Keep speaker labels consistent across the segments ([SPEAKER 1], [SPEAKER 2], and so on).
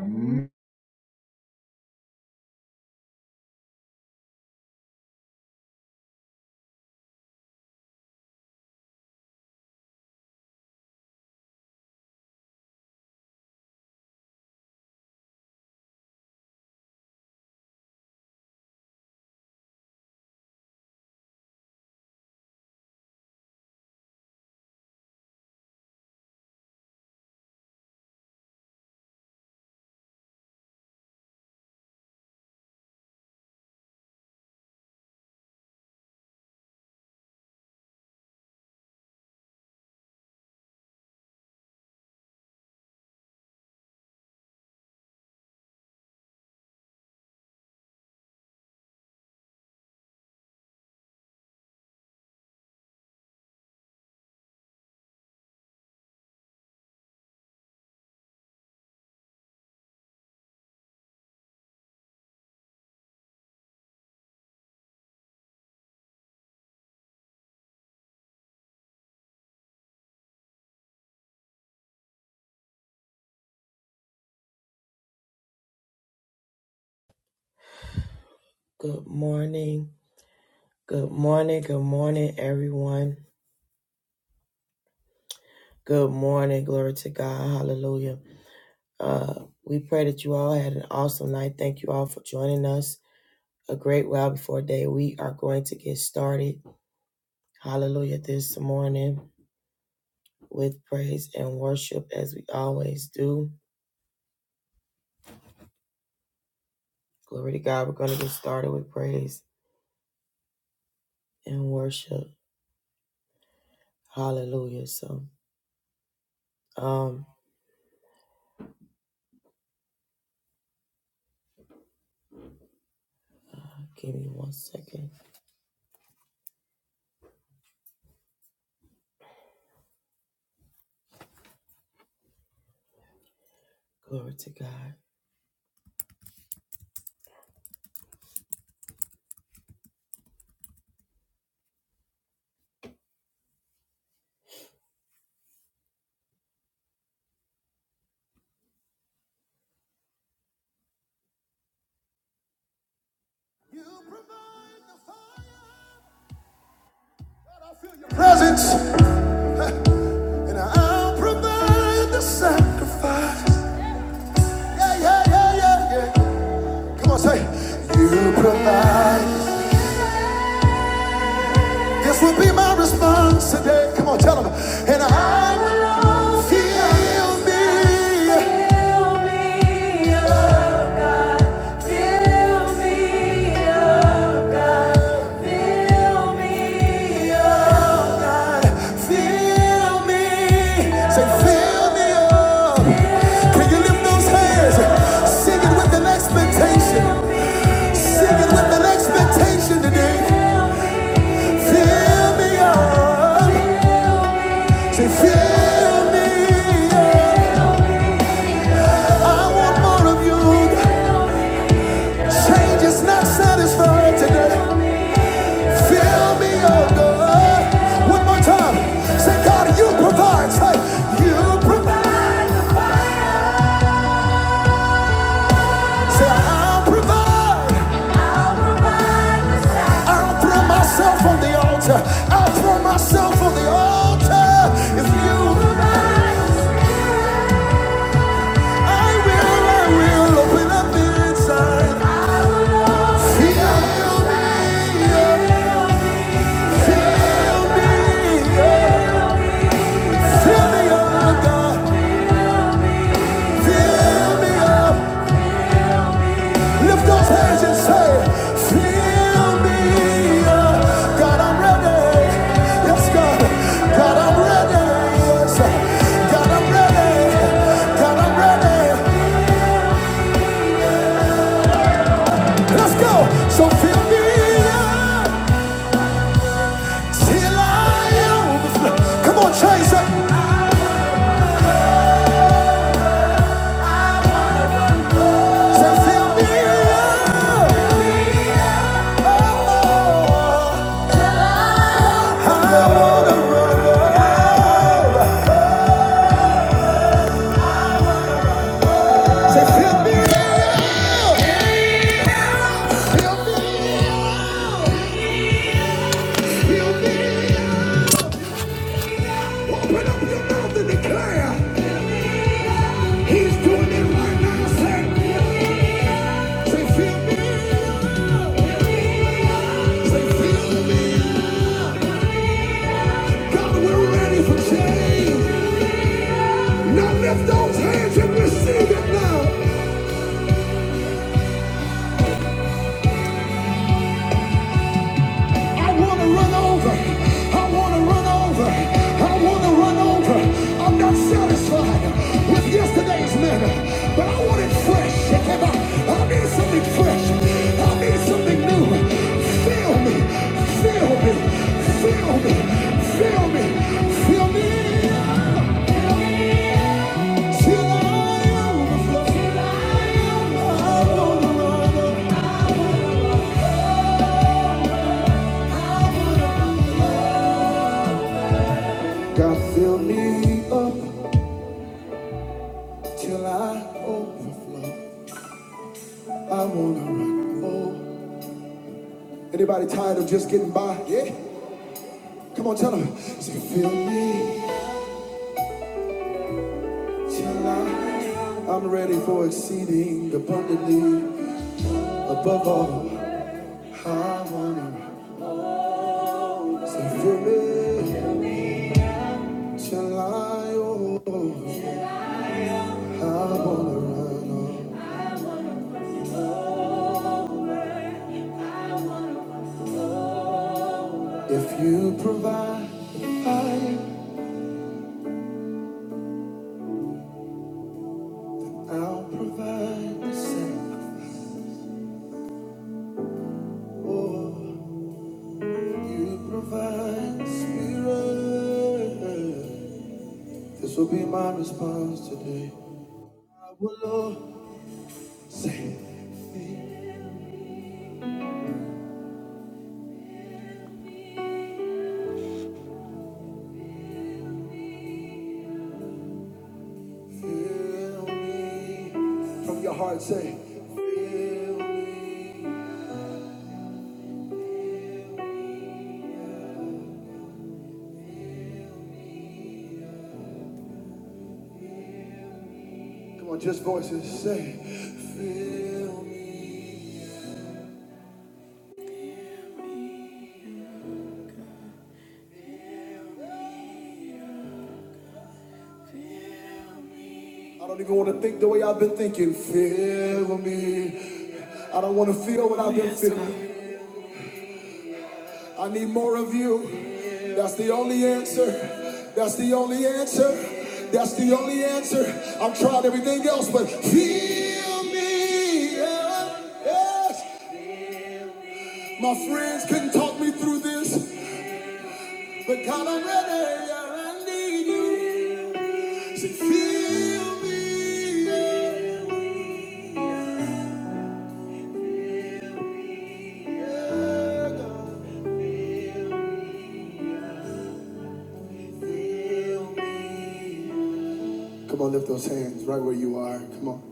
[SPEAKER 1] Good morning. Good morning. Good morning, everyone. Good morning. Glory to God. Hallelujah. Uh, we pray that you all had an awesome night. Thank you all for joining us. A great while before day. We are going to get started. Hallelujah. This morning with praise and worship as we always do. Glory to God. We're going to get started with praise and worship. Hallelujah. So, um, uh, give me one second. Glory to God. You provide the fire. I feel your presence. And I'll provide the sacrifice. Yeah, yeah, yeah, yeah, yeah. Come on, say, You provide. This will be my response today. Come on, tell them. And I will fill me. Fill me oh God. Fill me, oh God. Fill me, oh God. Fill me. Say, fill me up. Can you lift those hands? Sing with an expectation. Sing with an expectation today. Fill me up. Say, fill me up. I want more of you. Change is not satisfied today. Fill me, oh God. One more time. Say, God, you provide. Say, you provide the fire. Say, I'll provide. I'll provide the sacrifice. I'll throw myself on the altar. I'll throw myself on the altar. If you provide the spirit. I will, I will open up the inside. I will open Fill me, up. fill me, oh. Fill me up, God. Fill me up. Lift those hands and say, Fill me up. God, I'm ready. Yes, God. God, I'm ready. Yes. God, I'm ready. God, I'm ready. Let's go. So fill me up till I overflow. Come on, chase it. He's doing it right now. Say, say, feel me. Say, feel me. God, we're ready for change. Now lift those hands and receive it now. I want to run over. I want to run over. I want to run over. I'm not satisfied with yesterday's manna, but I want it fresh. I need something fresh. I need something new. Feel me. Feel me. Feel me. Feel me. Feel me. Till I overflow. Till I overflow. I want to run over. God fill me up till I overflow. I wanna rock more. Anybody tired of just getting by? Yeah. Come on, tell them. Say, fill me till I. I'm ready for exceeding abundantly above all. I wanna rock. Say, fill me till I. overflow. I wanna run on. If you provide, I I'll provide the same or you provide the spirit. This will be my response today. I will Lord say, Fill me. From your heart say, Fill me. Come on, just voices say, Fill me. I don't even want to think the way I've been thinking. Fill me. I don't want to feel what I've been feeling. I need more of you. That's the only answer. That's the only answer. That's the only answer. I've tried everything else, but feel me up. Yes. My friends couldn't talk me through this, but God, I'm ready. Yeah, I need you. Say, feel me up. Yeah, Come on, lift those hands right where you are. Come on.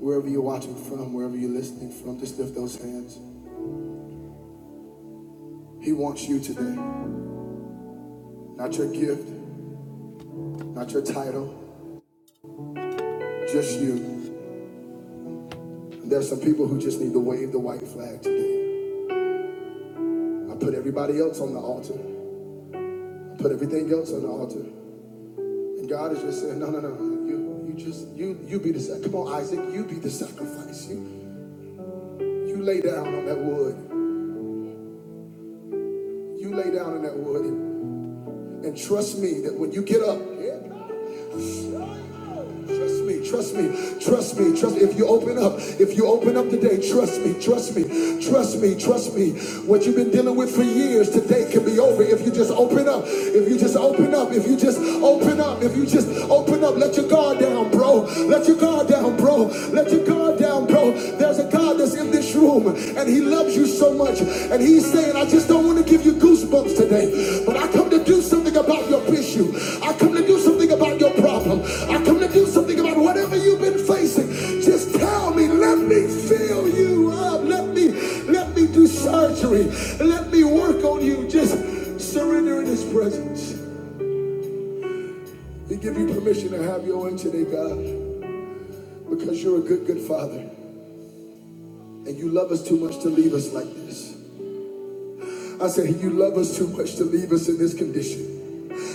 [SPEAKER 1] Wherever you're watching from, wherever you're listening from, just lift those hands. He wants you today. Not your gift, not your title, just you. And there's some people who just need to wave the white flag today. I put everybody else on the altar. I put everything else on the altar. And God is just saying, no, no, no. no. You, you just, you, you be the sacrifice. Come on, Isaac, you be the sacrifice. You, you lay down on that wood. You lay down on that wood And trust me that when you get up, Trust me, trust me, trust me, trust me. If you open up, if you open up today, trust me, trust me, trust me, trust me. What you've been dealing with for years, today can be over if you just open up. If you just open up, if you just open up, if you just open up, let your guard down, bro. Let your guard down, bro. Let your guard down, bro. There's God that's in this room and he loves you so much and he's saying I just don't want to give you goosebumps today but I come to do something about your issue I come to do something about your problem I come to do something about whatever you've been facing just tell me let me fill you up let me let me do surgery let me work on you just surrender in his presence he give you permission to have your way today God because you're a good good father and you love us too much to leave us like this I said, You love us too much to leave us in this condition.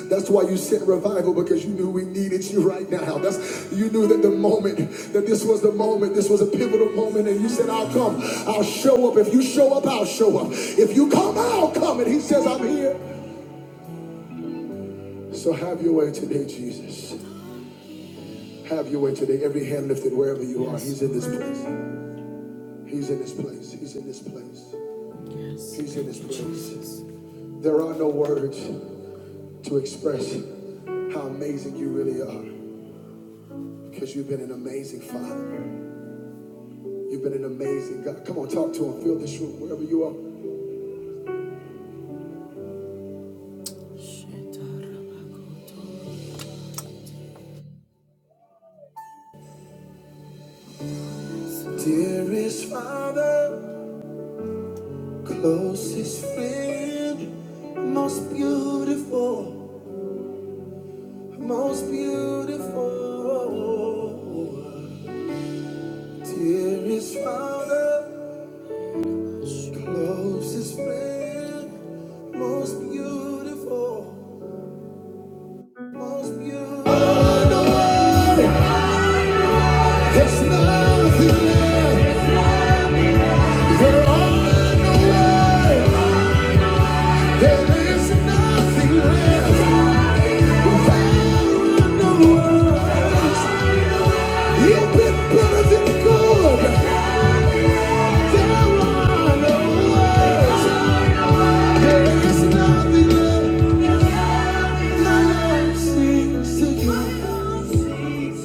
[SPEAKER 1] That's why you sent revival because you knew we needed you right now. That's you knew that the moment that this was the moment, this was a pivotal moment, and you said, I'll come, I'll show up. If you show up, I'll show up. If you come, I'll come. And he says, I'm here. So have your way today, Jesus. Have your way today. Every hand lifted wherever you are. He's in this place. He's in this place. He's in this place. He's in this place. There are no words. to express how amazing you really are because you've been an amazing father. You've been an amazing God. Come on, talk to him. Fill this room wherever you are. Dearest Father, closest friend, most beautiful, most beautiful. Dearest Father, closest friend, most beautiful. It's nothing left. You've been better than good. There are no words. There is nothing left. Love sings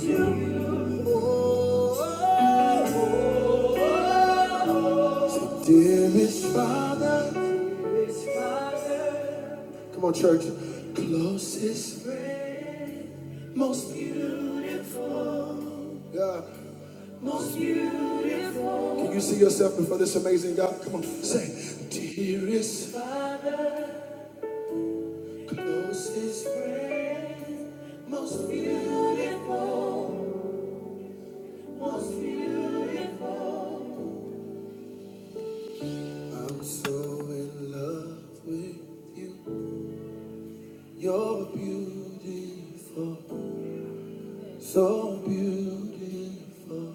[SPEAKER 1] to you. So dearest Father, come on, church. Closest friend. Most beautiful. God. Most beautiful. Can you see yourself before this amazing God? Come on, say, dearest Father, closest friend, most beautiful, most beautiful. I'm so in love with you. You're beautiful, so beautiful.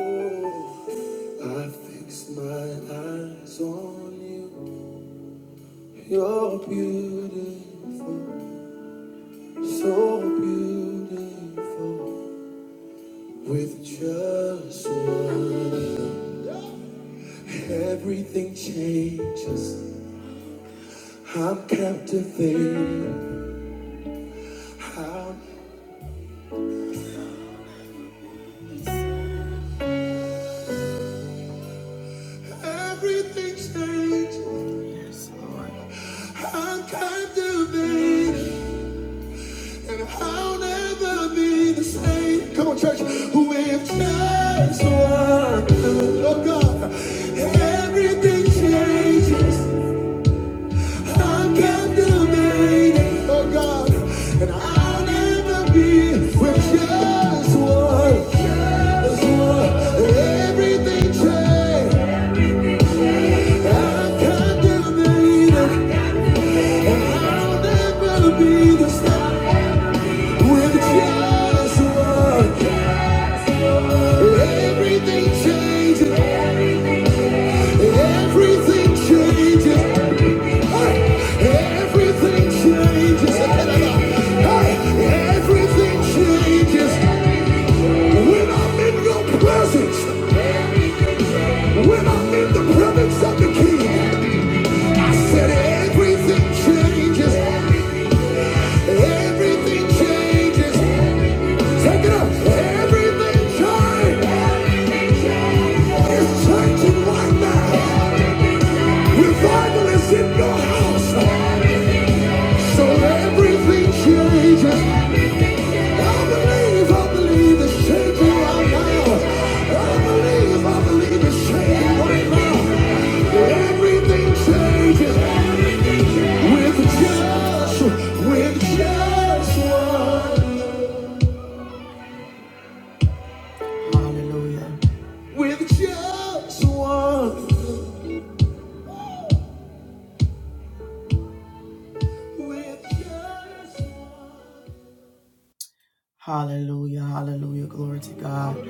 [SPEAKER 1] Oh. I fix my eyes on you. You're beautiful, so beautiful. With just one, look, everything changes. I'm captivated. How everything changes. I'm captivated. And I'll never be the same. Come on, church. Who if just were good? Oh God, everything changes. I'm captivated. Oh God, and I'll never be with just were. Just one, Everything changed. I'm captivated, and I'll never be the same with just one. Everything changes. Everything changes. Hey, Everything changes. Hey, Everything changes. When I'm in your presence, when I'm in the presence of the King, I said everything changes. Everything changes. Take it up. Everything changes. It's changing right now. Revival is in your house. So everything changes. I believe, I believe it's changing right now. I believe, I believe it's changing right now. Everything changes with just, with just one. Hallelujah. With just one. With just one. Hallelujah, hallelujah. Glory to God.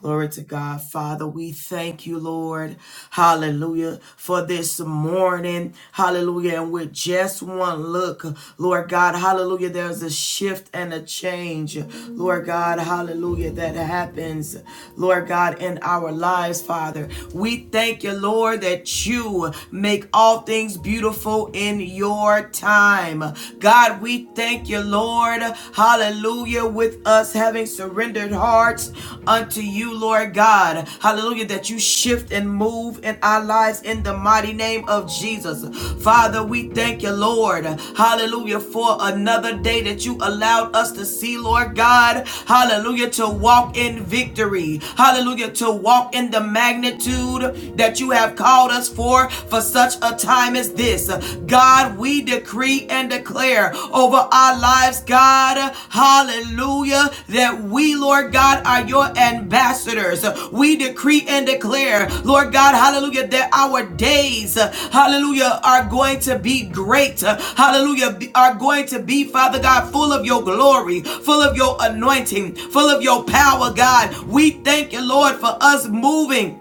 [SPEAKER 1] Glory to God. Father, we thank you, Lord. Hallelujah. For this morning. Hallelujah. And with just one look, Lord God, hallelujah. There's a shift and a change, Lord God, hallelujah, that happens, Lord God, in our lives, Father. We thank you, Lord, that you make all things beautiful in your time. God, we thank you, Lord. Hallelujah. With us having surrendered hearts unto you, Lord God. Hallelujah. That you shift and move in our lives in the mighty name of Jesus. Father, we thank you, Lord. Hallelujah. For another day that you allowed us to see, Lord God. Hallelujah. To walk in victory. Hallelujah. To walk in the magnitude that you have called us for for such a a time as this. God, we decree and declare over our lives, God, hallelujah, that we, Lord God, are your ambassadors. We decree and declare, Lord God, hallelujah, that our days, hallelujah, are going to be great. Hallelujah, are going to be, Father God, full of your glory, full of your anointing, full of your power, God. We thank you, Lord, for us moving.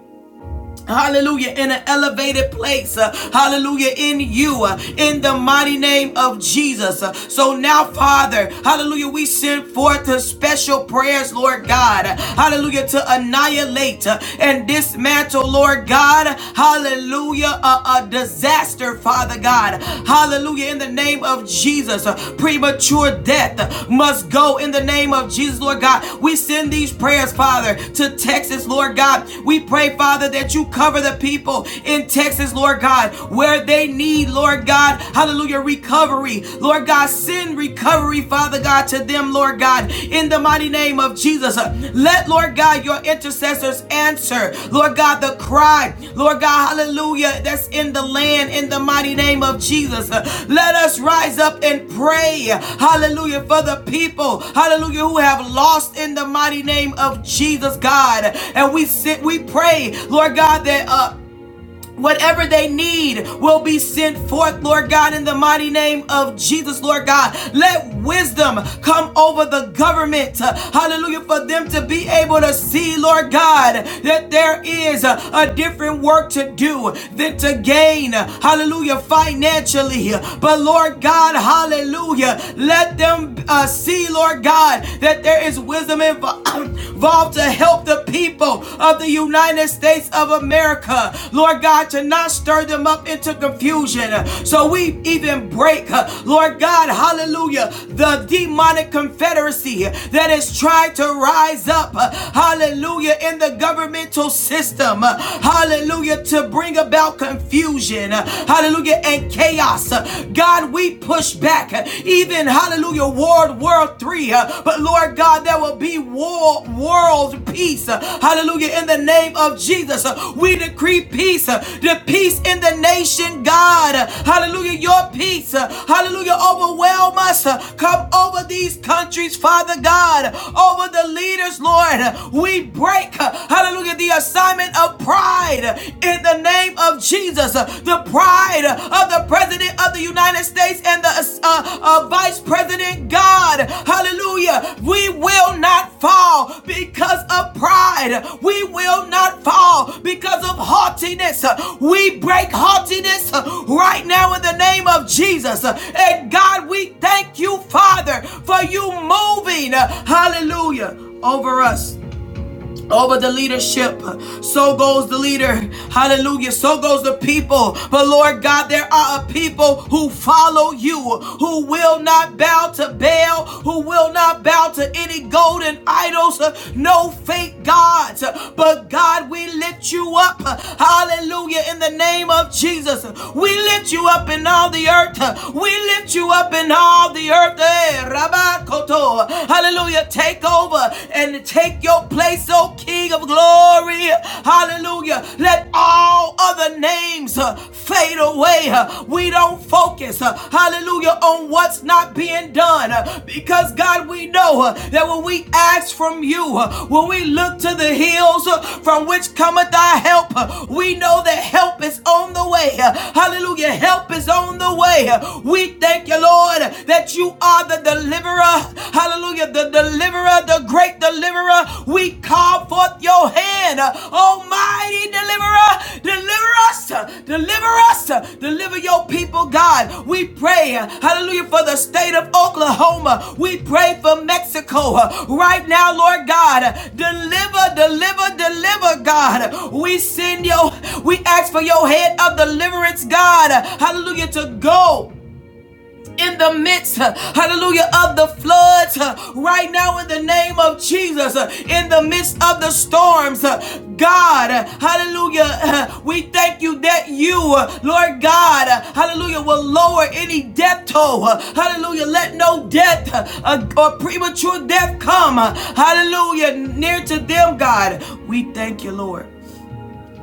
[SPEAKER 1] Hallelujah, in an elevated place. uh, hallelujah, in you, uh, in the mighty name of Jesus. Uh, so now, Father, hallelujah, we send forth the special prayers, Lord God. uh, hallelujah, to annihilate uh, and dismantle, Lord God. Hallelujah, a, a disaster, Father God. Hallelujah, in the name name of Jesus. Uh, Premature death uh, must go in the name of Jesus, Lord God. We send these prayers, Father, to Texas, Lord God. We pray, Father, that you cover the people in Texas, Lord God, where they need, Lord God, hallelujah, recovery. Lord God, send recovery, Father God, to them, Lord God, in the mighty name of of Jesus. Let, Lord God, your intercessors answer, Lord God, the cry, Lord God, hallelujah, that's in the land in the mighty name of Jesus. Let us rise up and pray, hallelujah, for the people, hallelujah, who have lost in the mighty name of Jesus, God. And we sit, we pray, Lord God, that uh, Whatever they need will be sent forth, Lord God, in the mighty name of Jesus, Lord God. Let wisdom come over the government, hallelujah, for them to be able to see, Lord God, that there is a, a different work to do than to gain, hallelujah, financially. But Lord God, hallelujah, let them uh, see, Lord God, that there is wisdom in. involved to help the people of the United States of America, Lord God, to not stir them up into confusion. So we even break, Lord God, hallelujah, the demonic confederacy that is trying to rise up, hallelujah, in the governmental system, hallelujah, to bring about confusion, hallelujah, and chaos. God, we push back even hallelujah, World War Three. Uh, but Lord God, there will be war, world peace. Uh, hallelujah, in the name of Jesus, Uh, we decree peace, uh, the peace in the nation, God. Uh, Hallelujah, your peace, uh, hallelujah, overwhelm us. Uh, Come over these countries, Father God, over the leaders, Lord. Uh, We break, uh, hallelujah, the assignment of pride uh, in the name of of Jesus, uh, the pride of the President of the United States and the uh, uh, Vice President God. Hallelujah. We will not fall because of pride. We will not fall because of haughtiness. We break haughtiness right now in the name of Jesus. And God, we thank you, Father, for you moving. Hallelujah. Over us over the leadership. So goes the leader. Hallelujah. So goes the people. But Lord God, there are a people who follow you, who will not bow to Baal, who will not bow to any golden idols, no fake gods. But God, we lift you up. Hallelujah. In the name of Jesus, we lift you up in all the earth. We lift you up in all the earth. Hallelujah! Take take over and to take your place, O King of glory. Hallelujah. Let all other names uh, fade away. Uh, We don't focus, uh, hallelujah, on what's not being done uh, because, God, we know uh, that when we ask from you, uh, when we look to the hills uh, from which cometh our help, uh, we know that help is on the way. Uh, Hallelujah. Help is on the way. Uh, We thank you, Lord, that you are the the deliverer, hallelujah, the deliverer, the great deliverer. We call forth your hand, almighty deliverer, deliver us, deliver us, deliver your people, God. We pray, hallelujah, for the state of Oklahoma. We pray for Mexico right now, Lord God. Deliver, deliver, deliver, God. We send your, we ask for your head of deliverance, God, hallelujah, to go in the midst, uh, hallelujah, of the floods, uh, right now in the name of Jesus, uh, in the midst of the storms, uh, God, uh, hallelujah, uh, we thank you that you, uh, Lord God, uh, hallelujah, will lower any death toll, uh, hallelujah, let no death uh, uh, or premature death come, uh, hallelujah, near to them, God. We thank you, Lord.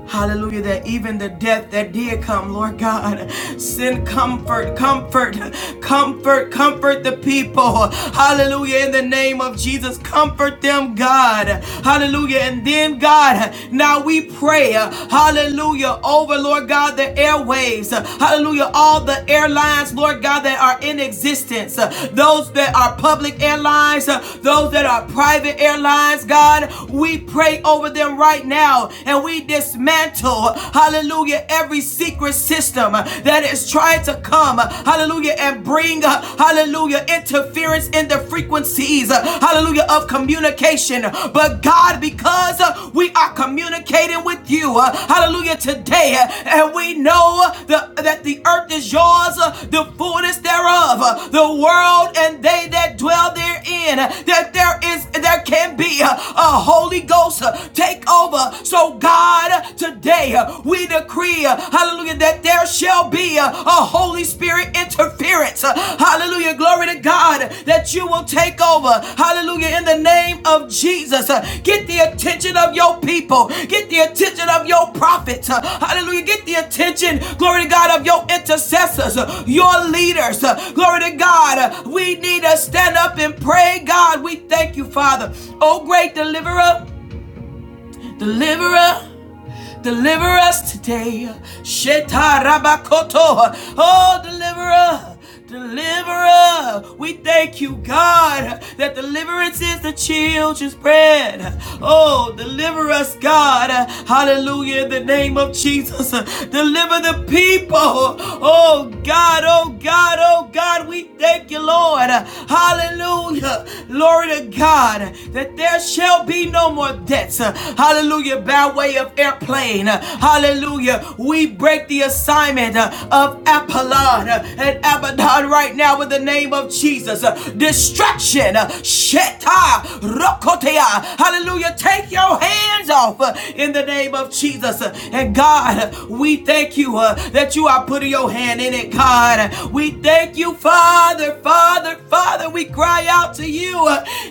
[SPEAKER 1] Hallelujah, that even the death that did come, Lord God, send comfort, comfort, comfort, comfort the people. Hallelujah, in the name of Jesus, comfort them, God. Hallelujah. And then, God, now we pray, hallelujah, over, Lord God, the airwaves. Hallelujah, all the airlines, Lord God, that are in existence. Those that are public airlines, those that are private airlines, God, we pray over them right now and we dismantle, hallelujah, every secret system that is trying to come, hallelujah, and bring, hallelujah, interference in the frequencies, hallelujah, of communication. But God, because we are communicating with you, hallelujah, today, and we know the, that the earth is yours, the fullness thereof, the world and they that dwell therein, that there is, there can be a Holy Ghost take take over. So, God, today uh, we decree, uh, hallelujah, that there shall be uh, a Holy Spirit interference. Uh, Hallelujah. Glory to God that you will take over. Hallelujah. In the name of Jesus, Uh, get the attention of your people, get the attention of your prophets. Uh, Hallelujah. Get the attention, glory to God, of your intercessors, uh, your leaders. Uh, Glory to God. Uh, We need to stand up and pray, God. We thank you, Father. Oh, great deliverer. Deliverer, deliver us today. Shetarabakoto. Oh, deliverer, deliverer. We thank you, God, that deliverance is the children's bread. Oh, deliver us, God. Hallelujah, in the name of Jesus. Deliver the people. Oh, God, oh, God, oh, God. We thank you, Lord. Hallelujah. Glory to God, that there shall be no no more debts. Hallelujah. By way of airplane. Hallelujah. We break the assignment of Apollon and Abaddon right now in the name of Jesus. Distraction. Sheta. Rokotea. Hallelujah. Take your hands off in the name of Jesus. And God, we thank you uh, that you are putting your hand in it, God. We thank you, Father, Father, Father. We cry out to you you.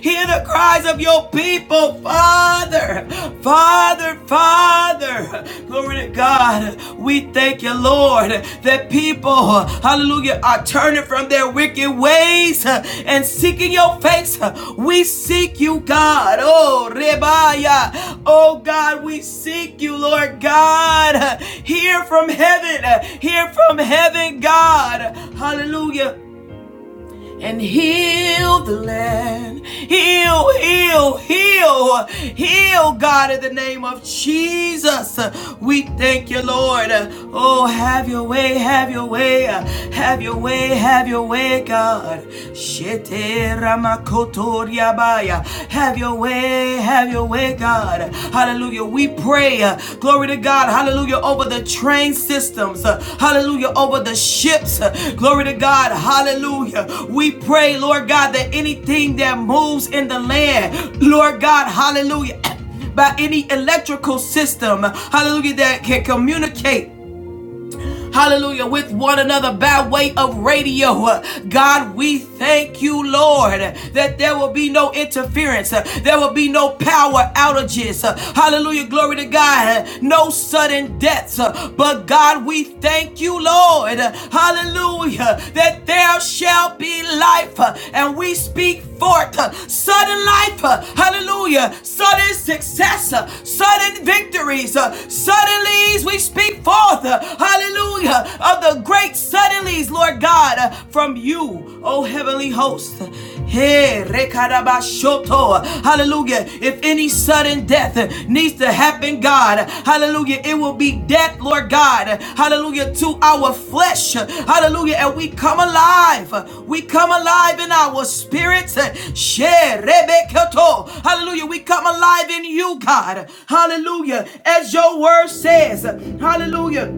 [SPEAKER 1] Hear the cries of your people, Father. Father, Father. Glory to God. We thank you, Lord, that people, hallelujah, are turning from their wicked ways and seeking your face. We seek you, God. Oh, Rebaya. Oh, God, we seek you, Lord God. Hear from heaven. Hear from heaven, God. Hallelujah and heal the land. Heal, heal, heal, heal, God, in the name of Jesus. We thank you, Lord. Oh, have your way, have your way, have your way, have your way, God. Shete ramakotoriabaya. Have your way, have your have your way, God. Hallelujah. We pray, uh, glory to God, hallelujah, over the train systems, uh, hallelujah, over the ships, uh, glory to God, hallelujah. We pray, Lord God, that anything that moves in the land, Lord God, hallelujah, by any electrical system, hallelujah, that can communicate hallelujah, with one another by way of radio. Uh, God, we thank you, Lord, that there will be no interference, Uh, there will be no power outages. Uh, Hallelujah, glory to God, Uh, no sudden deaths. Uh, But God, we thank you, Lord, Uh, hallelujah, that there shall be life, Uh, and we speak forth uh, sudden life, uh, hallelujah, sudden success, uh, sudden victories, uh, suddenly we speak forth, uh, hallelujah, of the great suddenlies, Lord God, uh, from you, O heavenly host. Hey, rekarabashoto. Hallelujah. If any sudden death uh, needs to happen, God, hallelujah, it will be death, Lord God, hallelujah, to our flesh. Hallelujah. And we come alive. We come alive in our spirits. Hallelujah. We come alive in you, God. Hallelujah. As your word says, hallelujah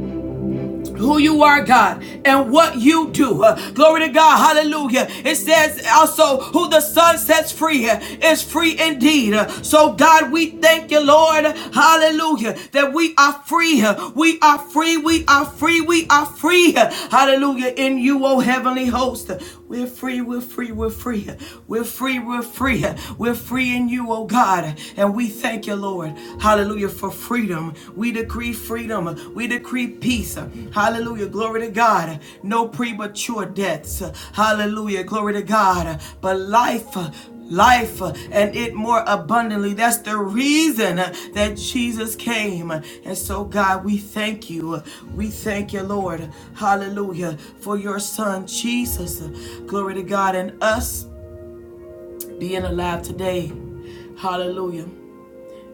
[SPEAKER 1] who you are, God, and what you do. Uh, glory to God. Hallelujah. It says also, who the Son sets free uh, is free indeed. Uh, so, God, we thank you, Lord. Hallelujah. That we are free. Uh, We are free. We are free. We are free. Uh, Hallelujah. In you, O heavenly host. We're free, we're free, we're free. We're free, we're free. We're free in you, oh God. And we thank you, Lord. Hallelujah for freedom. We decree freedom. We decree peace. Hallelujah. Glory to God. No premature deaths. Hallelujah. Glory to God. But life life uh, and it more abundantly. That's the reason uh, that Jesus came. And so, God, we thank you. We thank you, Lord. Hallelujah. For your son, Jesus. Glory to God and us being alive today. Hallelujah.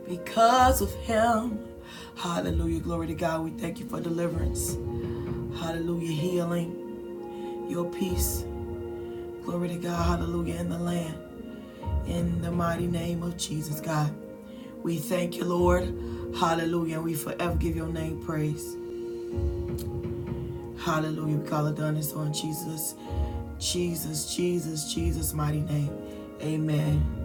[SPEAKER 1] Because of him. Hallelujah. Glory to God. We thank you for deliverance. Hallelujah. Healing. Your peace. Glory to God. Hallelujah. In the land. In the mighty name of Jesus, God. We thank you, Lord. Hallelujah. And we forever give your name praise. Hallelujah. We call it done. It's on Jesus, Jesus, Jesus, Jesus' mighty name. Amen.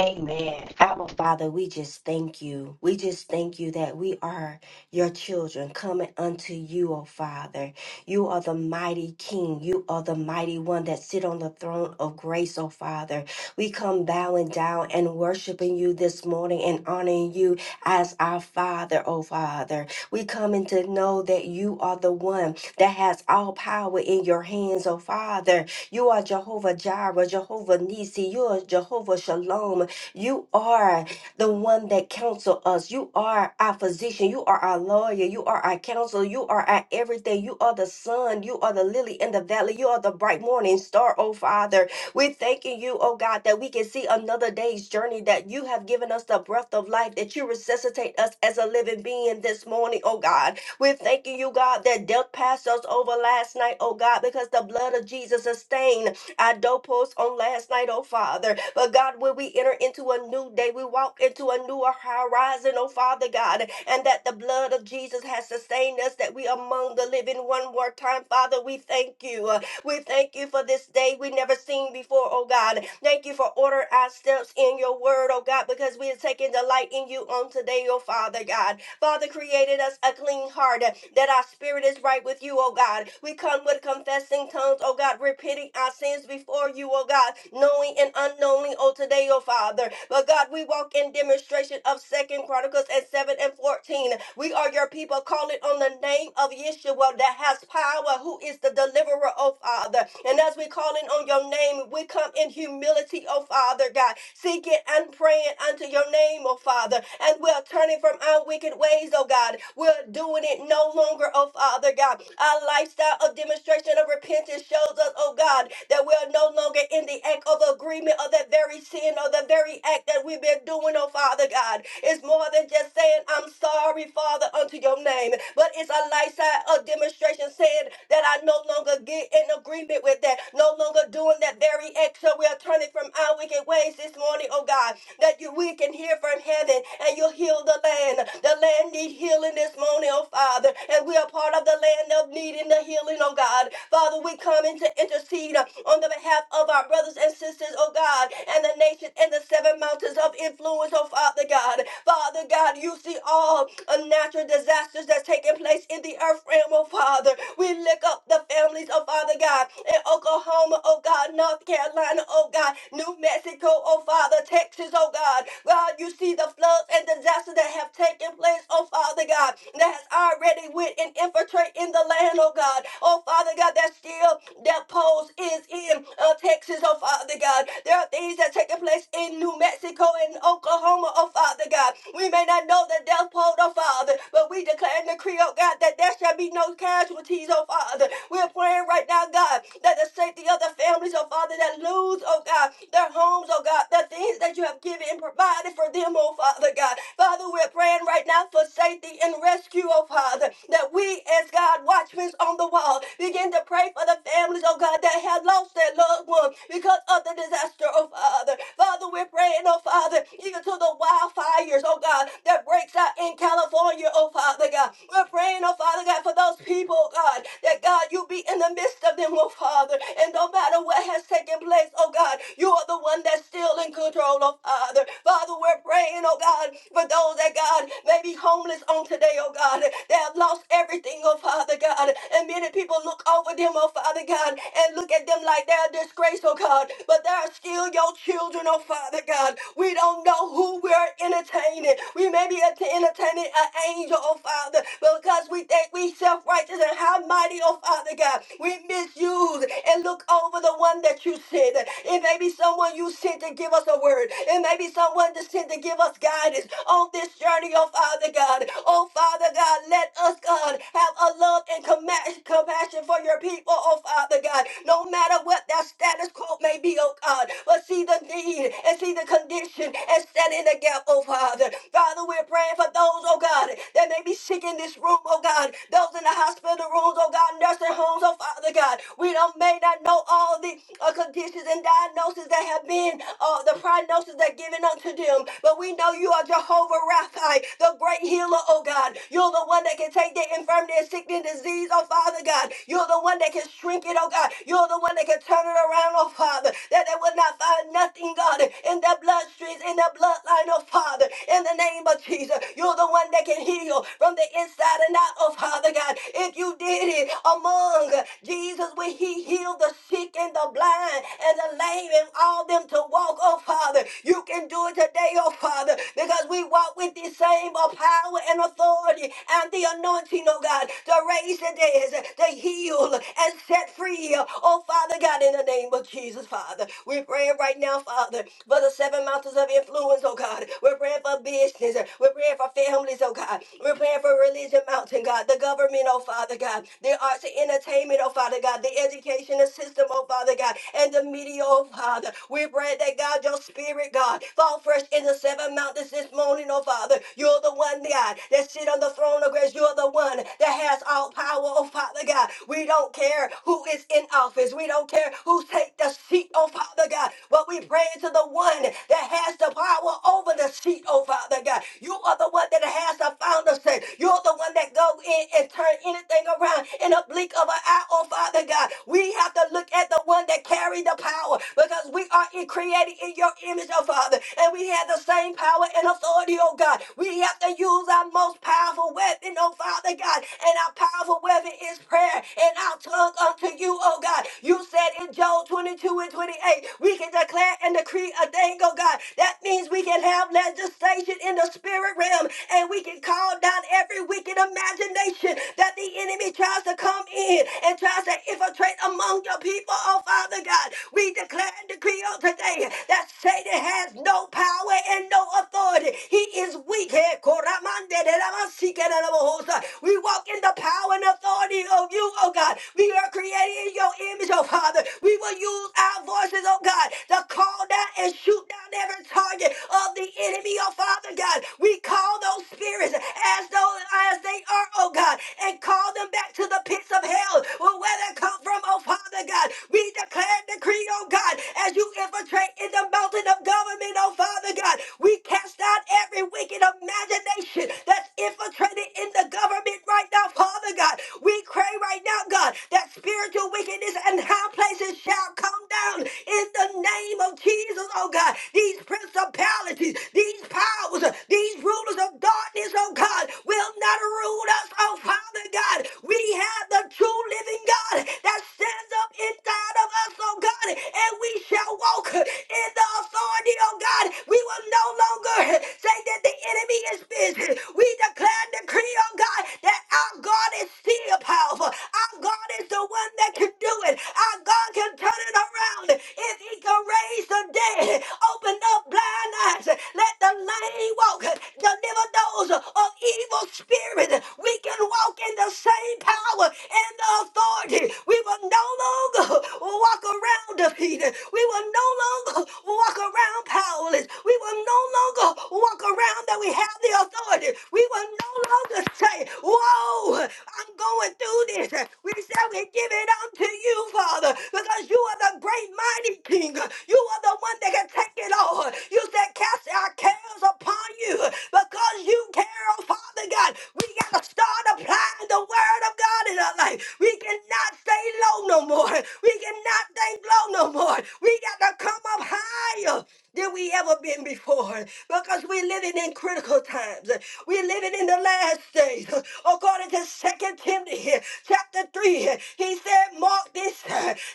[SPEAKER 2] Amen. Abba Father, we just thank you. We just thank you that we are your children coming unto you, O Father. You are the mighty King. You are the mighty one that sit on the throne of grace, O Father. We come bowing down and worshiping you this morning and honoring you as our Father, O Father. We come in to know that you are the one that has all power in your hands, O Father. You are Jehovah Jireh, Jehovah Nisi. You are Jehovah Shalom. You are the one that counsel us. You are our physician. You are our lawyer. You are our counselor. You are our everything. You are the sun. You are the lily in the valley. You are the bright morning star, oh Father. We're thanking you, oh God, that we can see another day's journey, that you have given us the breath of life, that you resuscitate us as a living being this morning, oh God. We're thanking you, God, that death passed us over last night, oh God, because the blood of Jesus sustained our doorposts on last night, oh Father. But God, when we enter into a new day, we walk into a new horizon, oh Father God, and that the blood of Jesus has sustained us, that we among the living one more time. Father, we thank you. We thank you for this day we never seen before, oh God. Thank you for order our steps in your word, oh God, because we are taking delight in you on today, oh Father God. Father created us a clean heart that our spirit is right with you, oh God. We come with confessing tongues, oh God, repenting our sins before you, oh God, knowing and unknowingly, oh today, oh Father. But God, we walk in demonstration of Second Chronicles and 7 and 14. We are your people. calling on the name of Yeshua that has power, who is the deliverer deliverer, oh Father. And as we're calling on your name, we come in humility, oh Father God, seeking and praying unto your name, oh Father. And we're turning from our wicked ways, oh God. We're doing it no longer, oh Father God. Our lifestyle of demonstration of repentance shows us, oh God, that we're no longer in the act of agreement of that very sin or the very act that we've been doing, oh Father God. It's more than just saying, I'm sorry, Father, unto your name, but it's a lifestyle of demonstration saying that I no longer longer get in agreement with that, no longer doing that very act. So we are turning from our wicked ways this morning, oh God, that you we can hear from heaven and you'll heal the land. The land need healing this morning, oh Father, and we are part of the land of needing the healing, oh God. Father, we come in to intercede uh, on the behalf of our brothers and sisters, oh God, and the nation and the seven mountains of influence, oh Father God. Father God, you see all unnatural disasters that's taking place in the earth realm, oh Father. We lift up help the families, oh Father God, in Oklahoma, oh God, North Carolina, oh God, New Mexico, oh Father, Texas, oh God. God, you see the floods and disasters that have taken place, oh Father God, that has already went and infiltrated in the land, oh God. Oh Father God, that still that pose is in uh, Texas, oh Father God. There are things that taking place in New Mexico and Oklahoma, oh Father God. We may not know the death toll, oh Father, but we declare and decree, oh God, that there shall be no casualties, oh Father. We're praying right now, God, that the safety of the families, oh Father, that lose, oh God, their homes, oh God, the things that you have given and provided for them, oh Father God. Father, we're praying right now for safety and rescue, oh Father, that we as God watchmen on the wall begin to pray for the families, oh God, that have lost their loved ones because of the disaster, oh Father. Father, we're praying, oh Father, even to the wildfires, oh God, that breaks out in California, oh Father God. We're praying, oh Father God, for those people, oh, God, that God, you be in the midst of them, oh Father. And no matter what has taken place, oh God, you are the one that's still in control, oh Father. Father, we're praying, oh God, for those that God may be homeless on today, oh God. They have lost everything, oh Father God. And many people look over them, oh Father God, and look at them like they're a disgrace, oh God. But they are still your children, oh Father God. We don't know who we're entertaining. We may be ent- entertaining an angel, oh Father, because we think we self righteous gracious and how mighty, oh Father God. We misuse and look over the one that you sent. It may be someone you sent to give us a word. It may be someone that sent to give us guidance on this journey, oh Father God. Oh Father God, let us, God, have a love and compa- compassion for your people, oh Father God. No matter what their status quo may be, oh God, but see the need and see the condition and stand in the gap, oh Father. Father, we're praying for those, oh God, that may be sick in this room, oh God. Those those in the hospital rooms, oh God, nursing homes, oh Father God. We don't may not know all the uh, conditions and diagnoses that have been, uh, the prognosis that given unto them, but we know you are Jehovah Rapha, the great healer, oh God. You're the one that can take the infirmity and sickness and disease, oh Father God. You're the one that can shrink it, oh God. You're the one that can turn it around, oh Father, that they will not find nothing, God, in their bloodstreams, in their bloodline, oh Father, in the name of Jesus. You're the one that can heal from the inside and out, oh Father. Father God, if you did it among Jesus when he healed the sick and the blind and the lame and all them to walk, oh Father, you can do it today, oh Father, because we walk with the same uh, power and authority and the anointing, oh God, to raise the dead, to heal and set free, oh Father God, in the name of Jesus, Father. We're praying right now, Father, for the seven mountains of influence, oh God. We're praying for business. We're praying for families, oh God. We're praying for religion mountain mountain, God, the government, oh Father God, the arts and entertainment, oh Father God, the educational system, oh Father God, and the media, oh Father. We pray that God, your spirit, God, fall fresh in the seven mountains this morning, oh Father. You're the one, God, that sit on the throne of grace. You're the one that has all power, oh Father God. We don't care who is in office. We don't care who take the seat, oh Father God. But we pray to the one that has the power over the seat, oh Father God. You are the one that has the founder said. You're the one someone that go in and turn anything around in a blink of an eye, oh Father God. We have to look at the one that carried the power because we are in- created in your image, oh Father, and we have the same power and authority, oh God. We have to use our most powerful weapon, oh Father God, and our powerful weapon is prayer and our tongue unto you, oh God. You said in Job 22 and 28, we can declare and decree a thing, oh God. That means we can have legislation in the spirit realm and we can call down every every wicked imagination that the enemy tries to come in and tries to infiltrate among your people, oh Father God. We declare and decree on today that Satan has no power and no authority. He is weak. Eh, koramande de la masika de la bohosa. We walk in the power and authority of you, oh God. We are created in your image, oh Father. We will use our voices, oh God, to call down and shoot down every target of the enemy, oh Father God. We call those spirits as though as they are, oh God, and call them back to the pits of hell, well, where they come from, oh Father God. We declare and decree, oh God, as you infiltrate in the mountain of government, oh Father God, we cast out every wicked imagination that's infiltrated in the government right now, Father God. We pray right now, God, that spiritual wickedness and high places shall come down in the name of Jesus, oh God. These principalities, these powers, these rulers of darkness, oh oh God, will not rule us, oh Father God. We have the true living God that stands up inside of us, oh God, and we shall walk in the authority, oh God. We will no longer say that the enemy is busy. We declare and decree, oh God, that our God is still powerful. Our God is the one that can do it. Our God can turn it around. If he can raise the dead, open up blind eyes, let the lame walk, deliver those throes of evil spirit. We can walk in the same power and the authority. We will no longer walk around defeated. We will no longer walk around powerless. We will no longer walk around that we have the authority. We will no longer say, Whoa, I'm going through this. We shall we give it unto you, Father, because you are the great mighty King. You are the one that can take it all. You said, Cast our cares upon you because because you care, oh Father God. We got to start applying the word of God in our life. We cannot stay low no more. We cannot think low no more. We got to come up higher than we ever been before because we're living in critical times. We're living in the last days. According to 2 Timothy chapter 3, he said, Mark this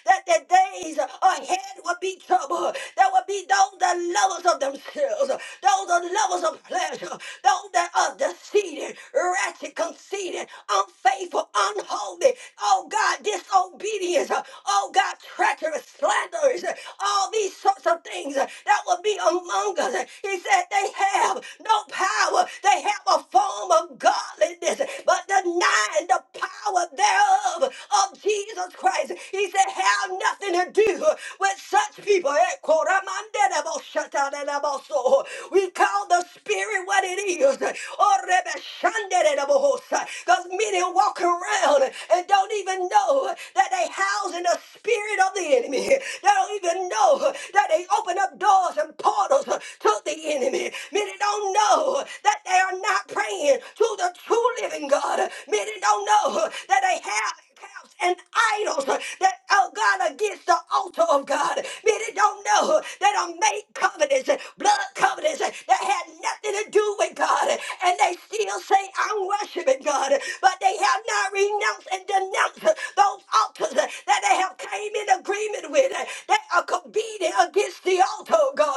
[SPEAKER 2] that the days ahead will be trouble. There will be those that lovers of themselves, those that lovers of pleasure, sinners, those that are deceived, ratchet, conceited, unfaithful, unholy, oh God, disobedience, oh God, treacherous, slanderers, all these sorts of things that will be among us. He said they have no power, they have a form of godliness, but denying the power thereof of Jesus Christ. He said, have nothing to do with such people. Eh, koramandedebo shatadedebo so. We call the spirit spirit what it is. Oh, Rebbe Shandere de Bohosa. Because many walk around and don't even know that they house in the spirit of the enemy. They don't even know that they open up doors and portals to the enemy. Many don't know that they are not praying to the true living God. Many don't know that they have calves and idols that are God against the altar of God. Many don't know that are made covenants, blood covenants that had nothing to do with God, and they still say, I'm worshiping God, but they have not renounced and denounced those altars that they have came in agreement with. They are competing against the altar, oh God.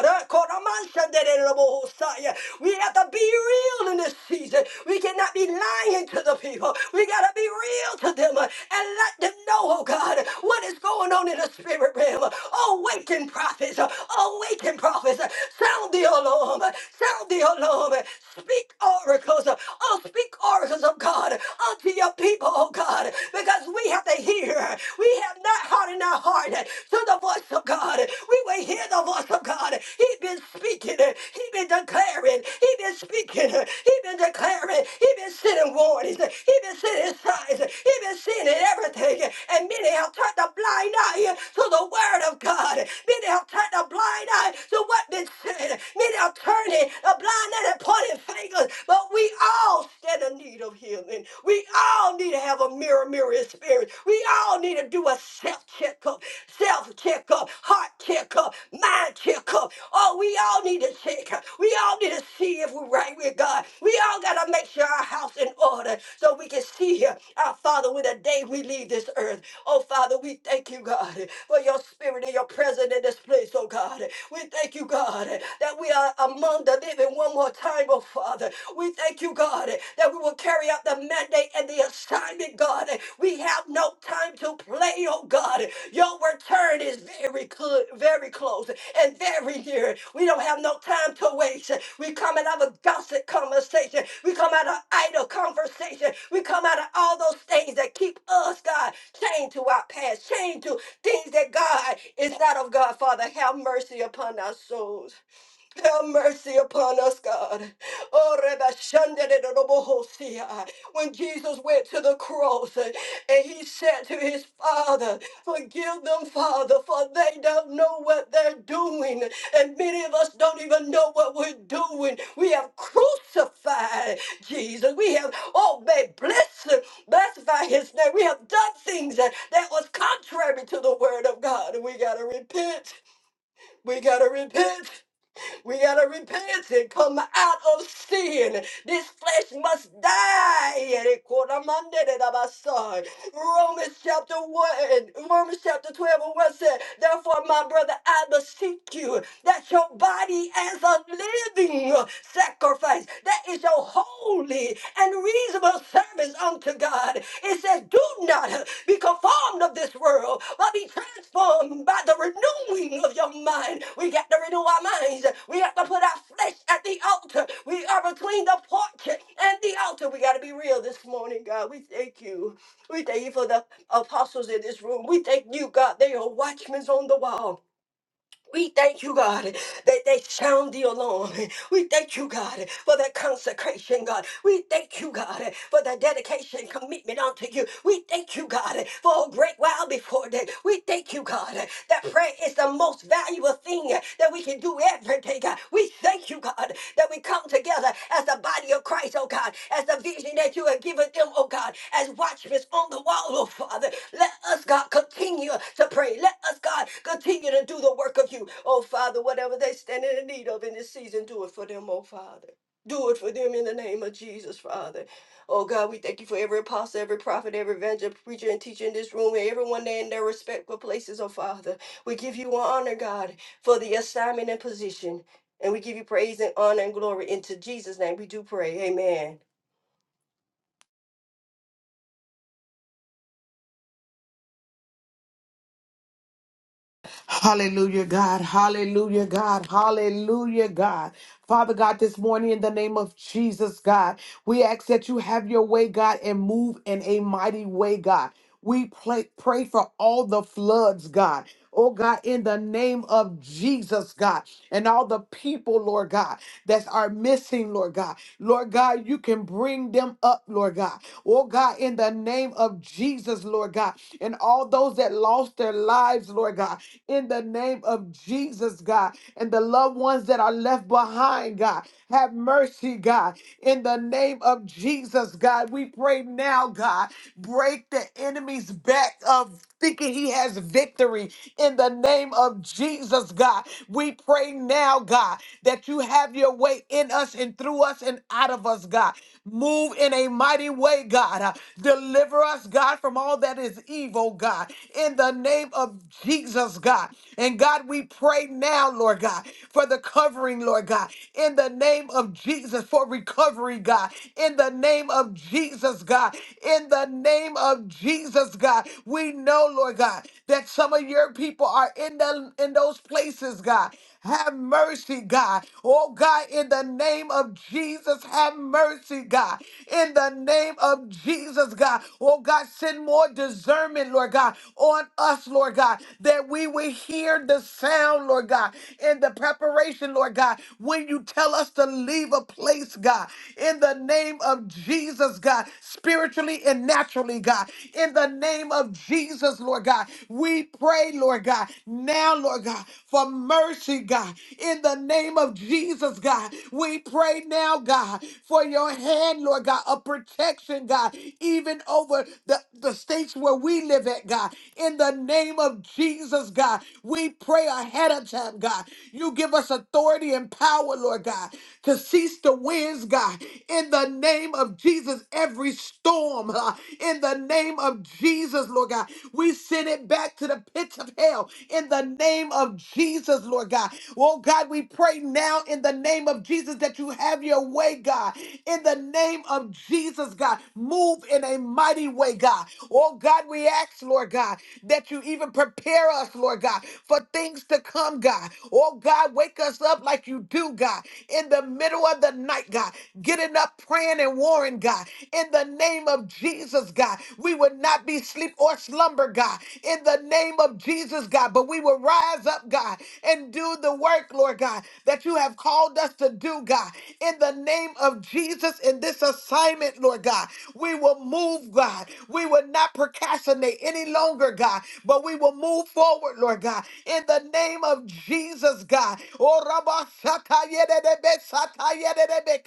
[SPEAKER 2] We have to be real in this season. We cannot be lying to the people. We got to be real to them uh, and let them know, oh God, what is going on in the spirit realm. Awaken prophets. uh, Awaken prophets. uh, Sound the alarm. Sound the alarm. Speak oracles. Oh, speak oracles of God unto your people, oh God, because we have to hear. We have not hardened our heart to the voice of God. We will hear the voice of God. He been speaking. He been declaring. He been speaking. He been declaring. He been sending warnings. He been sending signs. He been sending everything. And many have turned a blind eye to the word of God. Many have turned a blind eye to what been said. Many city attorney, the blind that had pointed fingers, but we all stand in need of healing. We all need to have a mirror, mirror experience. We all need to do a self checkup, self checkup, heart checkup, mind checkup. Oh, we all need to check. We all need to see if we're right with God. We all got to make sure our house in order so we can see Him, our Father, when the day we leave this earth. Oh, Father, we thank you, God, for your spirit and your presence in this place, oh, God. We thank you, God, that we are among the living one more time, oh, Father. We thank you, God, that we will carry out the mandate and the assignment, God. We we have no time to play, oh God. Your return is very good, very close, and very near. We don't have no time to waste. We come out of a gossip conversation. We come out of idle conversation. We come out of all those things that keep us, God, chained to our past, chained to things that God is not of God. Father, have mercy upon our souls. Have mercy upon us, God. Oh, Reba Shanda de Robo Hosea. When Jesus went to the cross eh, and he said to his father, Forgive them, Father, for they don't know what they're doing. And many of us don't even know what we're doing. We have crucified Jesus. We have, oh, may bless him, blessed his name. We have done things that, that was contrary to the word of God. And we got to repent. We got to repent. We gotta repent and come out of sin. This flesh must die. Romans chapter 1, Romans chapter 12 and 1 said, Therefore, my brother, I beseech you that your body as a living sacrifice, that is your holy and reasonable reasonable service unto God. It says, Do not be conformed of this world, but be transformed by the renewing of your mind. We got to renew our minds. We have to put our flesh at the altar. We are between the porch and the altar. We got to be real this morning, God. We thank you. We thank you for the apostles in this room. We thank you, God. They are watchmen on the wall. We thank you, God, that they sound the alarm. We thank you, God, for that consecration, God. We thank you, God, for the dedication, commitment unto you. We thank you, God, for a great while before that. We thank you, God, that prayer is the most valuable thing that we can do every day, God. We thank you, God, that that we come together as the body of Christ, oh God, as the vision that you have given them, oh God, as watchmen on the wall, oh Father. Let us, God, continue to pray. Let us, God, continue to do the work of you, oh Father, whatever they stand in need of in this season, do it for them, oh Father. Do it for them in the name of Jesus, Father. Oh God, we thank you for every apostle, every prophet, every evangelist, preacher, and teacher in this room, and everyone there in their respectful places, oh Father. We give you honor, God, for the assignment and position. And we give you praise and honor and glory into Jesus' name. We do pray. Amen.
[SPEAKER 3] Hallelujah, God. Hallelujah, God. Hallelujah, God. Father God, this morning in the name of Jesus, God, we ask that you have your way, God, and move in a mighty way, God. We pray, pray for all the floods, God. Oh God, in the name of Jesus, God, and all the people, Lord God, that are missing, Lord God. Lord God, you can bring them up, Lord God. Oh God, in the name of Jesus, Lord God, and all those that lost their lives, Lord God, in the name of Jesus, God, and the loved ones that are left behind, God. Have mercy, God, in the name of Jesus, God. We pray now now, God. Break the enemy's back of thinking he has victory in the name of Jesus, God. We pray now, God, that you have your way in us and through us and out of us, God. Move in a mighty way, God. Uh, Deliver us, God, from all that is evil, God, in the name of Jesus, God. And God, we pray now, Lord God, for the covering, Lord God, in the name of Jesus, for recovery, God, in the name of Jesus, God. In the name of Jesus, God. We know, Lord God, that some of your people are in the in those places, God. Have mercy, God. Oh God, in the name of Jesus, have mercy, God. In the name of Jesus, God. Oh God, send more discernment, Lord God, on us, Lord God, that we will hear the sound, Lord God, and the preparation, Lord God, when you tell us to leave a a place, God, in the name of Jesus, God, spiritually and naturally, God, in the name of Jesus, Lord God. We pray, Lord God, now, Lord God, for mercy, God, in the name of Jesus, God. We pray now, God, for your hand, Lord God, of protection, God, even over the, the states where we live at, God. In the name of Jesus, God, we pray ahead of time, God. You give us authority and and power, Lord God, to cease the winds, God, in the name of Jesus. Every storm, uh, in the name of Jesus, Lord God, we send it back to the pits of hell in the name of Jesus, Lord God. Oh God, we pray now in the name of Jesus that you have your way, God. In the name of Jesus, God, move in a mighty way, God. Oh God, we ask, Lord God, that you even prepare us, Lord God, for things to come, God. God. Oh, God, wake us up like you do, God, in the middle of the night, God, getting up, praying, and warring, God, in the name of Jesus, God. We would not be sleep or slumber, God, in the name of Jesus, God, but we will rise up, God, and do the work, Lord God, that you have called us to do, God, in the name of Jesus, in this assignment, Lord God. We will move, God. We will not procrastinate any longer, God, but we will move forward, forward, Lord God, in the name of Jesus, God. Oh, Rabba Shaka Yede de Be Sata Yede de Be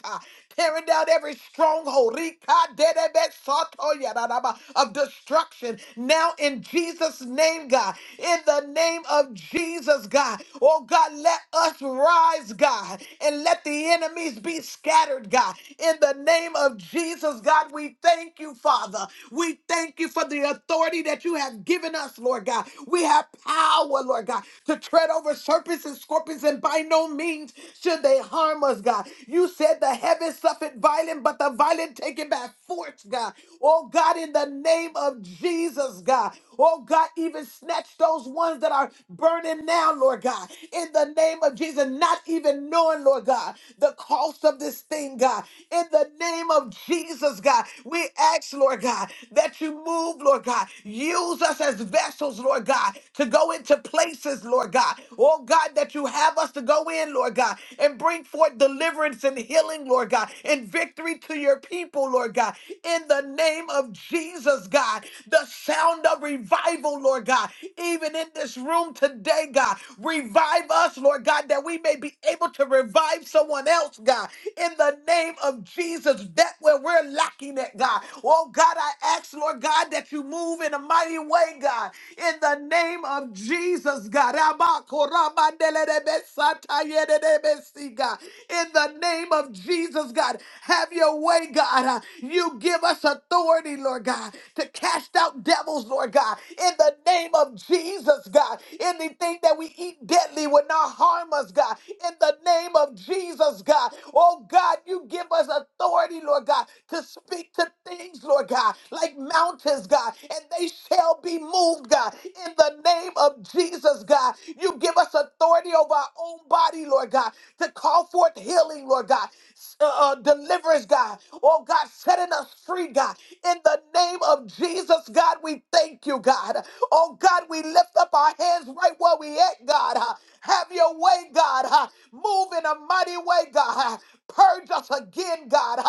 [SPEAKER 3] Tearing down every stronghold Rika de Be Soto Yada Raba, of destruction now in Jesus' name, God. In the name of Jesus, God. Oh, God, let us rise, God, and let the enemies be scattered, God. In the name of Jesus, God, we thank you, Father. We thank you for the authority that you have have given us, Lord God. We have power, Lord God, to tread over serpents and scorpions, and by no means should they harm us, God. You said the heavens suffered violent, but the violent take it by force, God. Oh God, in the name of Jesus, God. Oh God, even snatch those ones that are burning now, Lord God. In the name of Jesus, not even knowing, Lord God, the cost of this thing, God. In the name of Jesus, God, we ask, Lord God, that you that you move, Lord God. Use us as vessels, Lord God, to go into places, Lord God. Oh God, that you have us to go in, Lord God, and bring forth deliverance and healing, Lord God, and victory to your people, Lord God. In the name of Jesus, God, the sound of revival, Lord God, even in this room today, God, revive us, Lord God, that we may be able to revive someone else, God. In the name of Jesus, that where we're lacking that, God. Oh, God, I ask, Lord God, that you move in a mighty way, God, in the name of Jesus, God. Rabba koraba delelebe satayedebe si, God. In the name of Jesus, God, have your way, God. Uh, You give us authority, Lord God, to cast out devils, Lord God. In the name of Jesus, God, anything that we eat deadly will not harm us, God. In the name of Jesus, God. Oh, God, you give us authority, Lord God, to speak to things, Lord God, like mountains, God, and they shall be moved, God. In the name of Jesus, God, you give us authority over our own body, Lord God, to call forth healing, Lord God, s- uh, uh, deliverance, God. Oh, God, setting us free, God. In the name of Jesus, God, we thank you, God. Oh, God, we lift up our hands right where we at, God. Have your way, God. Move in a mighty way, my God. Purge us again, God.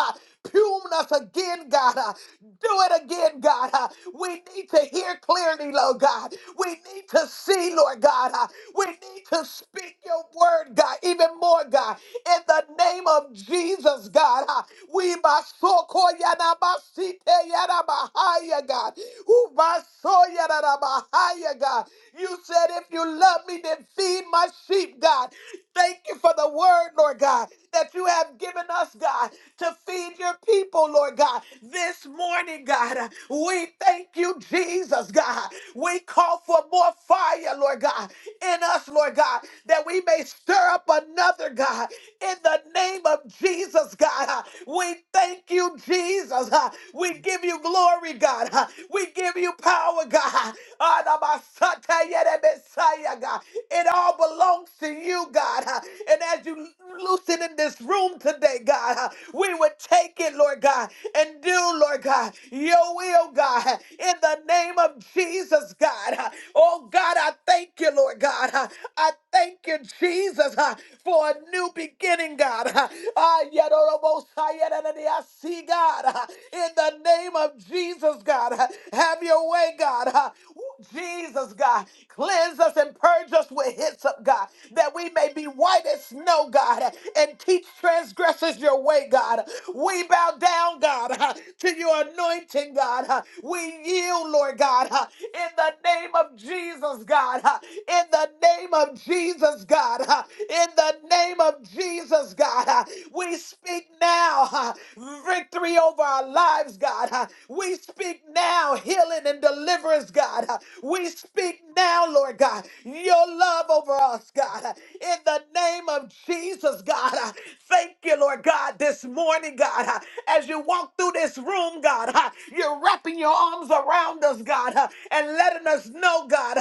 [SPEAKER 3] Pune us again, God. Do it again, God. We need to hear clearly, Lord God. We need to see, Lord God. We need to speak your word, God, even more, God. In the name of Jesus, God. We must so call yana basite yana bahaya, God. Who bahaya, God. You said, if you love me, then feed my sheep, God. Thank you for the word, Lord God, that you have given us, God, to feed your people, Lord God. This morning, God, we thank you, Jesus, God. We call for more fire, Lord God, in us, Lord God, that we may stir up another, God, in the name of Jesus, God. We thank you, Jesus. We give you glory, God. We give you power, God. Adabasatayerebesaya, God. It all belongs to you, God. uh, And as you loosen in this room today, God, uh, we would take it, Lord God, and do, Lord God, your will, God, uh, in the name of Jesus, God. uh. Oh, God, I thank you, Lord God. uh, I thank you, Jesus, uh, for a new beginning, God. uh. Ah, yet, oh, most high, yet, and I see, God, uh, in the name of Jesus, God. uh, Have your way, God. uh. Jesus, God. Cleanse us and purge us with hyssop up, God, that we may be white as snow, God, and teach transgressors your way, God. We bow down, God, to your anointing, God. We yield, Lord God, in the name of Jesus, God, in the name of Jesus, God, in the name of Jesus, God. We speak now victory over our lives, God. We speak now healing and deliverance, God. We speak now, Lord God. your your love over us, God. In the name of Jesus, God. Thank you, Lord God, this morning, God. As you walk through this room, God, you're wrapping your arms around us, God, and letting us know, God,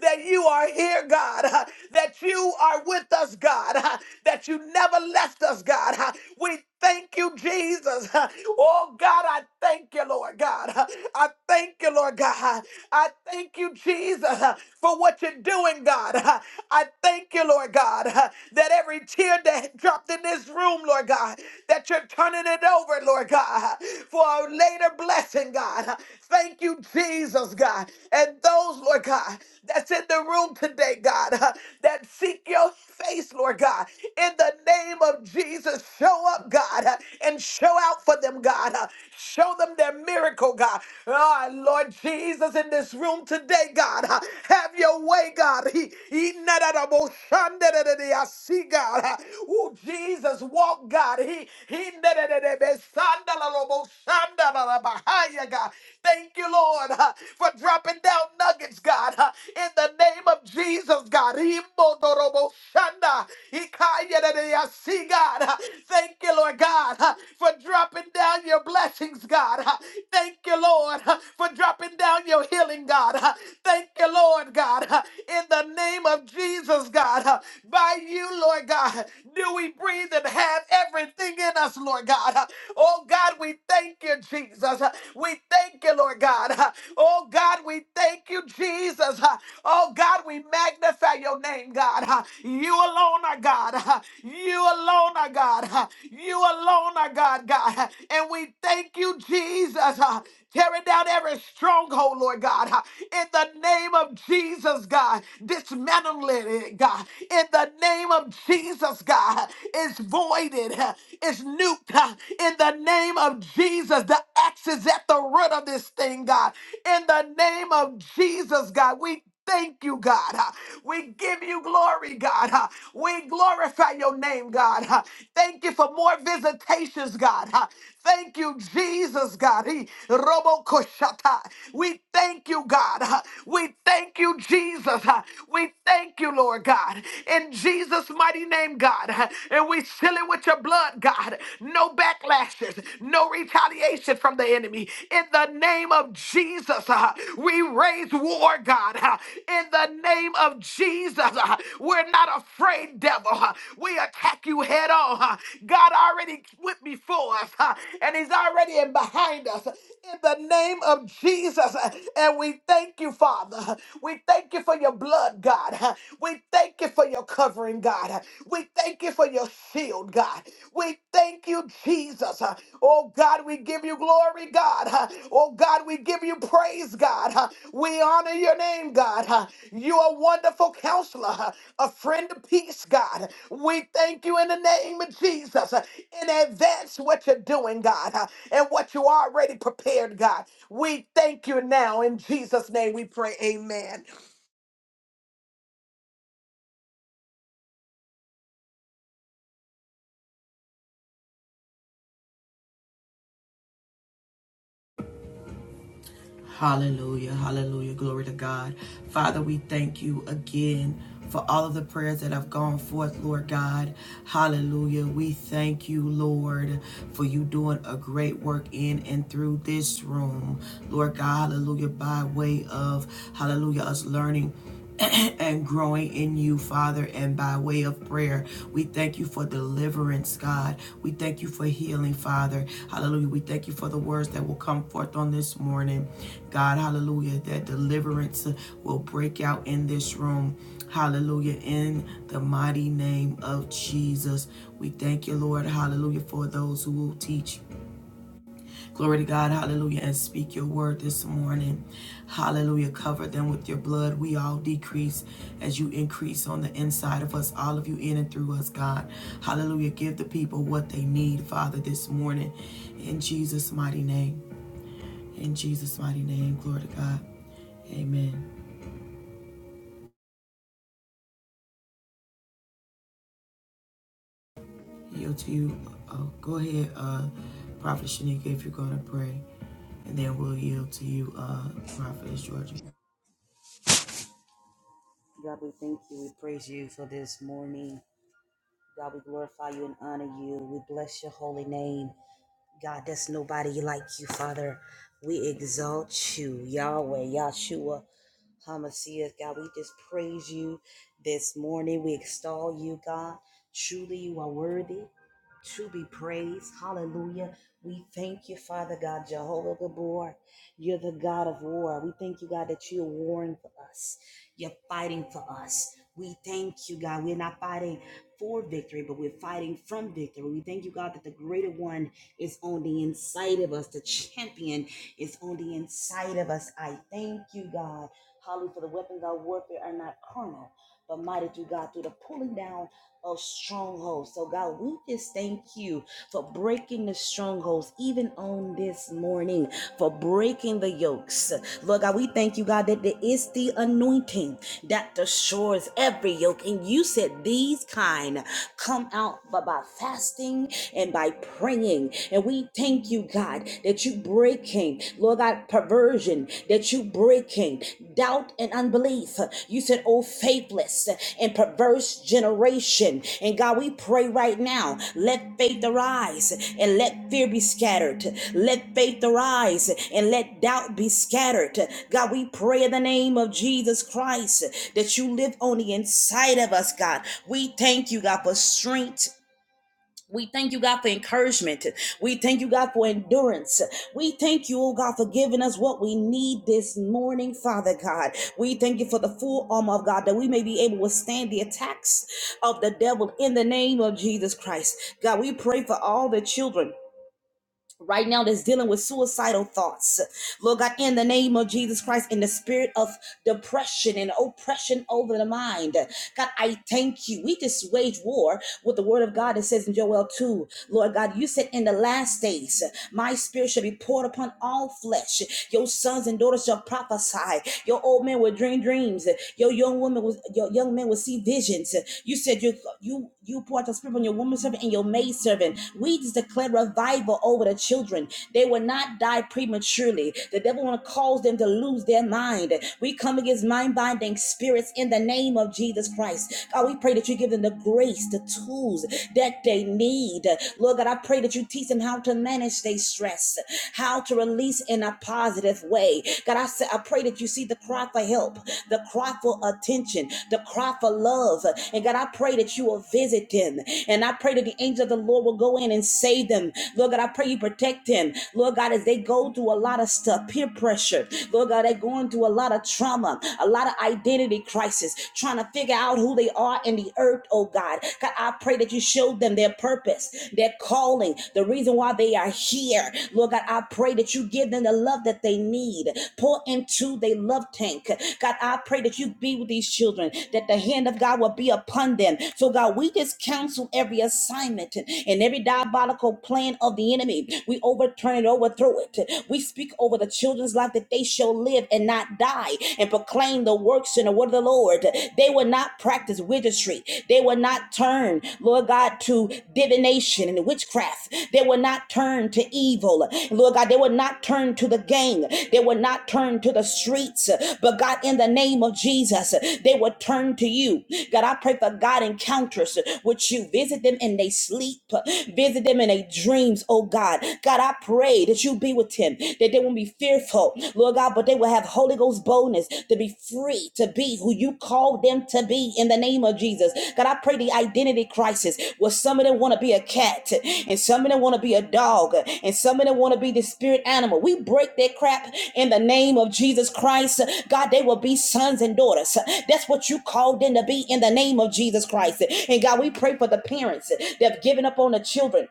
[SPEAKER 3] that you are here, God, that you are with us, God, that you never left us, God. We Thank you, Jesus. Oh, God, I thank you, Lord God. I thank you, Lord God. I thank you, Jesus, for what you're you're doing, God. I thank you, Lord God, that every tear that dropped in this room, Lord God, that you're turning it over, Lord God, for a later blessing, God. Thank you, Jesus, God. And those, Lord God, that's in the room today, God, that seek your face, Lord God, in the name of Jesus, show up, God, and show out for them, God. Show them their miracle, God. Ah, Lord Jesus, in this room today, God, Have your way, God. He- he- na- da- da- bo- shan- da- da- da- da- I see God. Oh, Jesus, walk, God. He he- na- da- da- da- be- san- da- la- la- bo- shan- da- la- la- behind you, God. Thank you, Lord, uh, for dropping down nuggets, God. uh, In the name of Jesus, God. He mo- do- ro- bo- shan- da. He ka- ya- da- da- da- I see God. uh, Thank you, Lord God, uh, for dropping down your blessings, God. uh, Thank you, Lord, uh, for dropping down your healing, God. uh, Thank you, Lord God, uh, in the name of Jesus, God. uh, By you, Lord God, do we breathe and have everything in us, Lord God. uh, Oh God, we thank you, Jesus. uh, We thank you, Lord God. uh, Oh God, we thank you, Jesus. uh, Oh God, we magnify your name, God. uh, You alone are God. uh, You alone are God. uh, You alone are God, God. uh, And we thank you, Jesus. uh, Tearing down every stronghold, Lord God. uh, in the name of Jesus, God. Dismantle it, God, in the name of Jesus, God. It's voided, uh, it's nuked, uh, in the name of Jesus. The axe is at the root of this thing, God. In the name of Jesus, God, we thank you, God. Uh, We give you glory, God. Uh, We glorify your name, God. Uh, Thank you for more visitations, God. Uh, Thank you, Jesus, God. He- Robo Koshata. We thank you, God. Uh, We thank you, Jesus. Uh, We thank you, Lord God. In Jesus' mighty name, God. Uh, And we seal it with your blood, God. No backlashes, no retaliation from the enemy. In the name of Jesus, uh, we raise war, God. uh, in the name of Jesus, uh, we're not afraid, devil. uh, we attack you head on. uh, God already went before us, uh, and He's already in behind us. uh, In the name of Jesus, uh, and we thank you, Father. uh, We thank you for your blood, God. uh, We thank thank you for your covering, God. We thank you for your shield, God. We thank you, Jesus. Oh, God, we give you glory, God. Oh, God, we give you praise, God. We honor your name, God. You are a wonderful counselor, a friend of peace, God. We thank you in the name of Jesus in advance what you're doing, God, and what you already prepared, God. We thank you now. In Jesus' name we pray, amen.
[SPEAKER 1] Hallelujah. Hallelujah. Glory to God. Father, we thank you again for all of the prayers that have gone forth, Lord God. Hallelujah. We thank you, Lord, for you doing a great work in and through this room, Lord God. Hallelujah. By way of, hallelujah, us learning and growing in you, Father, and by way of prayer. We thank you for deliverance, God. We thank you for healing, Father. Hallelujah. We thank you for the words that will come forth on this morning, God. Hallelujah. That deliverance will break out in this room. Hallelujah. In the mighty name of Jesus, we thank you, Lord. Hallelujah. For those who will teach Glory to God, hallelujah, and speak your word this morning. Hallelujah, cover them with your blood. We all decrease as you increase on the inside of us, all of you in and through us, God. Hallelujah, give the people what they need, Father, this morning. In Jesus' mighty name. In Jesus' mighty name, glory to God. Amen. Yield to you. Oh, go ahead, uh, Prophet Shanika, if you're going to pray. And then we'll yield to you, uh, Prophet George.
[SPEAKER 4] God, we thank you. We praise you for this morning. God, we glorify you and honor you. We bless your holy name. God, there's nobody like you, Father. We exalt you, Yahweh, Yahshua, Hamasiah. God, we just praise you this morning. We extol you, God. Truly, you are worthy to be praised. Hallelujah. We thank you, Father God, Jehovah Gabor. You're the God of war. We thank you, God, that you're warring for us. You're fighting for us. We thank you, God. We're not fighting for victory, but we're fighting from victory. We thank you, God, that the greater one it's on the inside of us. The champion is on the inside of us. I thank you, God. Hallelujah. For the weapons of warfare are not carnal, but mighty through God through the pulling down of strongholds. So, God, we just thank you for breaking the strongholds, even on this morning, for breaking the yokes. Lord God, we thank you, God, that there is the anointing that destroys every yoke. And you said these kind come out by by fasting and by praying. And we thank you, God, that you breaking, Lord God, perversion, that you breaking doubt and unbelief. You said, oh, faithless and perverse generation. And God, we pray right now, let faith arise and let fear be scattered. Let faith arise and let doubt be scattered. God, we pray in the name of Jesus Christ that you live on the inside of us, God. We thank you, God, for strength we thank you, God, for encouragement. We thank you, God, for endurance. We thank you, oh God, for giving us what we need this morning, Father God. We thank you for the full armor of God that we may be able to withstand the attacks of the devil in the name of Jesus Christ. God, we pray for all the children right now that's dealing with suicidal thoughts. Lord God, in the name of Jesus Christ, in the spirit of depression and oppression over the mind. God, I thank you. We just wage war with the word of God that says in Joel 2, Lord God, you said in the last days, my spirit shall be poured upon all flesh. Your sons and daughters shall prophesy. Your old men will dream dreams. Your young women was your young men will see visions. You said you you you poured your spirit on your woman servant and your maid servant. We just declare revival over the children. They will not die prematurely. The devil want to cause them to lose their mind. We come against mind binding spirits in the name of Jesus Christ. God, we pray that you give them the grace, the tools that they need. Lord God, I pray that you teach them how to manage their stress, how to release in a positive way. God, I, say, I pray that you see the cry for help, the cry for attention, the cry for love. And God, I pray that you will visit them. And I pray that the angel of the Lord will go in and save them. Lord God, I pray you protect them. Lord God, as they go through a lot of stuff, peer pressure. Lord God, they're going through a lot of trauma, a lot of identity crisis, trying to figure out who they are in the earth, oh God. God, I pray that you show them their purpose, their calling, the reason why they are they are here. Lord God, I pray that you give them the love that they need. Pour into their love tank. God, I pray that you be with these children, that the hand of God will be upon them. So, God, we just counsel every assignment and every diabolical plan of the enemy. We overturn it, overthrow it. We speak over the children's life that they shall live and not die and proclaim the works and the word of the Lord. They will not practice witchcraft ministry. They will not turn, Lord God, to divination and witchcraft. They will not turn to evil. Lord God, they will not turn to the gang. They will not turn to the streets. But God, in the name of Jesus, they will turn to you. God, I pray for God encounters with you. Visit them in their sleep. Visit them in their dreams, oh God. God, I pray that you be with him, that they won't be fearful. Lord God, God, but they will have Holy Ghost boldness to be free to be who you called them to be in the name of Jesus. God, I pray the identity crisis where some of them want to be a cat and some of them want to be a dog and some of them want to be the spirit animal. We break that crap in the name of Jesus Christ. God, they will be sons and daughters. That's what you called them to be in the name of Jesus Christ. And God, we pray for the parents that have given up on the children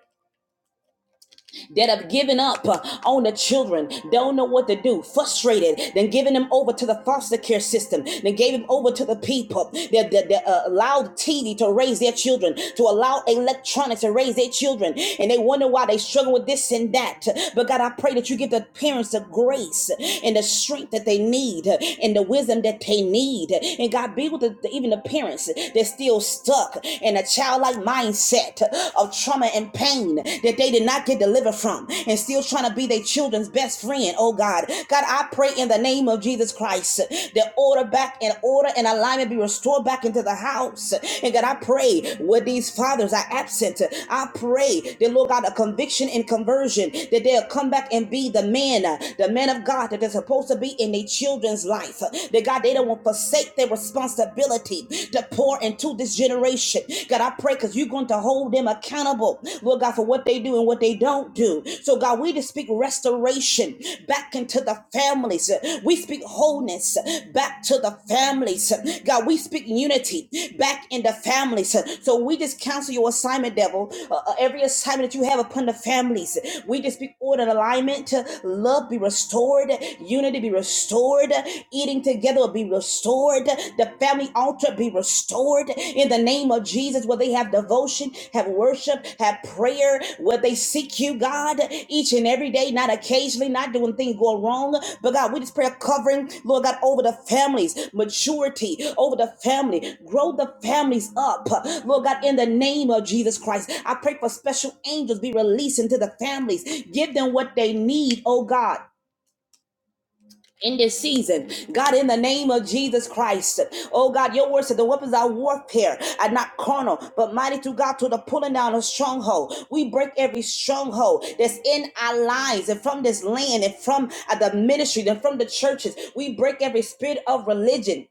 [SPEAKER 4] that have given up uh, on the children, don't know what to do, frustrated, then giving them over to the foster care system, then gave them over to the people that, that, that uh, allowed TV to raise their children, to allow electronics to raise their children, and they wonder why they struggle with this and that. But God, I pray that you give the parents the grace and the strength that they need uh, and the wisdom that they need. And God, be with the, even the parents that's still stuck in a childlike mindset effect of trauma and pain that they did not get delivered from and still trying to be their children's best friend. Oh God. God, I pray in the name of Jesus Christ that order back and order and alignment be restored back into the house. And God, I pray where these fathers are absent, I pray that Lord God, a conviction and conversion that they'll come back and be the man, the man of God that they're supposed to be in their children's life. That God, they don't want to forsake their responsibility to that pour into this generation. God, I pray because you're going to hold them accountable, Lord God, for what they do and what they don't do. So, God, we just speak restoration back into the families. We speak wholeness back to the families. God, we speak unity back in the families. So, we just cancel your assignment, devil. Uh, uh, every assignment that you have upon the families, we just speak order and alignment. Love be restored, unity be restored, eating thing together will be restored. The family altar be restored in the name of Jesus, where they have devotion, have worship, have prayer, where they seek you, God, each and every day, not occasionally, not doing things go wrong. But God, we just pray a covering, Lord God, over the families, maturity over the family, grow the families up, Lord God, in the name of Jesus Christ. I pray for special angels be released into the families, give them what they need, oh God in this season. God, in the name of Jesus Christ. Oh God, your word said the weapons of warfare are not carnal, but mighty through God to the pulling down of stronghold. We break every stronghold that's in our lives and from this land and from uh, the ministry and from the churches. We break every spirit of religion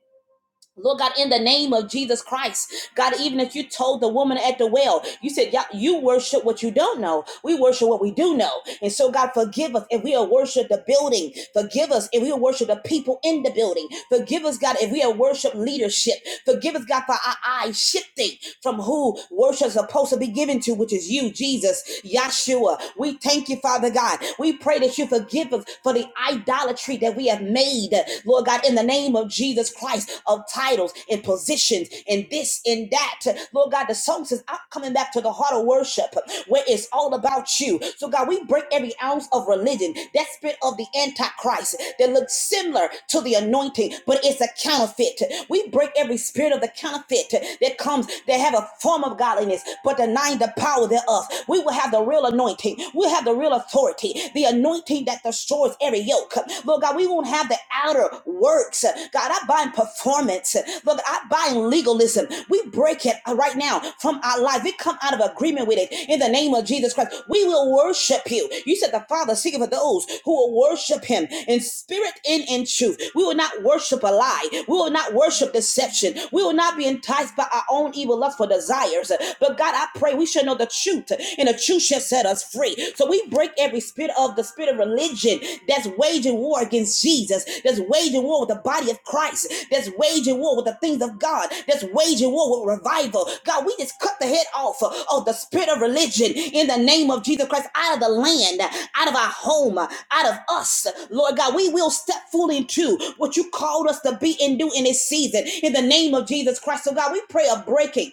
[SPEAKER 4] Lord God, in the name of Jesus Christ, God, even if you told the woman at the well, you said, "Y'all- You worship what you don't know. We worship what we do know. And so, God, forgive us if we have worshiped the building. Forgive us if we have worshiped the people in the building. Forgive us, God, if we have worshiped leadership. Forgive us, God, for our eyes shifting from who worship is supposed to be given to, which is you, Jesus, Yahshua. We thank you, Father God. We pray that you forgive us for the idolatry that we have made, Lord God, in the name of Jesus Christ, of titles and positions and this and that. Lord God, the song says, I'm coming back to the heart of worship where it's all about you. So, God, we break every ounce of religion, that spirit of the Antichrist that looks similar to the anointing, but it's a counterfeit. We break every spirit of the counterfeit that comes that have a form of godliness, but denying the power thereof. We will have the real anointing, we'll have the real authority, The the anointing that destroys every yoke. Lord God, we won't have the outer works. God, I bind performance. Lord, I bind legalism. We break it right now from our life. We come out of agreement with it in the name of Jesus Christ. We will worship you. You said the Father seeking for those who will worship him in spirit and in truth. We will not worship a lie. We will not worship deception. We will not be enticed by our own evil lustful desires. But God, I pray we should know the truth and the truth shall set us free. So we break every spirit of the spirit of religion that's waging war against Jesus, that's waging war with the body of Christ, that's waging war with the things of God, that's waging war with revival. God, we just cut the head off of the spirit of religion in the name of Jesus Christ out of the land, out of our home, out of us. Lord God, we will step fully into what you called us to be and do in this season in the name of Jesus Christ. So, God, we pray a breaking.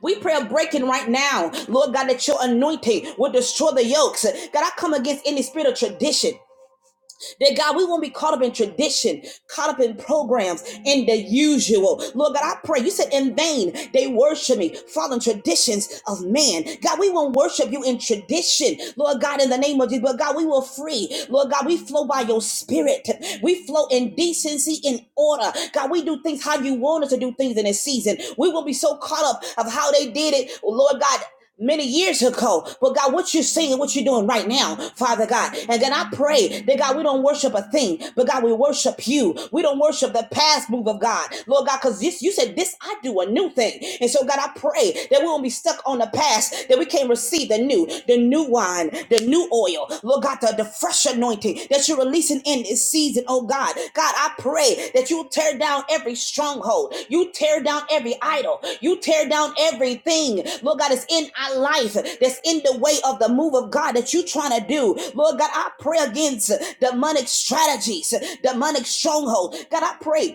[SPEAKER 4] We pray a breaking right now, Lord God, that your anointing will destroy the yokes. God, I come against any spirit of tradition. That God, we won't be caught up in tradition, caught up in programs, in the usual. Lord God, I pray. You said in vain they worship me, following traditions of man. God, we won't worship you in tradition. Lord God, in the name of Jesus, but God, we will free. Lord God, we flow by your spirit. We flow in decency, in order. God, we do things how you want us to do things in this season. We will be so caught up of how they did it, Lord God many years ago. But God, what you're saying, what you're doing right now, Father God. And then I pray that God, we don't worship a thing, but God, we worship you. We don't worship the past move of God, Lord God, because this you said this I do a new thing. And so God, I pray that we won't be stuck on the past, that we can't receive the new, the new wine, the new oil, Lord God, the, the fresh anointing that you're releasing in this season, oh God. God, I pray that you tear down every stronghold. You tear down every idol. You tear down everything, Lord God, that's in our life that's in the way of the move of God that you're trying to do. Lord God, I pray against demonic strategies, demonic stronghold. God, I pray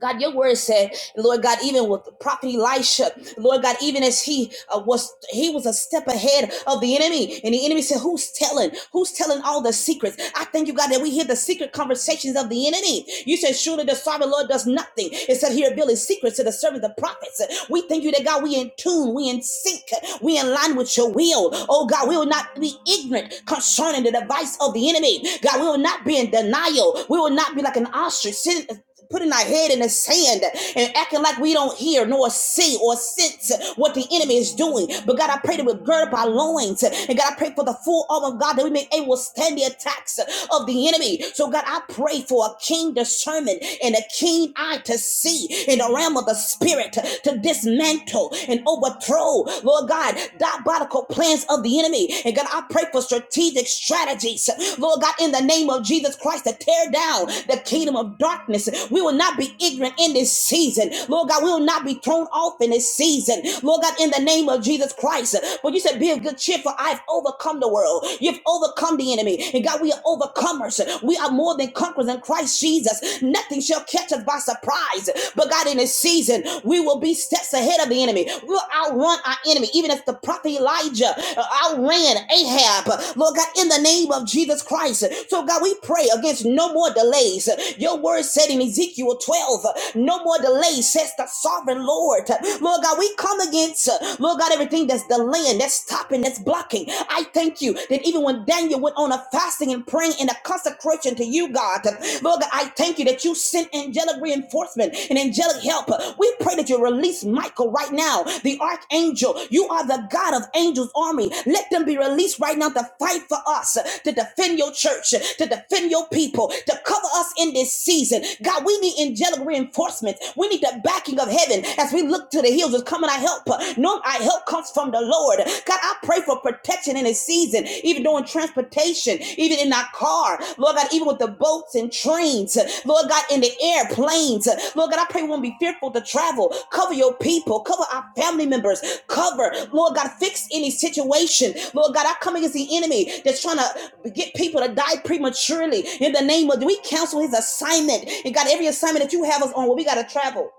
[SPEAKER 4] God, your word said, Lord God, even with the prophet Elisha, Lord God, even as he uh, was, he was a step ahead of the enemy, and the enemy said, "Who's telling? Who's telling all the secrets?" I thank you, God, that we hear the secret conversations of the enemy. You said, "Surely the sovereign Lord does nothing except he reveal his secrets to the servant, the prophets." We thank you that God, we in tune, we in sync, we in line with your will. Oh God, we will not be ignorant concerning the device of the enemy. God, we will not be in denial. We will not be like an ostrich sitting putting our head in the sand and acting like we don't hear nor see or sense what the enemy is doing. But God, I pray that we gird up our loins. And God, I pray for the full armor of God that we may able to stand the attacks of the enemy. So God, I pray for a keen discernment and a keen eye to see in the realm of the spirit to to dismantle and overthrow, Lord God, diabolical plans of the enemy. And God, I pray for strategic strategies, Lord God, in the name of Jesus Christ. Christ to tear down the kingdom of darkness. We will not be ignorant in this season. Lord God, we will not be thrown off in this season. Lord God, in the name of Jesus Christ. But you said, be of good cheer, for I've overcome the world. You've overcome the enemy. And God, we are overcomers. We are more than conquerors in Christ Jesus. Nothing shall catch us by surprise. But God, in this season, we will be steps ahead of the enemy. We will outrun our enemy, even as the prophet Elijah uh, outran Ahab. Lord God, in the name name of Jesus Christ. So, God, we pray against no more delays. Your word said in Ezekiel 12, no more delays, says the sovereign Lord. Lord God, we come against, uh, Lord God, everything that's delaying, that's stopping, that's blocking. I thank you that even when Daniel went on a fasting and praying in a consecration to you, God, uh, Lord God, I thank you that you sent angelic reinforcement and angelic help. We pray that you release Michael right now, the archangel. You are the God of angels' army name. Let them be released right now to fight for us, to defend your church, to defend your people, to cover us in this season. God, we need angelic reinforcements. We need the backing of heaven as we look to the hills. Is coming our help. No, our help comes from the Lord. God, I pray for protection in this season, even during transportation, even in our car. Lord God, even with the boats and trains. Lord God, in the airplanes. Lord God, I pray we won't be fearful to travel. Cover your people. Cover our family members. Cover, Lord God, fix any situation. Lord God, I come against the enemy that's trying to get people to die prematurely. In the name of, we cancel his assignment. And God, every assignment that you have us on, where we got to travel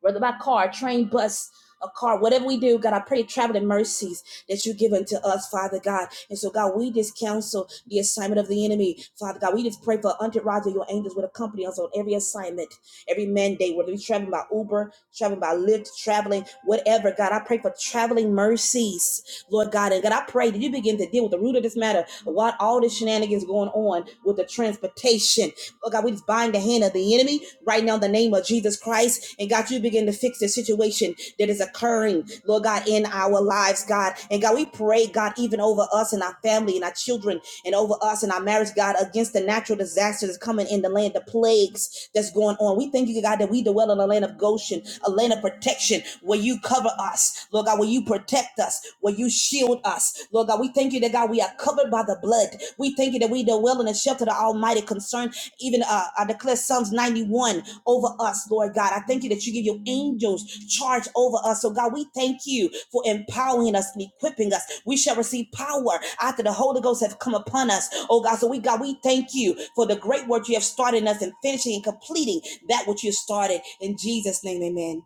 [SPEAKER 4] whether by car, train, bus, a car, whatever we do, God, I pray traveling mercies that you give unto us, Father God. And so, God, we just counsel the assignment of the enemy, Father God. We just pray for entourage of your angels would accompany us on every assignment, every mandate, whether we traveling by Uber, traveling by Lyft, traveling, whatever, God. I pray for traveling mercies, Lord God. And God, I pray that you begin to deal with the root of this matter, what all the shenanigans going on with the transportation Lord God, we just bind the hand of the enemy right now in the name of Jesus Christ. And God, you begin to fix the situation that is occurring, Lord God, in our lives, God. And God, we pray, God, even over us and our family and our children and over us and our marriage, God, against the natural disasters that's coming in the land, the plagues that's going on. We thank you, God, that we dwell in a land of Goshen, a land of protection where you cover us, Lord God, where you protect us, where you shield us, Lord God. We thank you that, God, we are covered by the blood. We thank you that we dwell in the shelter of the Almighty concern even uh, I declare Psalms 91 over us, Lord God. I thank you that you give your angels charge over us. So, God, we thank you for empowering us and equipping us. We shall receive power after the Holy Ghost has come upon us. Oh, God, so we, God, we thank you for the great work you have started in us and finishing and completing that which you started. In Jesus' name, amen.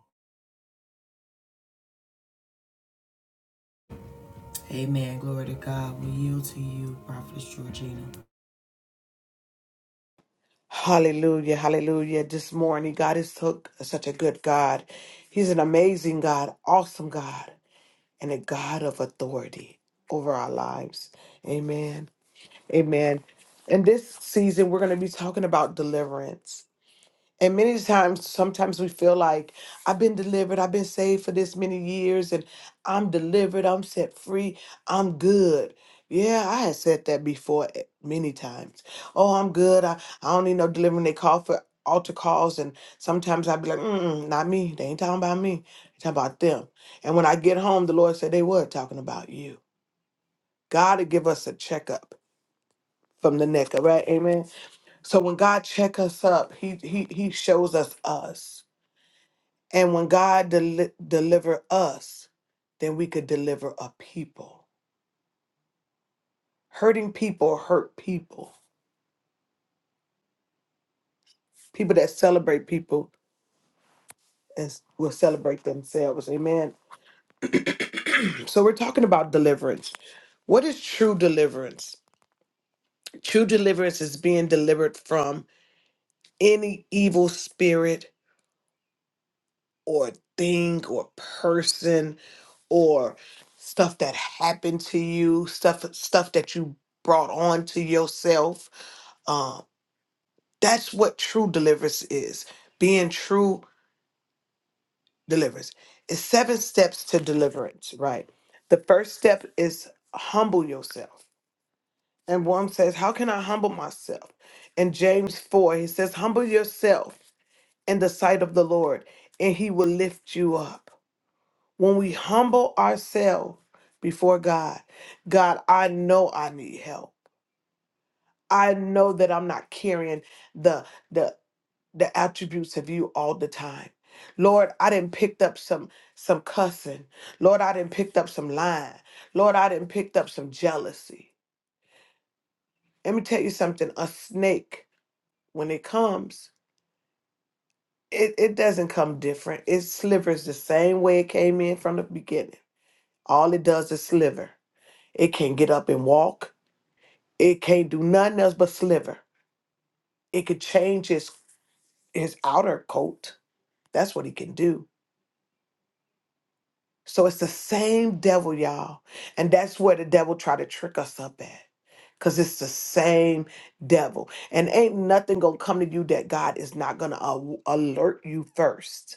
[SPEAKER 1] Amen. Glory to God. We yield to you, Prophetess Georgina.
[SPEAKER 3] Hallelujah, hallelujah. This morning, God is so, such a good God. He's an amazing God, awesome God, and a God of authority over our lives. Amen. Amen. In this season, we're going to be talking about deliverance. And many times, sometimes we feel like I've been delivered, I've been saved for this many years, and I'm delivered, I'm set free, I'm good. Yeah, I had said that before eh, many times. Oh, I'm good. I, I don't need no delivering. They call for altar calls, and sometimes I'd be like, Mm-mm, not me. They ain't talking about me. They talking about them. And when I get home, the Lord said they were talking about you. God to give us a checkup from the neck, up, right? Amen. So when God check us up, He He He shows us us. And when God deli- deliver us, then we could deliver a people. Hurting people hurt people. People that celebrate people and s- will celebrate themselves. Amen. So we're talking about deliverance. What is true deliverance? True deliverance is being delivered from any evil spirit or thing or person or stuff that happened to you, stuff stuff that you brought on to yourself Um, That's what true deliverance is. Being true deliverance. It's seven steps to deliverance, right? The first step is humble yourself. And one says, How can I humble myself? In James 4, he says, Humble yourself in the sight of the Lord, and he will lift you up. When we humble ourselves before God, God, I know I need help. I know that I'm not carrying the the the attributes of you all the time. Lord, I didn't picked up some some cussing. Lord, I didn't picked up some lying. Lord, I didn't picked up some jealousy. Let me tell you something. A snake, when it comes, it, it doesn't come different. It slivers the same way it came in from the beginning. All it does is sliver. It can't get up and walk. It can't do nothing else but sliver. It could change his his outer coat. That's what he can do So it's the same devil, y'all. And that's where the devil try to trick us up at. Cause it's the same devil. And ain't nothing gonna come to you that God is not gonna alert you first.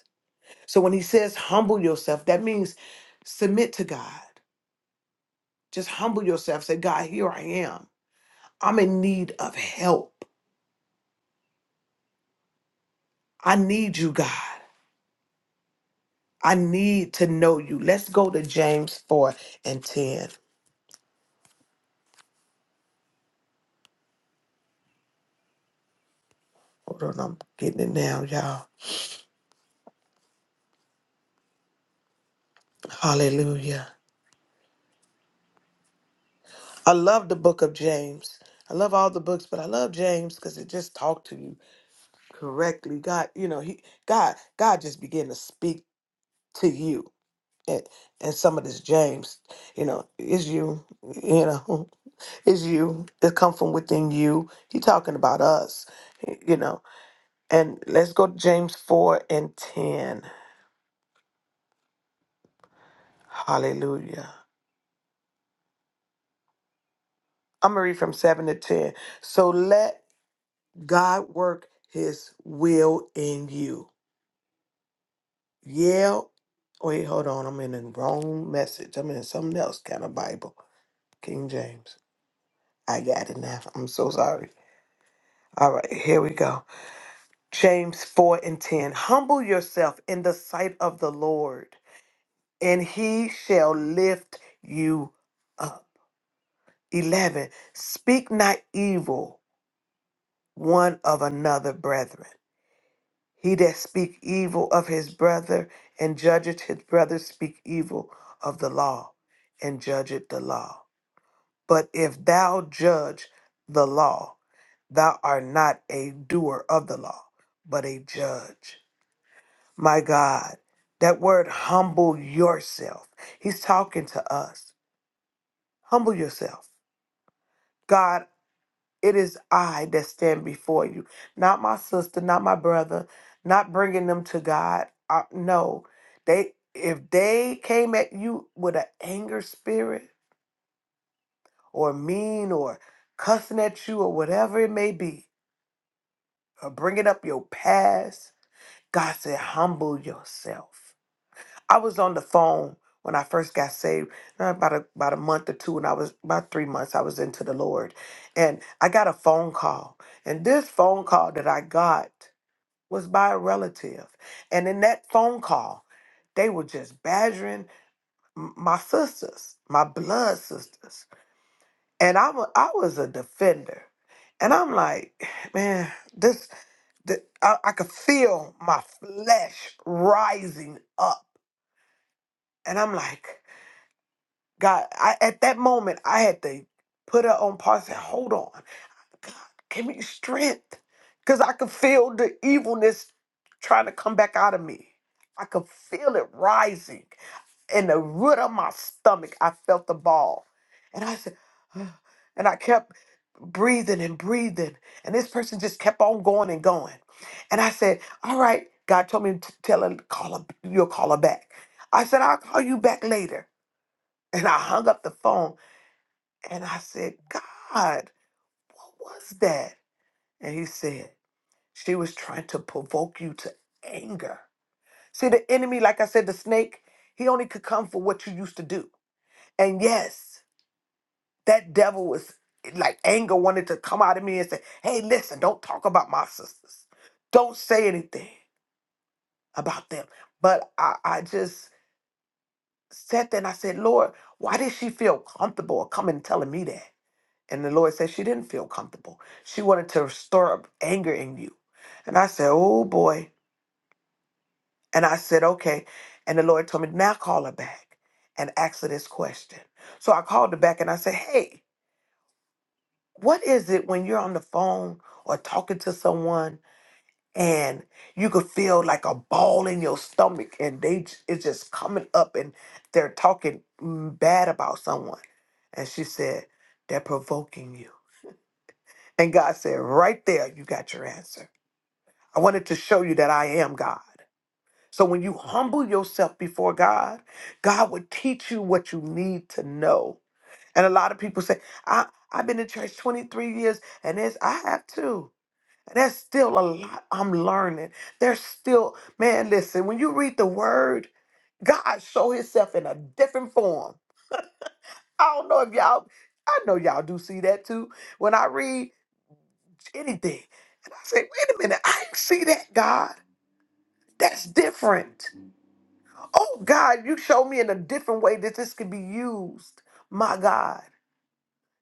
[SPEAKER 3] So when he says humble yourself, that means submit to God. Just humble yourself. Say, God, here I am. I'm in need of help. I need you, God. I need to know you. Let's go to James 4 and 10. Hold on, I'm getting it now, y'all. Hallelujah. I love the book of James. I love all the books, but I love James because it just talked to you correctly. God, you know, he God, God just began to speak to you. And, and some of this James, you know, is you, you know, is you. It come from within you. He talking about us, you know. And let's go to James 4 and 10. Hallelujah. I'm gonna read from 7 to 10. So let God work his will in you Yell. Wait, hold on. I'm in the wrong message. I'm in something else kind of Bible. King James. I got it now. I'm so sorry. All right, here we go. James 4 and 10. Humble yourself in the sight of the Lord, and he shall lift you up. 11. Speak not evil, brethren, heather, and judge evil of the law and law. But if thou judge the law, Thou art not a doer of the law, but a judge. My God, that word humble yourself. He's talking to us. Humble yourself. God, it is I that stand before you, not my sister, not my brother, not bringing them to God. I, no, they if they came at you with an anger spirit or mean or cussing at you or whatever it may be, or bringing up your past God said, humble yourself. I was on the phone when I first got saved, uh, about a, about a month or two, and I was about three months, I was into the Lord. And I got a phone call. And this phone call that I got was by a relative. And in that phone call, they were just badgering m- my sisters, my blood sisters. And I wa- I was a defender. And I'm like, man, the, I, I could feel my flesh rising up. And I'm like, God, I, at that moment, I had to put her on pause and say, hold on. God, give me strength. Because I could feel the evilness trying to come back out of me. I could feel it rising. In the root of my stomach, I felt the ball. And I said, "Ugh." and I kept breathing and breathing. And this person just kept on going and going. And I said, all right, God told me to tell her, call her, you'll call her back. I said, I'll call you back later. And I hung up the phone and I said, God, what was that? And he said, She was trying to provoke you to anger. See, the enemy, like I said, the snake, he only could come for what you used to do. And yes, that devil was like anger wanted to come out of me and say, Hey, listen, don't talk about my sisters. Don't say anything about them. But I, I just sat there and I said, Lord, why did she feel comfortable coming and telling me that? And the Lord said she didn't feel comfortable. She wanted to stir up anger in you. And I said, Oh boy. And I said, okay. And the Lord told me, now call her back and ask her this question. So I called her back and I said, hey, what is it when you're on the phone or talking to someone and you could feel like a ball in your stomach and they j- it's just coming up and they're talking mm, bad about someone? And she said, they're provoking you. And God said, right there, you got your answer. I wanted to show you that I am God. So when you humble yourself before God, God will teach you what you need to know. And a lot of people say, I, I've been in church 23 years and it's I have too. And there's still a lot I'm learning. There's still, man, listen, when you read the word, God show himself in a different form. I don't know if y'all, I know y'all do see that too. When I read anything, and I say, wait a minute, I didn't see that, God. That's different. Oh God, you show me in a different way that this could be used. My God,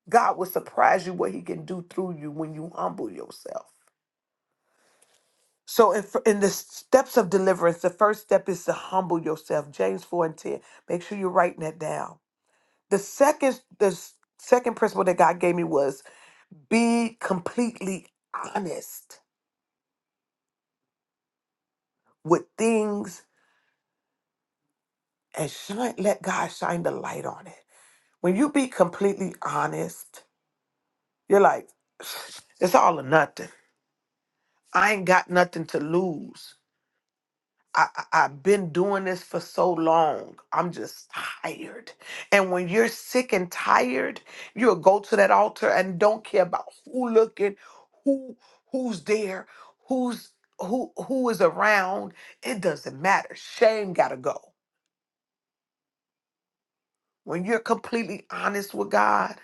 [SPEAKER 3] God will surprise you what He can do through you when you humble yourself. So, in, in the steps of deliverance, the first step is to humble yourself. James four and ten. Make sure you're writing that down. The second, the s- second principle that God gave me was be completely honest with things and shine. Let God shine the light on it. When you be completely honest You're like, it's all or nothing. I ain't got nothing to lose. I, I, I've been doing this for so long. I'm just tired. And when you're sick and tired, you'll go to that altar and don't care about who looking, who who's there, who's who who is around. It doesn't matter. Shame gotta go. When you're completely honest with God,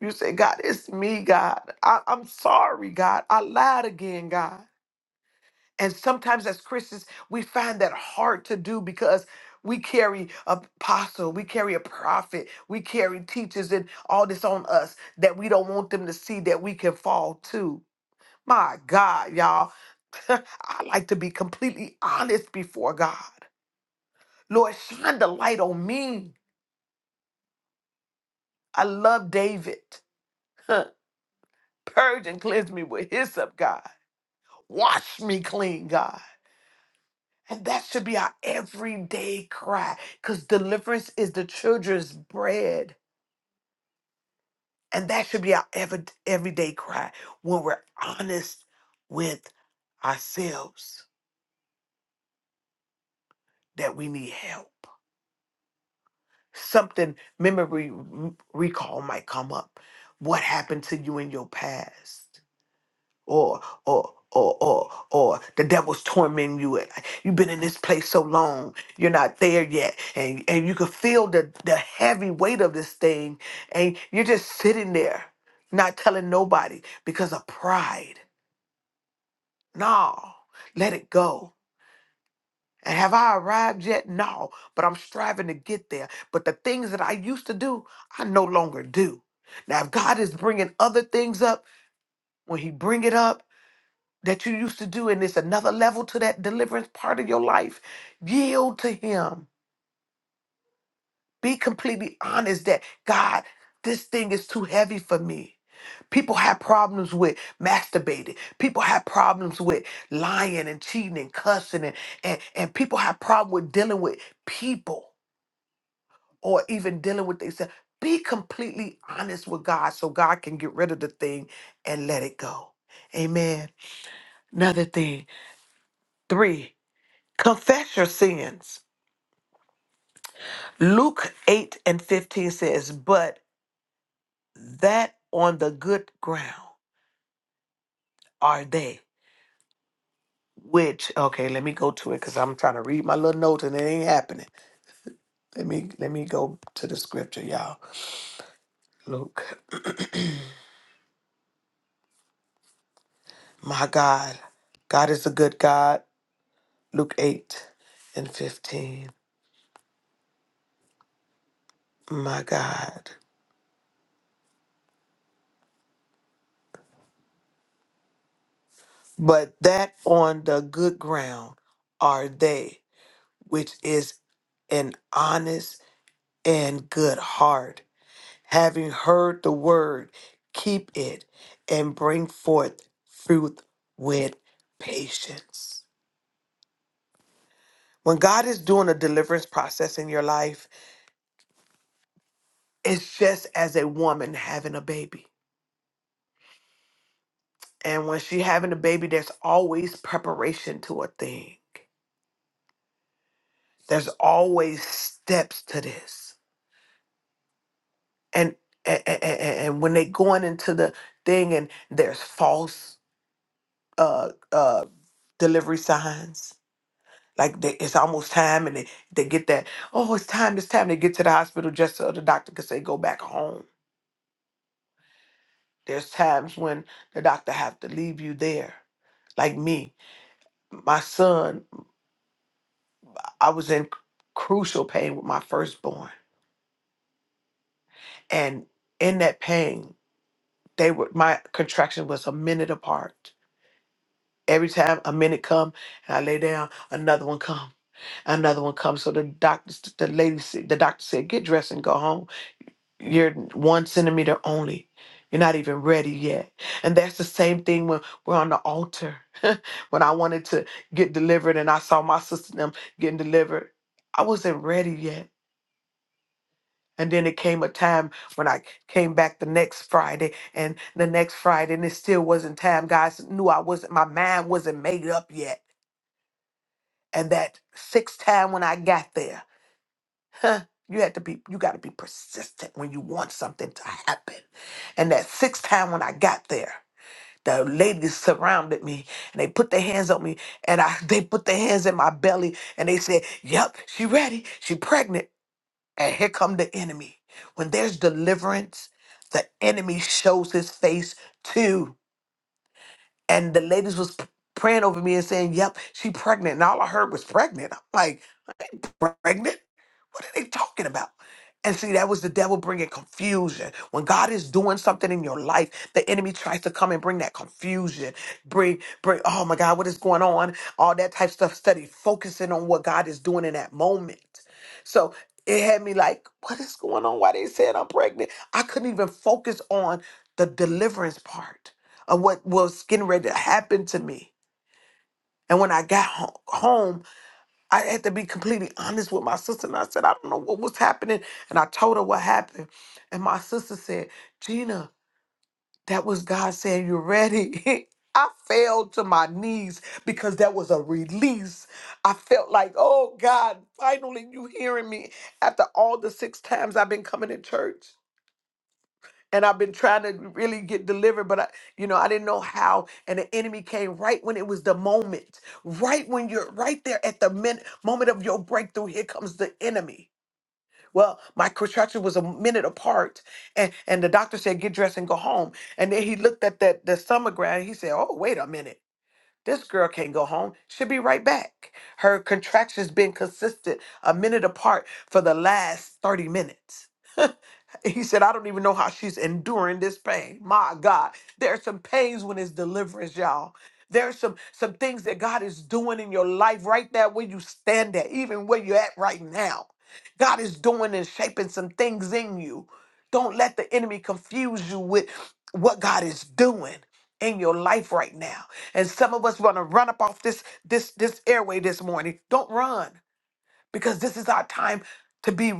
[SPEAKER 3] you say, God, it's me, God. I, I'm sorry, God. I lied again, God. And sometimes as Christians, we find that hard to do because we carry a apostle, we carry a prophet, we carry teachers and all this on us that we don't want them to see that we can fall to. My God, y'all. I like to be completely honest before God. Lord, shine the light on me. I love David. Purge and cleanse me with hyssop, God. Wash me clean, God. And that should be our everyday cry because deliverance is the children's bread. And that should be our ever, everyday cry when we're honest with ourselves that we need help. Something, memory recall might come up. What happened to you in your past? or or or or or the devil's tormenting you and you've been in this place so long you're not there yet and and you can feel the the heavy weight of this thing and you're just sitting there not telling nobody because of pride no let it go and have i arrived yet no but i'm striving to get there but the things that i used to do i no longer do now if god is bringing other things up when he bring it up that you used to do, and there's another level to that deliverance part of your life. Yield to Him. Be completely honest that God, this thing is too heavy for me. People have problems with masturbating. People have problems with lying and cheating and cussing, and and, and people have problem with dealing with people or even dealing with themselves. Be completely honest with God so God can get rid of the thing and let it go. Amen. Another thing, three, confess your sins Luke 8 and 15 says, But that on the good ground are they which okay let me go to it because i'm trying to read my little notes and it ain't happening let me let me go to the scripture y'all luke my god god is a good god luke 8 and 15 my god but that on the good ground are they which is an honest and good heart having heard the word, keep it and bring forth fruit with patience. When God is doing a deliverance process in your life, it's just as a woman having a baby. And when she having a baby, there's always preparation to a thing. There's always steps to this. And and, and, and when they going into the thing and there's false uh uh delivery signs Like they, it's almost time, and they, they get that, oh, it's time, it's time. They get to the hospital just so the doctor can say, go back home. There's times when the doctor have to leave you there. Like me, my son, I was in crucial pain with my firstborn. And in that pain, they were my contraction was a minute apart. Every time a minute come and I lay down, another one come, another one come. So the doctor, the lady, said- the doctor said, "Get dressed and go home." You're one centimeter only. You're not even ready yet. And that's the same thing when we're on the altar. when I wanted to get delivered and I saw my sister and them getting delivered, I wasn't ready yet. And then it came a time when I came back the next Friday and the next Friday, and it still wasn't time. Guys knew I wasn't, my mind wasn't made up yet. And that sixth time when I got there, Huh? You had to be you gotta be persistent when you want something to happen. And that sixth time when I got there, the ladies surrounded me and they put their hands on me and I they put their hands in my belly and they said, Yep, she ready, she pregnant. And here come the enemy. When there's deliverance, the enemy shows his face too. And the ladies was p- praying over me and saying, Yep, she pregnant. And all I heard was pregnant. I'm like, pregnant? What are they talking about? And see, that was the devil bringing confusion. When God is doing something in your life, the enemy tries to come and bring that confusion. Bring, bring, oh my God, what is going on? All that type stuff. Study focusing on what God is doing in that moment. So it had me like, what is going on? Why they said I'm pregnant? I couldn't even focus on the deliverance part of what was getting ready to happen to me. And when I got ho- home, I had to be completely honest with my sister. And I said, I don't know what was happening. And I told her what happened. And my sister said, Gina, that was God saying, You're ready. I fell to my knees because that was a release. I felt like, oh God, finally you hearing me after all the six times I've been coming to church and I've been trying to really get delivered, but I, you know, I didn't know how. And the enemy came right when it was the moment, right when you're right there at the min- moment of your breakthrough. Here comes the enemy. Well, my contraction was a minute apart, and and the doctor said, "Get dressed and go home." And then he looked at that the sonogram. He said, "Oh, wait a minute." This girl can't go home. She'll be right back. Her contractions been consistent, a minute apart for the last 30 minutes. He said, I don't even know how she's enduring this pain. My God. There are some pains when it's deliverance, y'all. There are some some things that God is doing in your life right there where you stand at, even where you're at right now. God is doing and shaping some things in you. Don't let the enemy confuse you with what God is doing in your life right now. And some of us want to run up off this this this airway this morning. Don't run because this is our time to be."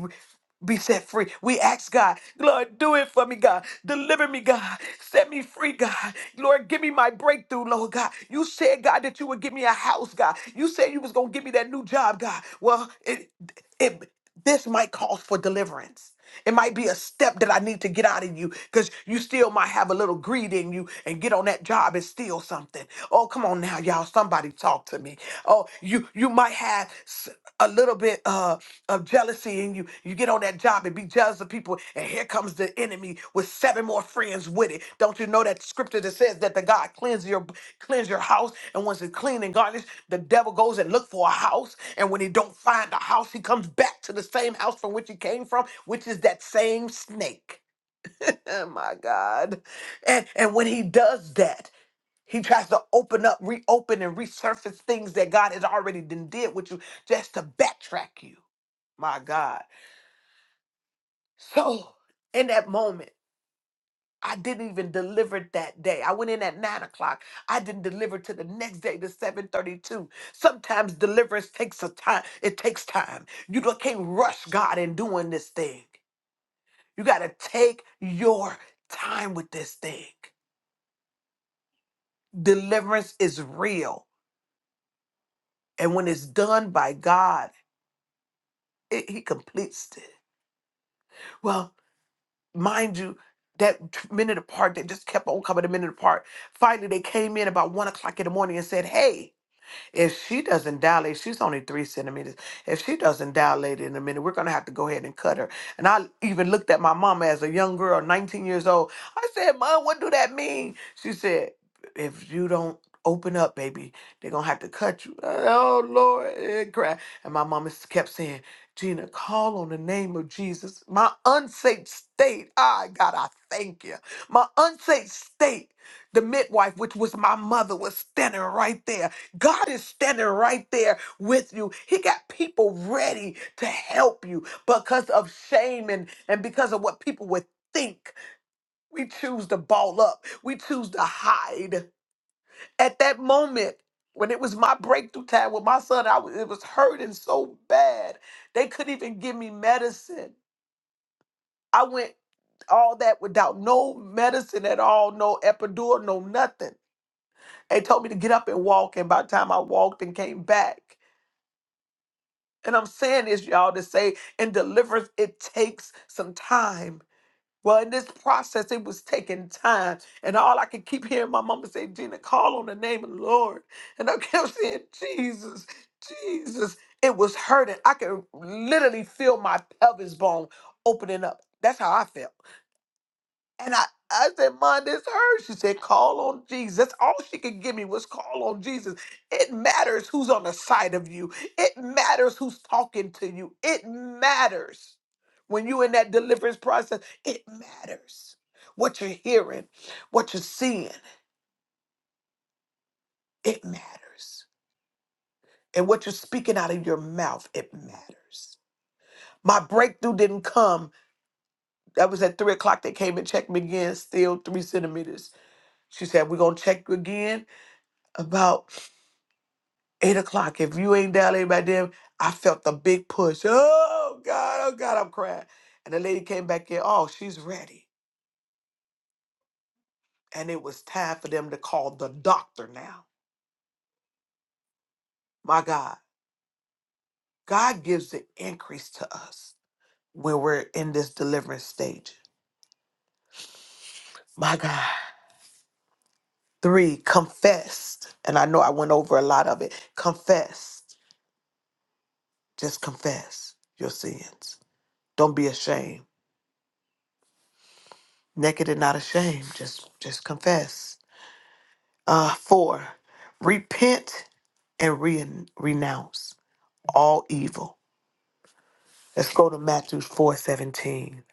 [SPEAKER 3] be set free. We ask God, Lord, do it for me, God. Deliver me, God. Set me free, God. Lord, give me my breakthrough, Lord God. You said, God, that you would give me a house, God. You said you was gonna give me that new job, God. Well, it it this might call for deliverance. It might be a step that I need to get out of you because you still might have a little greed in you and get on that job and steal something. Oh, come on now, y'all. Somebody talk to me. Oh, you you might have s- a little bit. Uh, of jealousy and you you get on that job and be jealous of people and here comes the enemy with seven more friends with it don't you know that scripture that says that the god cleanse your cleanse your house and once it's clean and garnished the devil goes and look for a house and when he don't find a house he comes back to the same house from which he came from which is that same snake oh my god and and when he does that he tries to open up reopen and resurface things that god has already done did with you just to backtrack you my god so in that moment, I didn't even deliver that day. I went in at nine o'clock. I didn't deliver to the next day to 732. Sometimes deliverance takes a time. It takes time. You don't- can't rush God in doing this thing. You gotta take your time with this thing. Deliverance is real. And when it's done by God, it, he completes it. Well. mind you, that t- minute apart, they just kept on coming a minute apart. Finally, they came in about one o'clock in the morning and said, "Hey, if she doesn't dilate, she's only three centimeters. If she doesn't dilate in a minute, we're gonna have to go ahead and cut her. And I even looked at my mama as a young girl, 19 years old. I said, Mom, what do that mean? She said, If you don't open up, baby, they're gonna have to cut you. Oh Lord, and cried. And my mama s- kept saying, Gina, call on the name of Jesus. My unsafe state, ah, God, I thank you. My unsafe state, the midwife, which was my mother, was standing right there. God is standing right there with you. He got people ready to help you because of shame and, and because of what people would think. We choose to ball up, we choose to hide. At that moment, when it was my breakthrough time with my son, I was, it was hurting so bad. They couldn't even give me medicine. I went all that without no medicine at all, no epidural, no nothing. They told me to get up and walk, and by the time I walked and came back, And I'm saying this, y'all, to say in deliverance, it takes some time. Well, in this process, it was taking time. And all I could keep hearing my mama say, Gina, call on the name of the Lord. And I kept saying, Jesus, Jesus. It was hurting. I could literally feel my pelvis bone opening up. That's how I felt. And I, I said, Mom, this hurts. She said, call on Jesus. That's All she could give me was call on Jesus. It matters who's on the side of you. It matters who's talking to you. It matters when you're in that deliverance process. It matters what you're hearing, what you're seeing. It matters. And what you're speaking out of your mouth, it matters. My breakthrough didn't come. That was at three o'clock. They came and checked me again, still three centimeters. She said, We're going to check you again about eight o'clock. If you ain't down there by then, I felt the big push. Oh God, oh God, I'm crying. And the lady came back in. Oh, she's ready. And it was time for them to call the doctor now. My God, God gives the increase to us when we're in this deliverance stage. My God. Three, confessed. And I know I went over a lot of it. Confessed. Just confess your sins. Don't be ashamed. Naked and not ashamed. Just just confess. Uh, four, repent and re- renounce all evil. Let's go to Matthew four seventeen.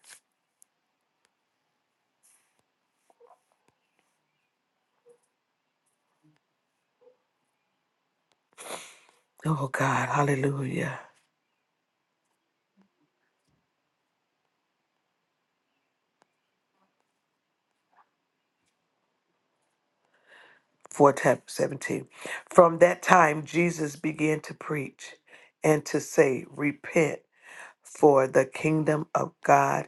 [SPEAKER 3] Oh, God, hallelujah. 4 tap- 17. From that time, Jesus began to preach and to say, Repent, for the kingdom of God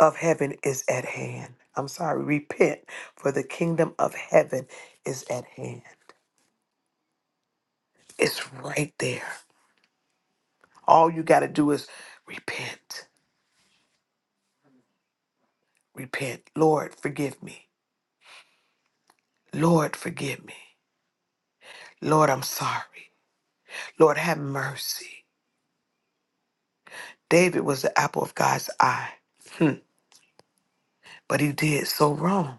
[SPEAKER 3] of heaven is at hand. I'm sorry, repent, for the kingdom of heaven is at hand. It's right there. All you got to do is repent. repent. Lord, forgive me. Lord, forgive me. Lord, I'm sorry. Lord, have mercy. David was the apple of God's eye, hmm. but he did so wrong.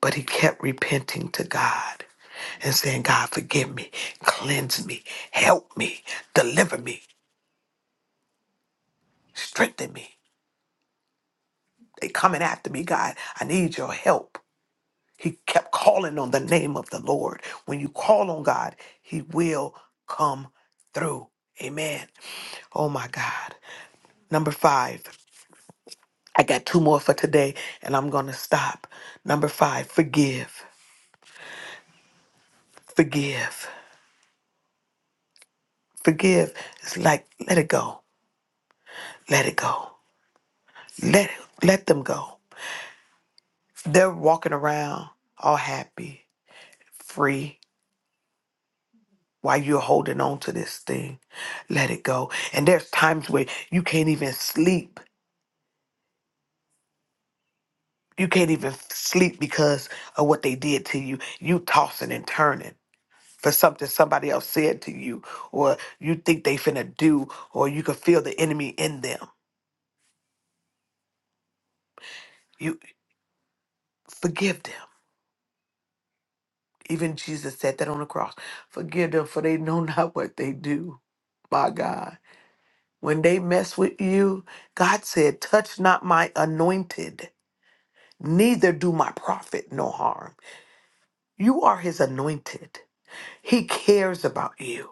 [SPEAKER 3] But he kept repenting to God and saying, God, forgive me, cleanse me, help me, deliver me, strengthen me. They coming after me, God. I need your help. He kept calling on the name of the Lord. When you call on God, he will come through. Amen. Oh my God. Number five, I got two more for today and I'm going to stop. Number five, forgive, forgive, forgive. It's like, let it go, let it go, let, it, let them go. They're walking around all happy, free, while you're holding on to this thing. Let it go. And there's times where you can't even sleep. You can't even sleep because of what they did to you. You tossing and turning. for something somebody else said to you or you think they finna do or you can feel the enemy in them. You forgive them. Even Jesus said that on the cross. Forgive them for they know not what they do. My God. When they mess with you, God said, touch not my anointed, neither do my prophet no harm. You are his anointed. He cares about you.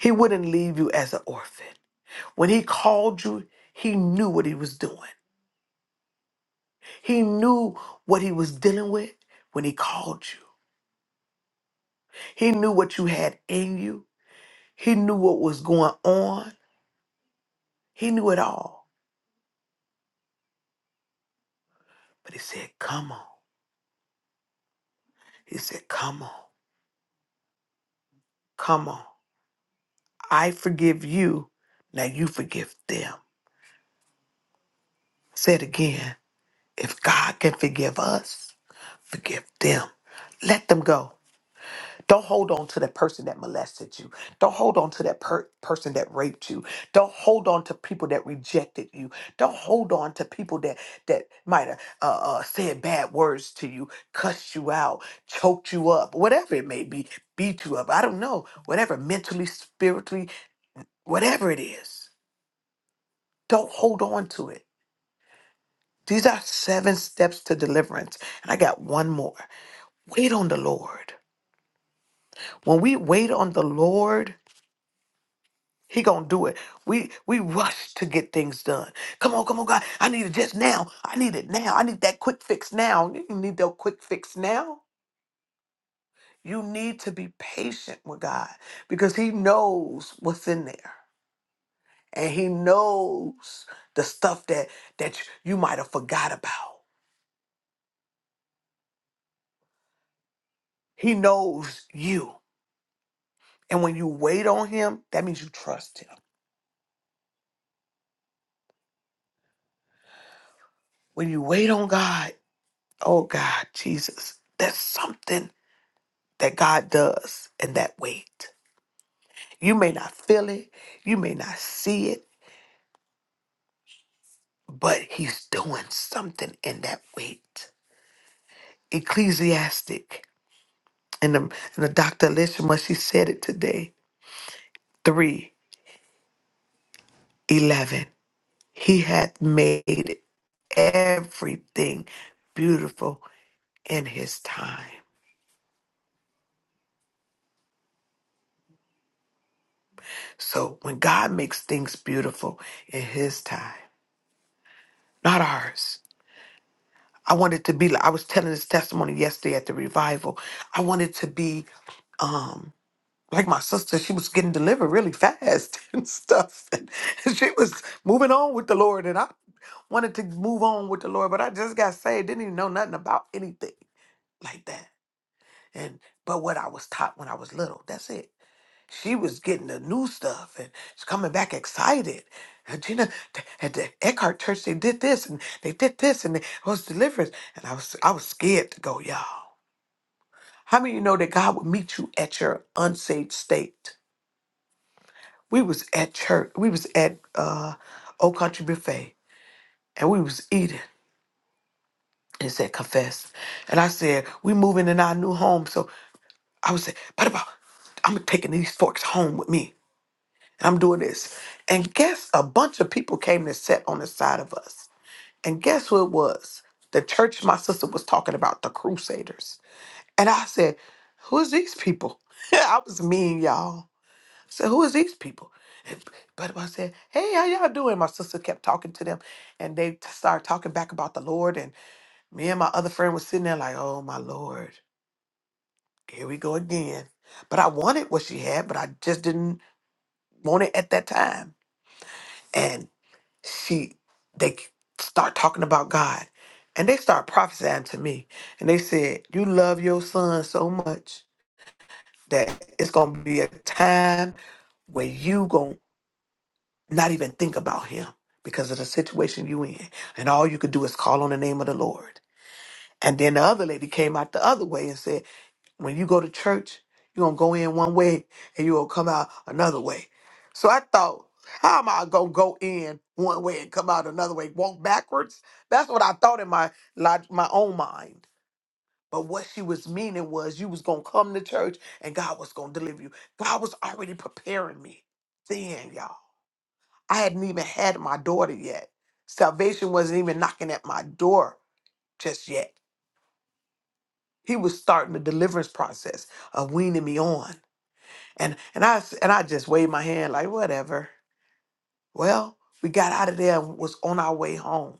[SPEAKER 3] He wouldn't leave you as an orphan. When he called you, he knew what he was doing. He knew what he was dealing with when he called you. He knew what you had in you. He knew what was going on. He knew it all. But he said, Come on. He said, Come on. Come on. I forgive you. Now you forgive them. Say it again. If God can forgive us, forgive them. Let them go. Don't hold on to that person that molested you. Don't hold on to that per- person that raped you. Don't hold on to people that rejected you. Don't hold on to people that that might have uh, uh, said bad words to you, cussed you out, choked you up, whatever it may be, beat you up. I don't know. Whatever, mentally, spiritually, whatever it is, don't hold on to it. These are seven steps to deliverance, and I got one more. Wait on the Lord. When we wait on the Lord He gonna do it. We we rush to get things done. Come on, come on, God. I need it just now. I need it now. I need that quick fix now. You don't need that quick fix now. You need to be patient with God because He knows what's in there. And He knows the stuff that that you might have forgot about. He knows you. And when you wait on him, that means you trust him. When you wait on God, oh God, Jesus, there's something that God does in that wait. You may not feel it, you may not see it, but he's doing something in that weight. Ecclesiastic and the, and the doctor listened when she said it today. Three eleven. He hath made everything beautiful in his time. So when God makes things beautiful in his time, not ours. I wanted to be like I was telling this testimony yesterday at the revival. I wanted to be um like my sister, she was getting delivered really fast and stuff. And she was moving on with the Lord. And I wanted to move on with the Lord, but I just got saved, didn't even know nothing about anything like that. And but what I was taught when I was little, that's it. She was getting the new stuff and she's coming back excited. And Gina, th- at the Eckhart Church, they did this and they did this and it was deliverance. And I was I was scared to go, y'all. How many of you know that God will meet you at your unsaved state? We was at church. We was at uh, Old Country Buffet, and we was eating. And it said confess, and I said we moving in our new home. So I was saying, but about I'm taking these forks home with me, and I'm doing this. And guess a bunch of people came to sit on the side of us. And guess who it was? The church my sister was talking about, the Crusaders. And I said, who is these people? I was mean, y'all. I said, who is these people? But I said, hey, how y'all doing? My sister kept talking to them and they t- started talking back about the Lord. And me and my other friend was sitting there like, oh my Lord, here we go again. But I wanted what she had, but I just didn't want it at that time. And she, they k- start talking about God and they start prophesying to me. And they said, you love your son so much that it's going to be a time where you gonna not even think about him because of the situation you in. And all you could do is call on the name of the Lord. And then the other lady came out the other way and said, when you go to church, you're going to go in one way and you're going to come out another way. So I thought, how am I going to go in one way and come out another way, walk backwards? That's what I thought in my, log- my own mind. But what she was meaning was you was going to come to church and God was going to deliver you. God was already preparing me then, y'all. I hadn't even had my daughter yet. Salvation wasn't even knocking at my door just yet. He was starting the deliverance process of weaning me on. And and I s- and I just waved my hand like whatever. Well, we got out of there and was on our way home.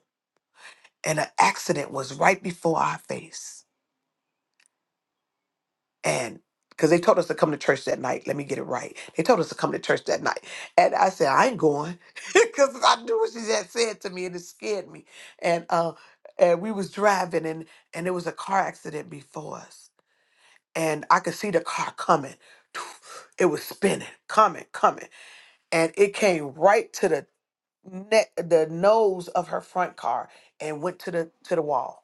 [SPEAKER 3] And an accident was right before our face. and because they told us to come to church that night. Let me get it right. They told us to come to church that night. And I said, I ain't going because I knew what she had said to me and it scared me. And uh, and we was driving and and there was a car accident before us. And I could see the car coming. It was spinning, coming, coming. And it came right to the neck the nose of her front car and went to the to the wall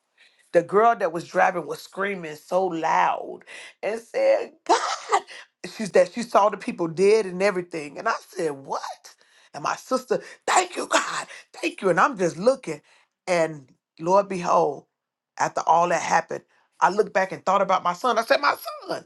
[SPEAKER 3] the girl that was driving was screaming so loud and said, God, she's that she saw the people dead and everything. And I said, What? And my sister, thank you, God, thank you. And I'm just looking. And Lord behold, after all that happened, I looked back and thought about my son. I said, My son.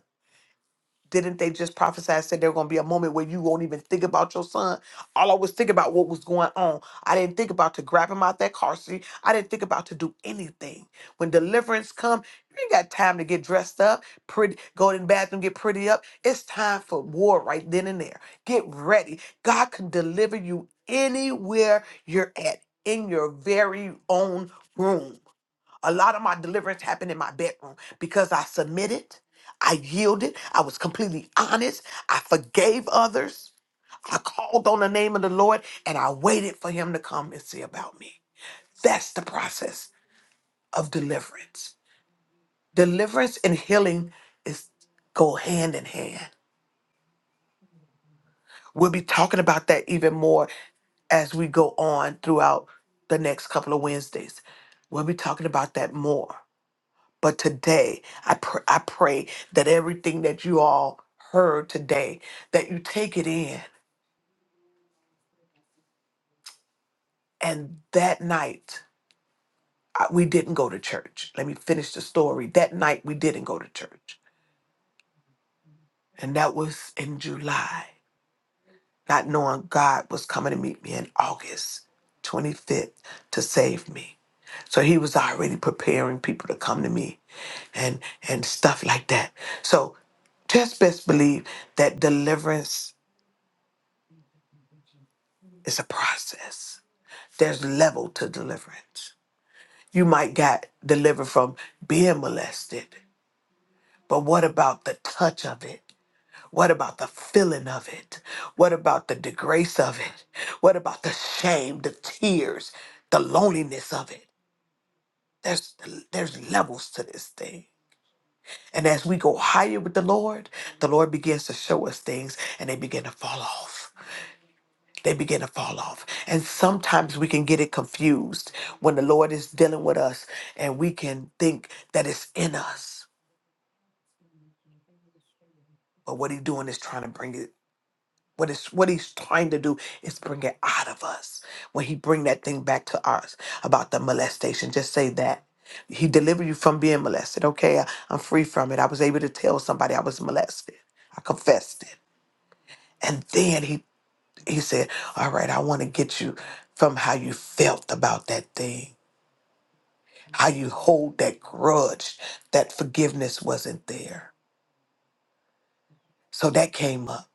[SPEAKER 3] Didn't they just prophesy and said there going to be a moment where you won't even think about your son? All I was thinking about what was going on. I didn't think about to grab him out that car seat. I didn't think about to do anything. When deliverance come, you ain't got time to get dressed up, pretty, go in the bathroom, get pretty up. It's time for war right then and there. Get ready. God can deliver you anywhere you're at in your very own room. A lot of my deliverance happened in my bedroom because I submitted, I yielded, I was completely honest, I forgave others, I called on the name of the Lord, and I waited for Him to come and see about me. That's the process of deliverance. Deliverance and healing is go hand in hand. We'll be talking about that even more as we go on throughout the next couple of Wednesdays. We'll be talking about that more. But today, I pr- I pray that everything that you all heard today, that you take it in. And that night, I, we didn't go to church. Let me finish the story. That night, we didn't go to church, and that was in July, not knowing God was coming to meet me in August 25th to save me. So He was already preparing people to come to me and and stuff like that. So just best believe that deliverance is a process. There's level to deliverance. You might got delivered from being molested, but what about the touch of it? What about the feeling of it? What about the disgrace of it? What about the shame, the tears, the loneliness of it? There's there's levels to this thing. And as we go higher with the Lord, the Lord begins to show us things and they begin to fall off. they begin to fall off. And sometimes we can get it confused when the Lord is dealing with us and we can think that it's in us. But what he's doing is trying to bring it. What is what he's trying to do is bring it out of us. When he bring that thing back to us about the molestation, just say that. He delivered you from being molested. Okay, I, I'm free from it. I was able to tell somebody I was molested. I confessed it. And then he he said, All right, I want to get you from how you felt about that thing How you hold that grudge that forgiveness wasn't there. So that came up.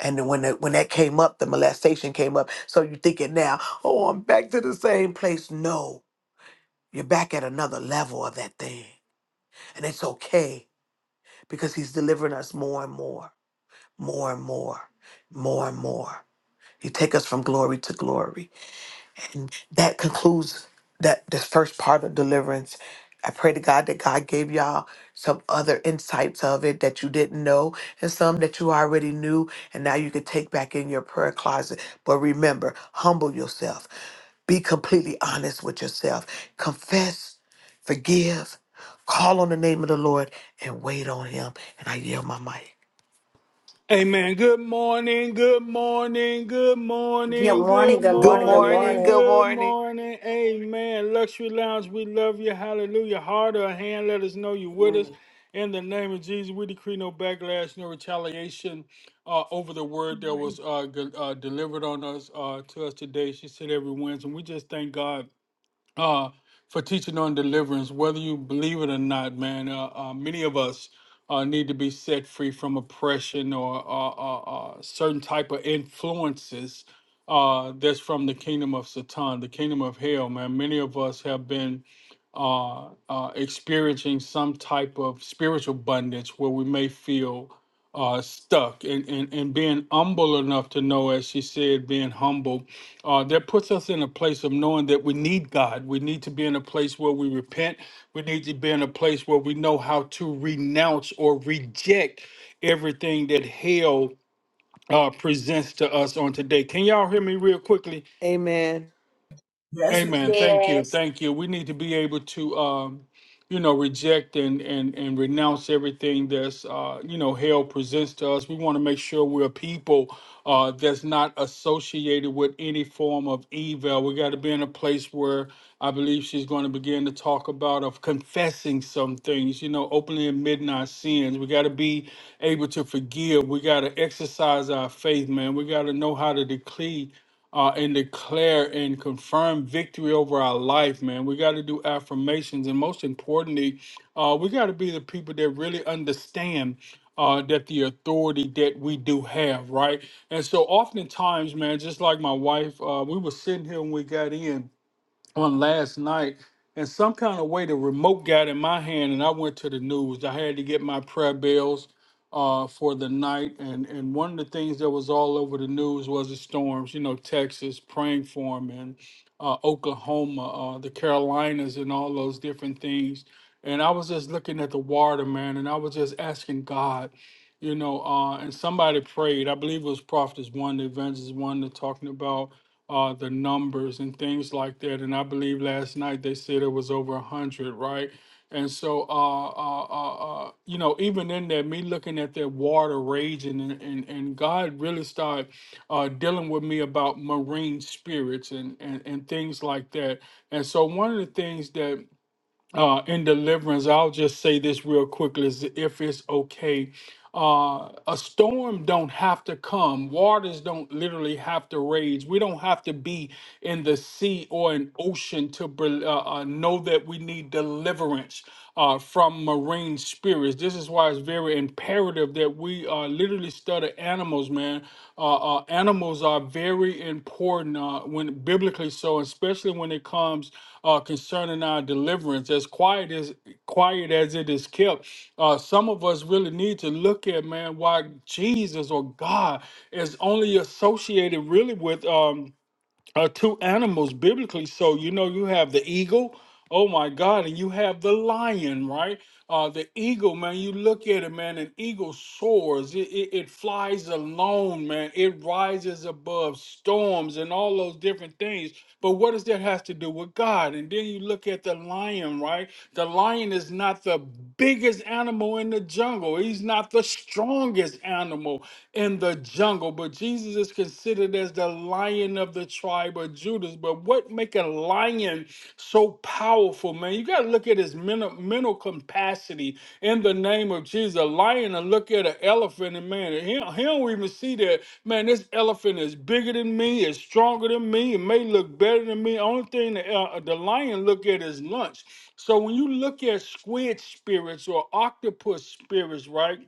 [SPEAKER 3] And then when that, when that came up, the molestation came up. So you're thinking now, oh, I'm back to the same place. No, you're back at another level of that thing. And it's okay because he's delivering us more and more, more and more, more and more. He take us from glory to glory. And that concludes that this first part of deliverance. I pray to God that God gave y'all some other insights of it that you didn't know and some that you already knew and now you can take back in your prayer closet. But remember, humble yourself. Be completely honest with yourself. Confess, forgive, call on the name of the Lord and wait on him. And I yield my mic.
[SPEAKER 5] Amen. Good morning. Good morning. Good
[SPEAKER 2] Good
[SPEAKER 5] morning.
[SPEAKER 2] morning,
[SPEAKER 5] Good
[SPEAKER 2] good
[SPEAKER 3] Good
[SPEAKER 2] morning, good
[SPEAKER 3] morning.
[SPEAKER 5] morning.
[SPEAKER 2] morning.
[SPEAKER 3] Good
[SPEAKER 5] Good
[SPEAKER 3] morning.
[SPEAKER 5] morning. Amen. Luxury Lounge, we love you. Hallelujah. Heart or hand, let us know you're with us. In the name of Jesus, we decree no backlash, no retaliation uh, over the word that
[SPEAKER 6] Lord.
[SPEAKER 5] was uh, g- uh, delivered on us uh, to us today. She said every Wednesday. And we just thank God uh, for teaching on deliverance, whether you believe it or not, man. Uh, uh, many of us uh, need to be set free from oppression or uh, uh, uh, certain type of influences uh, that's from the kingdom of Satan, the kingdom of hell, man. Many of us have been uh, uh, experiencing some type of spiritual bondage where we may feel uh, stuck and, and, and being humble enough to know, as she said, being humble uh, that puts us in a place of knowing that we need God. We need to be in a place where we repent. We need to be in a place where we know how to renounce or reject everything that hell uh, presents to us on today. Can y'all hear me real quickly?
[SPEAKER 3] Amen.
[SPEAKER 1] Yes,
[SPEAKER 5] Amen.
[SPEAKER 1] we
[SPEAKER 5] Thank you.
[SPEAKER 2] Yes.
[SPEAKER 5] Thank you. We need to be able to, um, you know, reject and and and renounce everything that's, uh, you know, hell presents to us. We want to make sure we're a people uh, that's not associated with any form of evil. We got to be in a place where I believe she's going to begin to talk about of confessing some things, you know, openly admitting our sins. We got to be able to forgive. We got to exercise our faith, man. We got to know how to decree uh, and declare and confirm victory over our life, man. We got to do affirmations. And most importantly, uh, we got to be the people that really understand. Uh, that the authority that we do have, right? And so oftentimes, man, just like my wife, uh, we were sitting here when we got in, on last night, and some kind of way the remote got in my hand, and I went to the news. I had to get my prayer bills uh, for the night, and and one of the things that was all over the news was the storms. You know, Texas praying for them, and uh, Oklahoma, uh, the Carolinas, and all those different things. And I was just looking at the water, man, and I was just asking God, you know, uh, and somebody prayed. I believe it was prophets one, the evangelist one, they're talking about uh, the numbers and things like that. And I believe last night they said it was over a hundred, right? And so, uh, uh, uh, uh, you know, even in that, me looking at that water raging, and, and, and God really started uh, dealing with me about marine spirits and, and, and things like that. And so, one of the things that uh, in deliverance, I'll just say this real quickly, is if it's okay. Uh, a storm don't have to come. Waters don't literally have to rage. We don't have to be in the sea or an ocean to bel- uh, uh, know that we need deliverance uh, from marine spirits. This is why it's very imperative that we uh, literally study animals, man uh, uh, animals are very important uh, when biblically so, especially when it comes uh, concerning our deliverance. As quiet as quiet as it is kept, uh, some of us really need to look at man why Jesus or God is only associated really with. Um, are two animals biblically. So you know you have the eagle, oh my God, and you have the lion, right? Uh, the eagle, man, you look at it, man, an eagle soars. It, it, it flies alone, man. It rises above storms and all those different things. But what does that have to do with God? And then you look at the lion, right? The lion is not the biggest animal in the jungle. He's not the strongest animal in the jungle, struggle, but Jesus is considered as the lion of the tribe of Judas. But what make a lion so powerful, man? You got to look at his mental, mental capacity in the name of Jesus. A lion and look at an elephant and man, he, he don't even see that, man, this elephant is bigger than me, is stronger than me, it may look better than me. Only thing the, uh, the lion look at is lunch. So when you look at squid spirits or octopus spirits, right?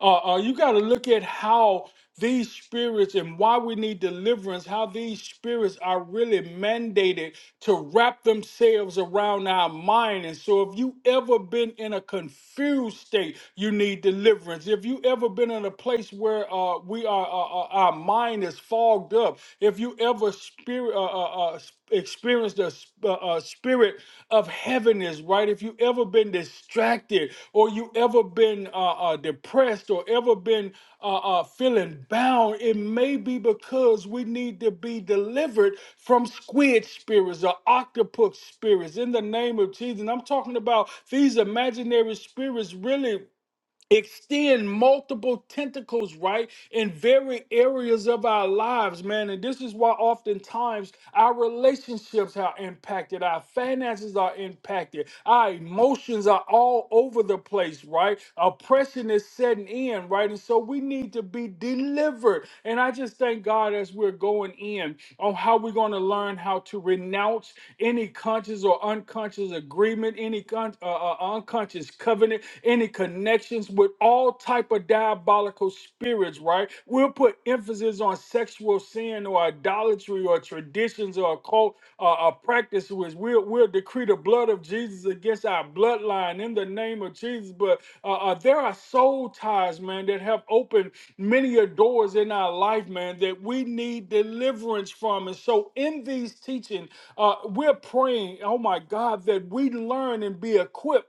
[SPEAKER 5] Uh, uh, you got to look at how these spirits and why we need deliverance, how these spirits are really mandated to wrap themselves around our mind. And so, if you ever been in a confused state, you need deliverance. If you ever been in a place where uh, we are, uh, uh, our mind is fogged up, if you ever spirit uh. uh, uh, s- experience the uh, uh, spirit of heaviness, right? If you ever been distracted or you ever been uh, uh, depressed or ever been uh, uh, feeling bound, it may be because we need to be delivered from squid spirits or octopus spirits in the name of Jesus. And I'm talking about these imaginary spirits really extend multiple tentacles right in very areas of our lives man and this is why oftentimes our relationships are impacted our finances are impacted our emotions are all over the place right oppression is setting in right and so we need to be delivered and i just thank god as we're going in on how we're going to learn how to renounce doubts, any conscious or unconscious agreement, any con- uh, uh, unconscious covenant, any connections with all type of diabolical spirits, right? We'll put emphasis on sexual sin or idolatry or traditions or occult uh, uh, practices. We'll, we'll decree the blood of Jesus against our bloodline in the name of Jesus. But uh, uh, there are soul ties, man, that have opened many a doors in our life, man, that we need deliverance from. And so in these teachings, uh, we're praying, oh my God, that we learn and be equipped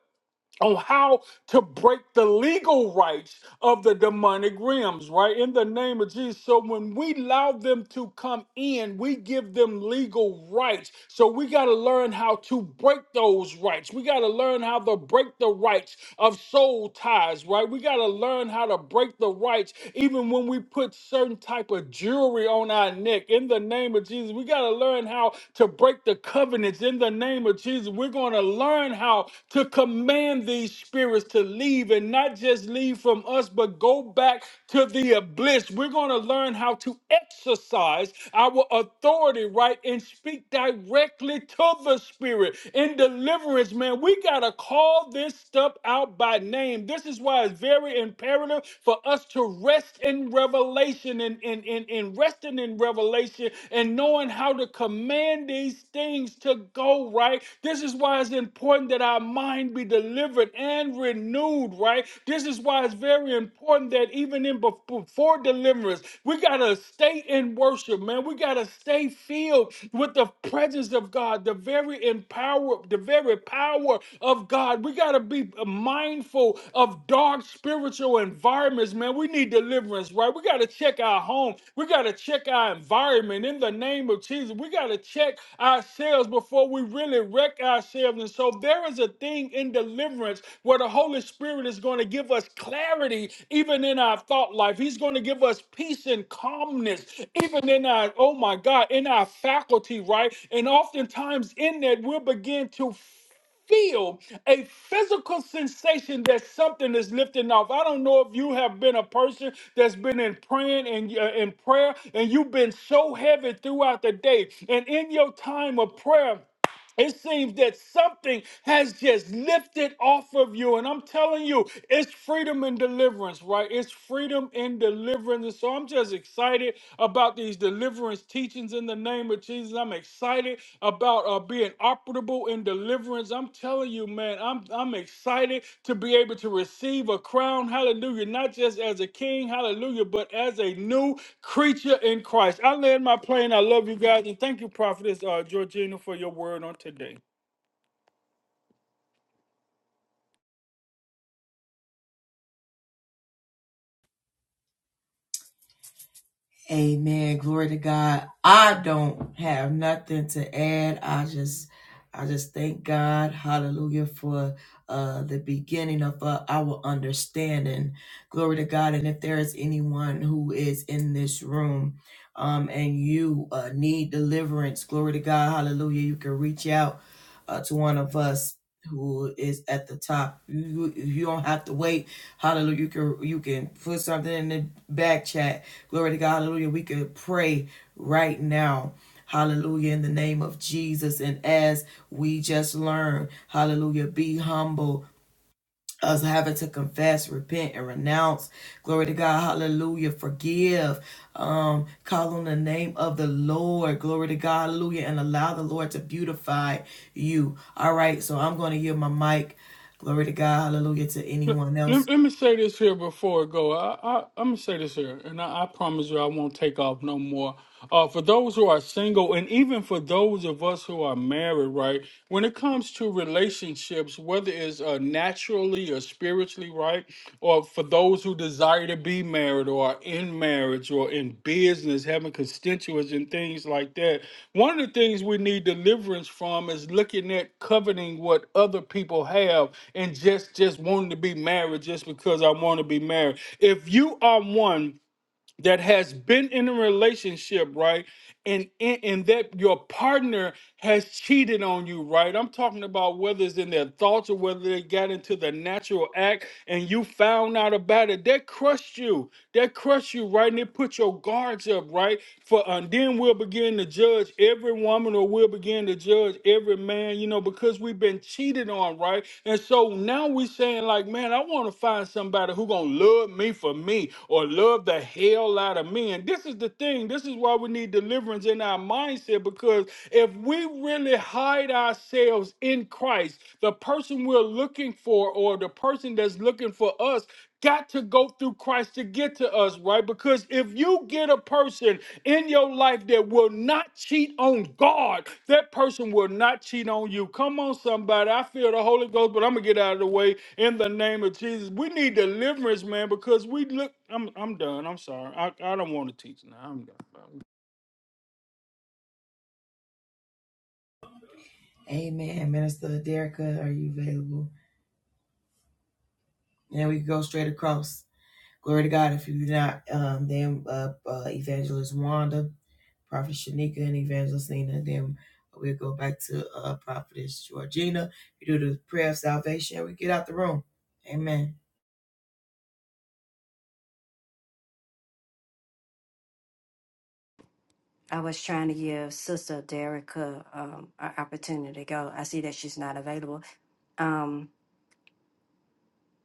[SPEAKER 5] on how to break the legal rights of the demonic realms, right? In the name of Jesus. So when we allow them to come in, we give them legal rights. So we got to learn how to break those rights. We got to learn how to break the rights of soul ties, right? We got to learn how to break the rights even when we put certain type of jewelry on our neck. In the name of Jesus, we got to learn how to break the covenants in the name of Jesus, we're going to learn how to command these spirits to leave and not just leave from us, but go back to the abyss. We're going to learn how to exercise our authority, right, and speak directly to the spirit in deliverance, man. We got to call this stuff out by name. This is why it's very imperative for us to rest in revelation and, and, and, and rest resting in revelation and knowing how to command these things to go right. This is why it's important that our mind be delivered and renewed, right? This is why it's very important that even in bef- before deliverance, we gotta stay in worship, man. We gotta stay filled with the presence of God, the very empower, the very power of God. We gotta be mindful of dark spirits spiritual environments, man. We need deliverance, right? We got to check our home. We got to check our environment in the name of Jesus. We got to check ourselves before we really wreck ourselves. And so there is a thing in deliverance where the Holy Spirit is going to give us clarity even in our thought life. He's going to give us peace and calmness even in our, oh my God, in our faculty, right? And oftentimes in that, we'll begin to feel a physical sensation that something is lifting off. I don't know if you have been a person that's been in praying and uh, in prayer and you've been so heavy throughout the day and in your time of prayer it seems that something has just lifted off of you. And I'm telling you, it's freedom and deliverance, right? It's freedom and deliverance. And so I'm just excited about these deliverance teachings in the name of Jesus. I'm excited about uh, being operating operable in deliverance. I'm telling you, man, I'm I'm excited to be able to receive a crown, hallelujah, not just as a king, hallelujah, but as a new creature in Christ. I land my plane. I love you guys, and thank you, Prophetess uh, Georgina, for your word on today.
[SPEAKER 1] Amen. Glory to God. I don't have nothing to add. I just I just thank God, hallelujah, for uh the beginning of uh, our understanding. Glory to God. And if there is anyone who is in this room um and you uh need deliverance, glory to God, hallelujah, you can reach out uh, to one of us who is at the top. You you don't have to wait. Hallelujah. You can you can put something in the back chat. Glory to God. Hallelujah. We can pray right now. Hallelujah in the name of Jesus. And as we just learned, hallelujah, be humble us having to confess, repent, and renounce. Glory to God. Hallelujah. Forgive. Um, call on the name of the Lord. Glory to God. Hallelujah. And allow the Lord to beautify you. All right. So I'm going to give my mic. Glory to God. Hallelujah. To
[SPEAKER 5] Let,
[SPEAKER 1] anyone else.
[SPEAKER 5] let let me say this here before I go. I, I, I'm going to say this here, and I, I promise you I won't take off no more. Uh, for those who are single, and even for those of us who are married, right? When it comes to relationships, whether it's uh, naturally or spiritually, right? Or for those who who desire to be married or are in marriage or in business, having constituents and things like that. One of the things we need deliverance from is looking at coveting what other people have and just just wanting to be married just because I want to be married. If you are one that has been in a relationship, right? And, and and that your partner has cheated on you, right? I'm talking about whether it's in their thoughts or whether they got into the natural act and you found out about it. That crushed you. That crushed you, right? And it put your guards up, right? For and then we'll begin to judge every woman or we'll begin to judge every man, you know, because we because we've been cheated on, right? And so now we saying like, man, I want to find somebody who gonna love me for me or love the hell out of me. And this is the thing. This is why we need deliverance in our mindset because if we really hide ourselves in Christ, the person we're looking for or the person that's looking for us got to go through Christ to get to us, right? Because if you get a person in your life that will not cheat on God. That person will not cheat on you. Come on, somebody. I feel the Holy Ghost, but I'm gonna get out of the way in the name of Jesus. We need deliverance, man, because we look. I'm I'm done. I'm sorry. I, I don't want to teach now. I'm done.
[SPEAKER 1] Amen. Minister Derrica, are you available? And we can go straight across. Glory to God. If you did not, um, then uh, uh, Evangelist Wanda, Prophet Shanika, and Evangelist Nina. Then we'll go back to uh, Prophetess Georgina. We do the prayer of salvation. and We get out the room. Amen.
[SPEAKER 2] I was trying to give Sister Derica um, an opportunity to go. I see that she's not available. Um,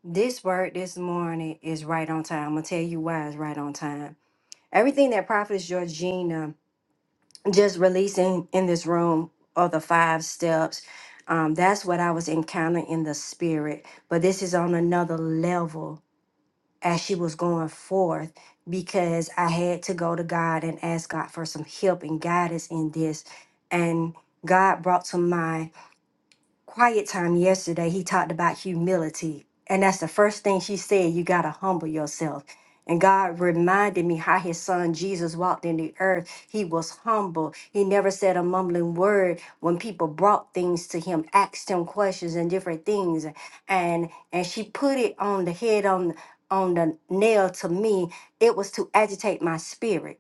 [SPEAKER 2] this word this morning is right on time. I'm gonna tell you why it's right on time. Everything that Prophet Georgina just releasing in this room are the five steps. Um, that's what I was encountering in the spirit, but this is on another level. as she was going forth because I had to go to God and ask God for some help and guidance in this. And God brought to mind quiet time yesterday, he talked about humility. And that's the first thing she said you got to humble yourself. And God reminded me how his son Jesus walked in the earth. He was humble. He never said a mumbling word when people brought things to him, asked him questions and different things. And and she put it on the head on on the nail to me. It was to agitate my spirit.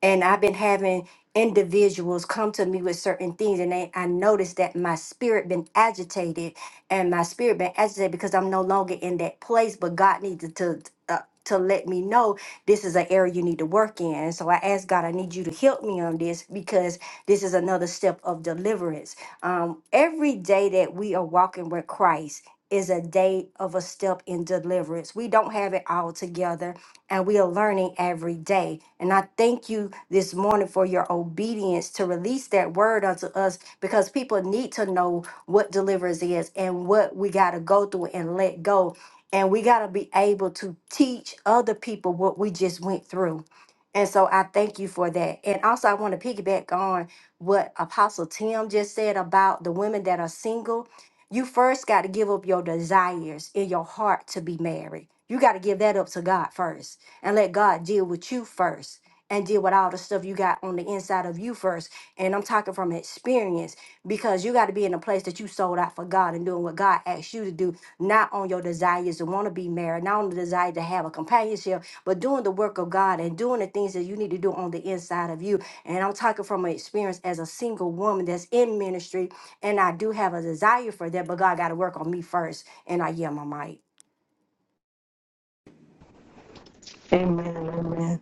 [SPEAKER 2] And I've been having individuals come to me with certain things and they, i noticed that my spirit been agitated and my spirit been agitated because i'm no longer in that place but god needs to uh, to let me know this is an area you need to work in and so i asked god i need you to help me on this because this is another step of deliverance um, every day that we are walking with christ is a day of a step in deliverance. We don't have it all together and we are learning every day. And I thank you this morning for your obedience to release that word unto us because people need to know what deliverance is and what we got to go through and let go. And we got to be able to teach other people what we just went through. And so I thank you for that. And also, I want to piggyback on what Apostle Tim just said about the women that are single you first got to give up your desires in your heart to be married. You got to give that up to God first and let God deal with you first and deal with all the stuff you got on the inside of you first. And I'm talking from experience because you got to be in a place that you sold out for God and doing what God asked you to do, not on your desires to want to be married, not on the desire to have a companionship, but doing the work of God and doing the things that you need to do on the inside of you. And I'm talking from an experience as a single woman that's in ministry and I do have a desire for that, but God got to work on me first. And I yell my mic.
[SPEAKER 7] Amen, amen.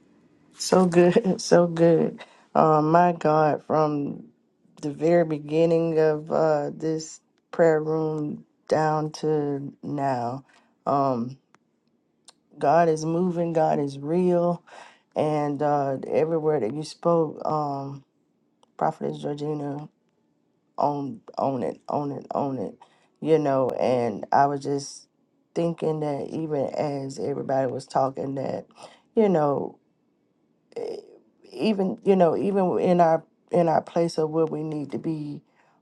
[SPEAKER 7] So good, so good. Uh, my God, from the very beginning of uh, this prayer room down to now, um, God is moving, God is real, and uh, every word that you spoke, um, Prophetess Georgina, own, own it, own it, own it, you know, and I was just thinking that even as everybody was talking that, you know, eh, even you know even in our in our place of where we need to be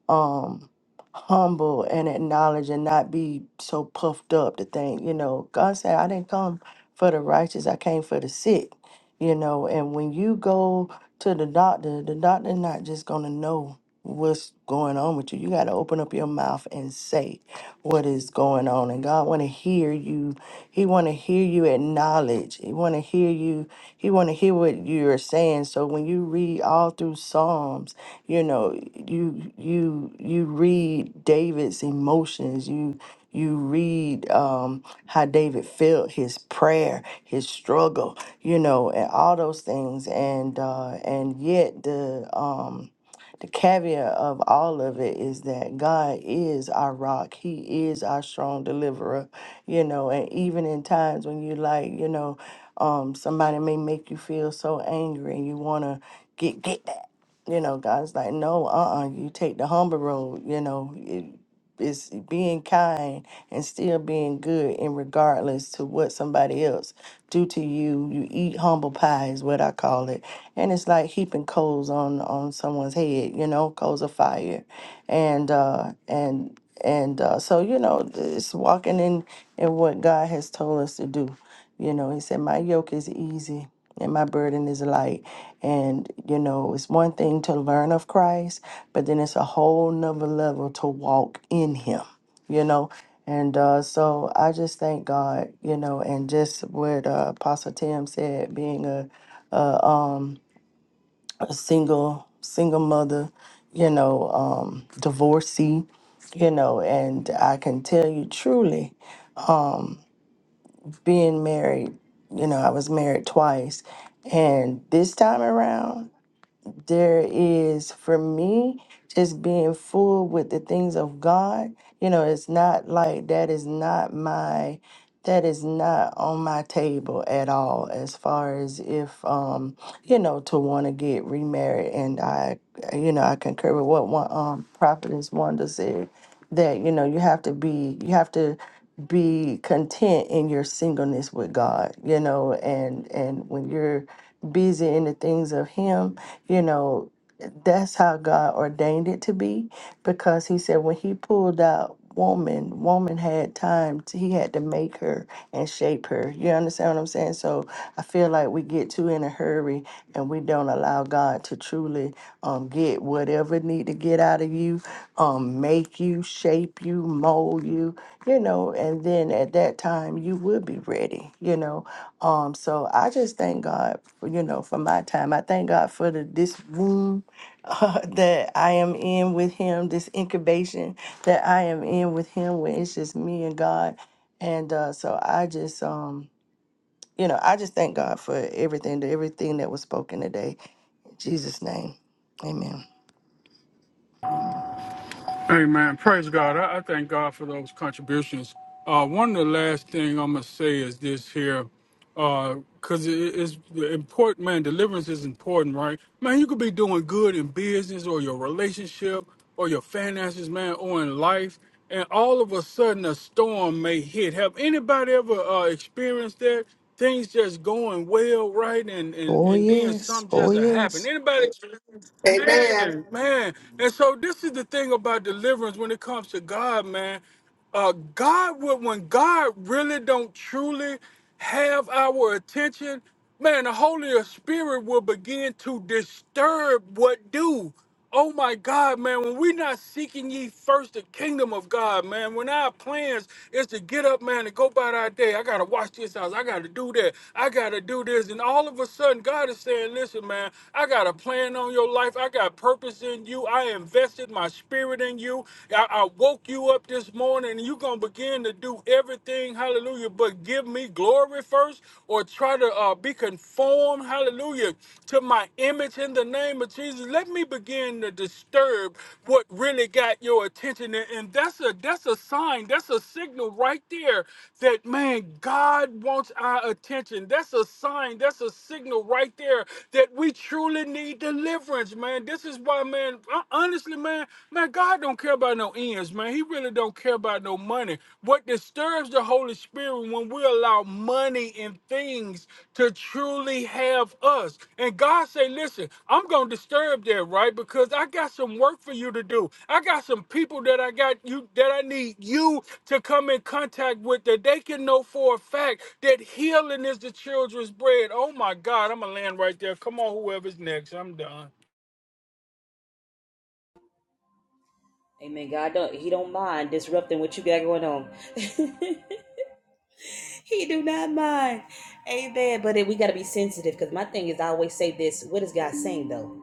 [SPEAKER 7] um humble and acknowledge and not be so puffed up to think you know god said i didn't come for the righteous i came for the sick you know and when you go to the doctor the doctor not just gonna know what's going on with you you got to open up your mouth and say what is going on and god want to hear you he want to hear you acknowledge he want to hear you he want to hear what you're saying. So when you read all through Psalms, you know, you you you read David's emotions. You you read um, how David felt his prayer, his struggle, you know, and all those things. And uh, and yet the um, the caveat of all of it is that God is our rock. He is our strong deliverer, you know, and even in times when you like, you know, um, somebody may make you feel so angry and you want to get get that. You know, God's like, no, uh, uh you take the humble road. You know, is being kind and still being good and regardless to what somebody else do to you you eat humble pie is what i call it and it's like heaping coals on on someone's head you know coals of fire and uh and and uh, so you know it's walking in in what god has told us to do you know, he said, My yoke is easy and my burden is light. And, you know, it's one thing to learn of Christ, but then it's a whole nother level to walk in him, you know? And uh, so I just thank God, you know, and just what uh, Apostle Tim said, being a, a single, single mother, you know, um, divorcee, you know, and I can tell you truly, being married, you know, I was married twice. And this time around, there is for me just being full with the things of God. You know, it's not like that is not my that is not on my table at all as far as if um you know to want to get remarried and I you know I concur with what one um prophetess Wanda said that you know you have to be you have to be content in your singleness with God you know and and when you're busy in the things of him you know that's how God ordained it to be because he said when he pulled out woman, woman had time to, he had to make her and shape her. You understand what I'm saying? So I feel like we get too in a hurry and we don't allow God to truly um get whatever need to get out of you, um make you, shape you, mold you, you know, and then at that time you would be ready, you know. Um, so I just thank God, for, you know, for my time. I thank God for the, this room uh, that I am in with Him, this incubation that I am in with Him, where it's just me and God. And uh, so I just, um, you know, I just thank God for everything, everything that was spoken today. In Jesus' name, Amen.
[SPEAKER 5] Amen. Praise God. I, I thank God for those contributions. Uh, one of the last thing I'm gonna say is this here, because it, it's important, man. Deliverance is important, right? Man, you could be doing good in business or your relationship or your finances, man, or in life, and all of a sudden a storm may hit. Have anybody ever uh, experienced that? things just going well, right? And and
[SPEAKER 7] Oh
[SPEAKER 5] and then
[SPEAKER 7] yes,
[SPEAKER 5] some
[SPEAKER 7] oh
[SPEAKER 5] just
[SPEAKER 7] yes.
[SPEAKER 5] happen. Anybody,
[SPEAKER 3] Amen.
[SPEAKER 5] man, man. And so this is the thing about deliverance when it comes to God, man. Uh, God would when God really don't truly have our attention, man. The Holy Spirit will begin to disturb what do. Oh my God, man, when we're not seeking ye first the kingdom of God, man, when our plans is to get up, man, and go about our day, I gotta watch this house, I gotta do that, I gotta do this. And all of a sudden, God is saying, Listen, man, I got a plan on your life, I got purpose in you, I invested my spirit in you, I, I woke you up this morning, and you're gonna begin to do everything, hallelujah, but give me glory first, or try try to uh, be conformed, hallelujah, to my image in the name of Jesus. Let me begin to disturb what really got your attention. And, and that's a that's a sign, that's a signal right there that man, God wants our attention. That's a sign, that's a signal right there that we truly need deliverance, man. This is why, man, hon- honestly, man, man, God don't care about no ends, man. He really don't care don't care about no money. What disturbs the Holy Spirit when we allow money and things to truly have us. And God say, listen, I'm going to disturb that, right? Because I got some work for you to do. I got some people that I got you that I need you to come in contact with that they can know for a fact that healing is the children's bread. Oh my God, I'm going to land right there. Come on, whoever's next. I'm done.
[SPEAKER 4] Amen. God don't He don't mind disrupting what you got going on. he do not mind. Amen. But it, we got to be sensitive because my thing is, I always say this what is God saying though?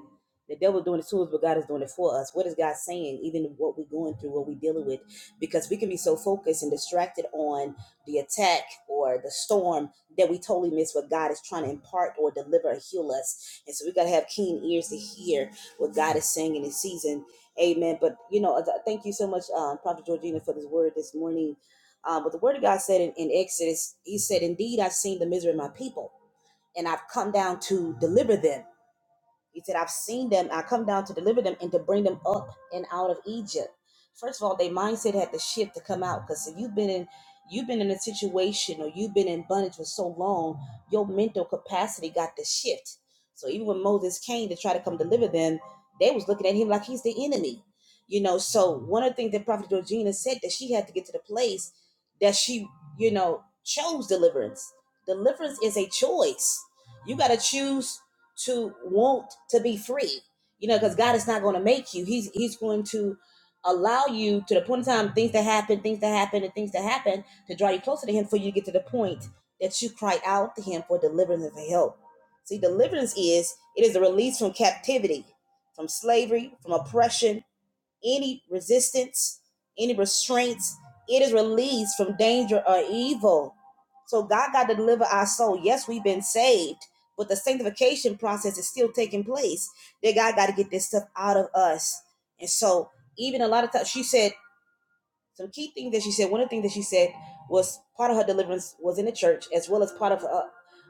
[SPEAKER 4] The devil doing it to us, but God is doing it for us. What is God saying, even what we're going through, what we're dealing with? Because we can be so focused and distracted on the attack or the storm that we totally miss what God is trying to impart or deliver or heal us. And so we got to have keen ears to hear what God is saying in this season. Amen. But, you know, thank you so much, um, Prophet Georgina, for this word this morning. Uh, but the word of God said in, in Exodus, He said, Indeed, I've seen the misery of my people, and I've come down to deliver them he said, I've seen them. I come down to deliver them and to bring them up and out of Egypt. First of all, their mindset had to shift to come out. Because if you've been in you've been in a situation or you've been in bondage for so long, your mental capacity got to shift. So even when Moses came to try to come deliver them, they was looking at him like he's the enemy. You know, so one of the things that Prophet Georgina said that she had to get to the place that she, you know, chose deliverance. Deliverance is a choice. You gotta choose to want to be free. You know, because God is not going to make you. He's He's going to allow you to the point in time things that happen, things that happen, and things that happen to draw you closer to Him for you to get to the point that you cry out to Him for deliverance and for help. See, deliverance is it is a release from captivity, from slavery, from oppression, any resistance, any restraints. It is released from danger or evil. So God got to deliver our soul. Yes, we've been saved, but the sanctification process is still taking place. That God got to get this stuff out of us. And so, even a lot of times, she said some key things that she said. One of the things that she said was part of her deliverance was in the church, as well as part of her,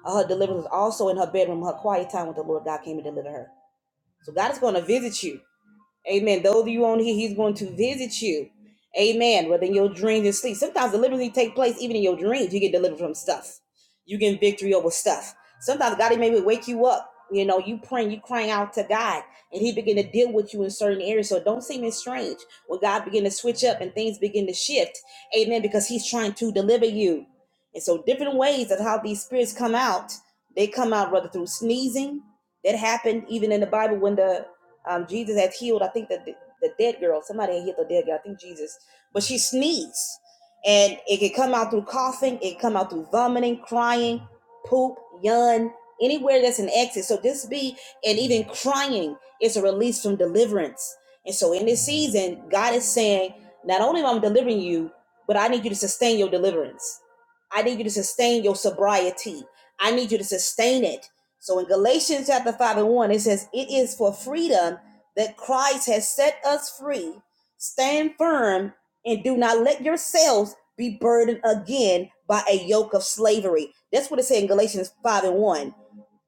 [SPEAKER 4] her deliverance was also in her bedroom, her quiet time with the Lord. God came and delivered her. So God is going to visit you. Amen. Those of you on here, he's going to visit you. Amen. Whether in your dreams and sleep. Sometimes deliverance take place even in your dreams. You get delivered from stuff. You get victory over stuff. Sometimes God may wake you up. You know, you praying, you crying out to God, and He begin to deal with you in certain areas. So don't seem as strange when God begin to switch up and things begin to shift. Amen. Because He's trying to deliver you. And so different ways of how these spirits come out, they come out rather through sneezing. That happened even in the Bible when the um, Jesus has healed, I think, the, the dead girl. Somebody had healed the dead girl. I think Jesus. But she sneezed. And it can come out through coughing, it can come out through vomiting, crying, poop, yawn, anywhere that's an exit. So this be, and even crying is a release from deliverance. And so in this season, God is saying, not only am I delivering you, but I need you to sustain your deliverance. I need you to sustain your sobriety. I need you to sustain it. So in Galatians chapter 5 and 1, it says, It is for freedom that Christ has set us free. Stand firm and do not let yourselves be burdened again by a yoke of slavery. That's what it says in Galatians 5 and 1.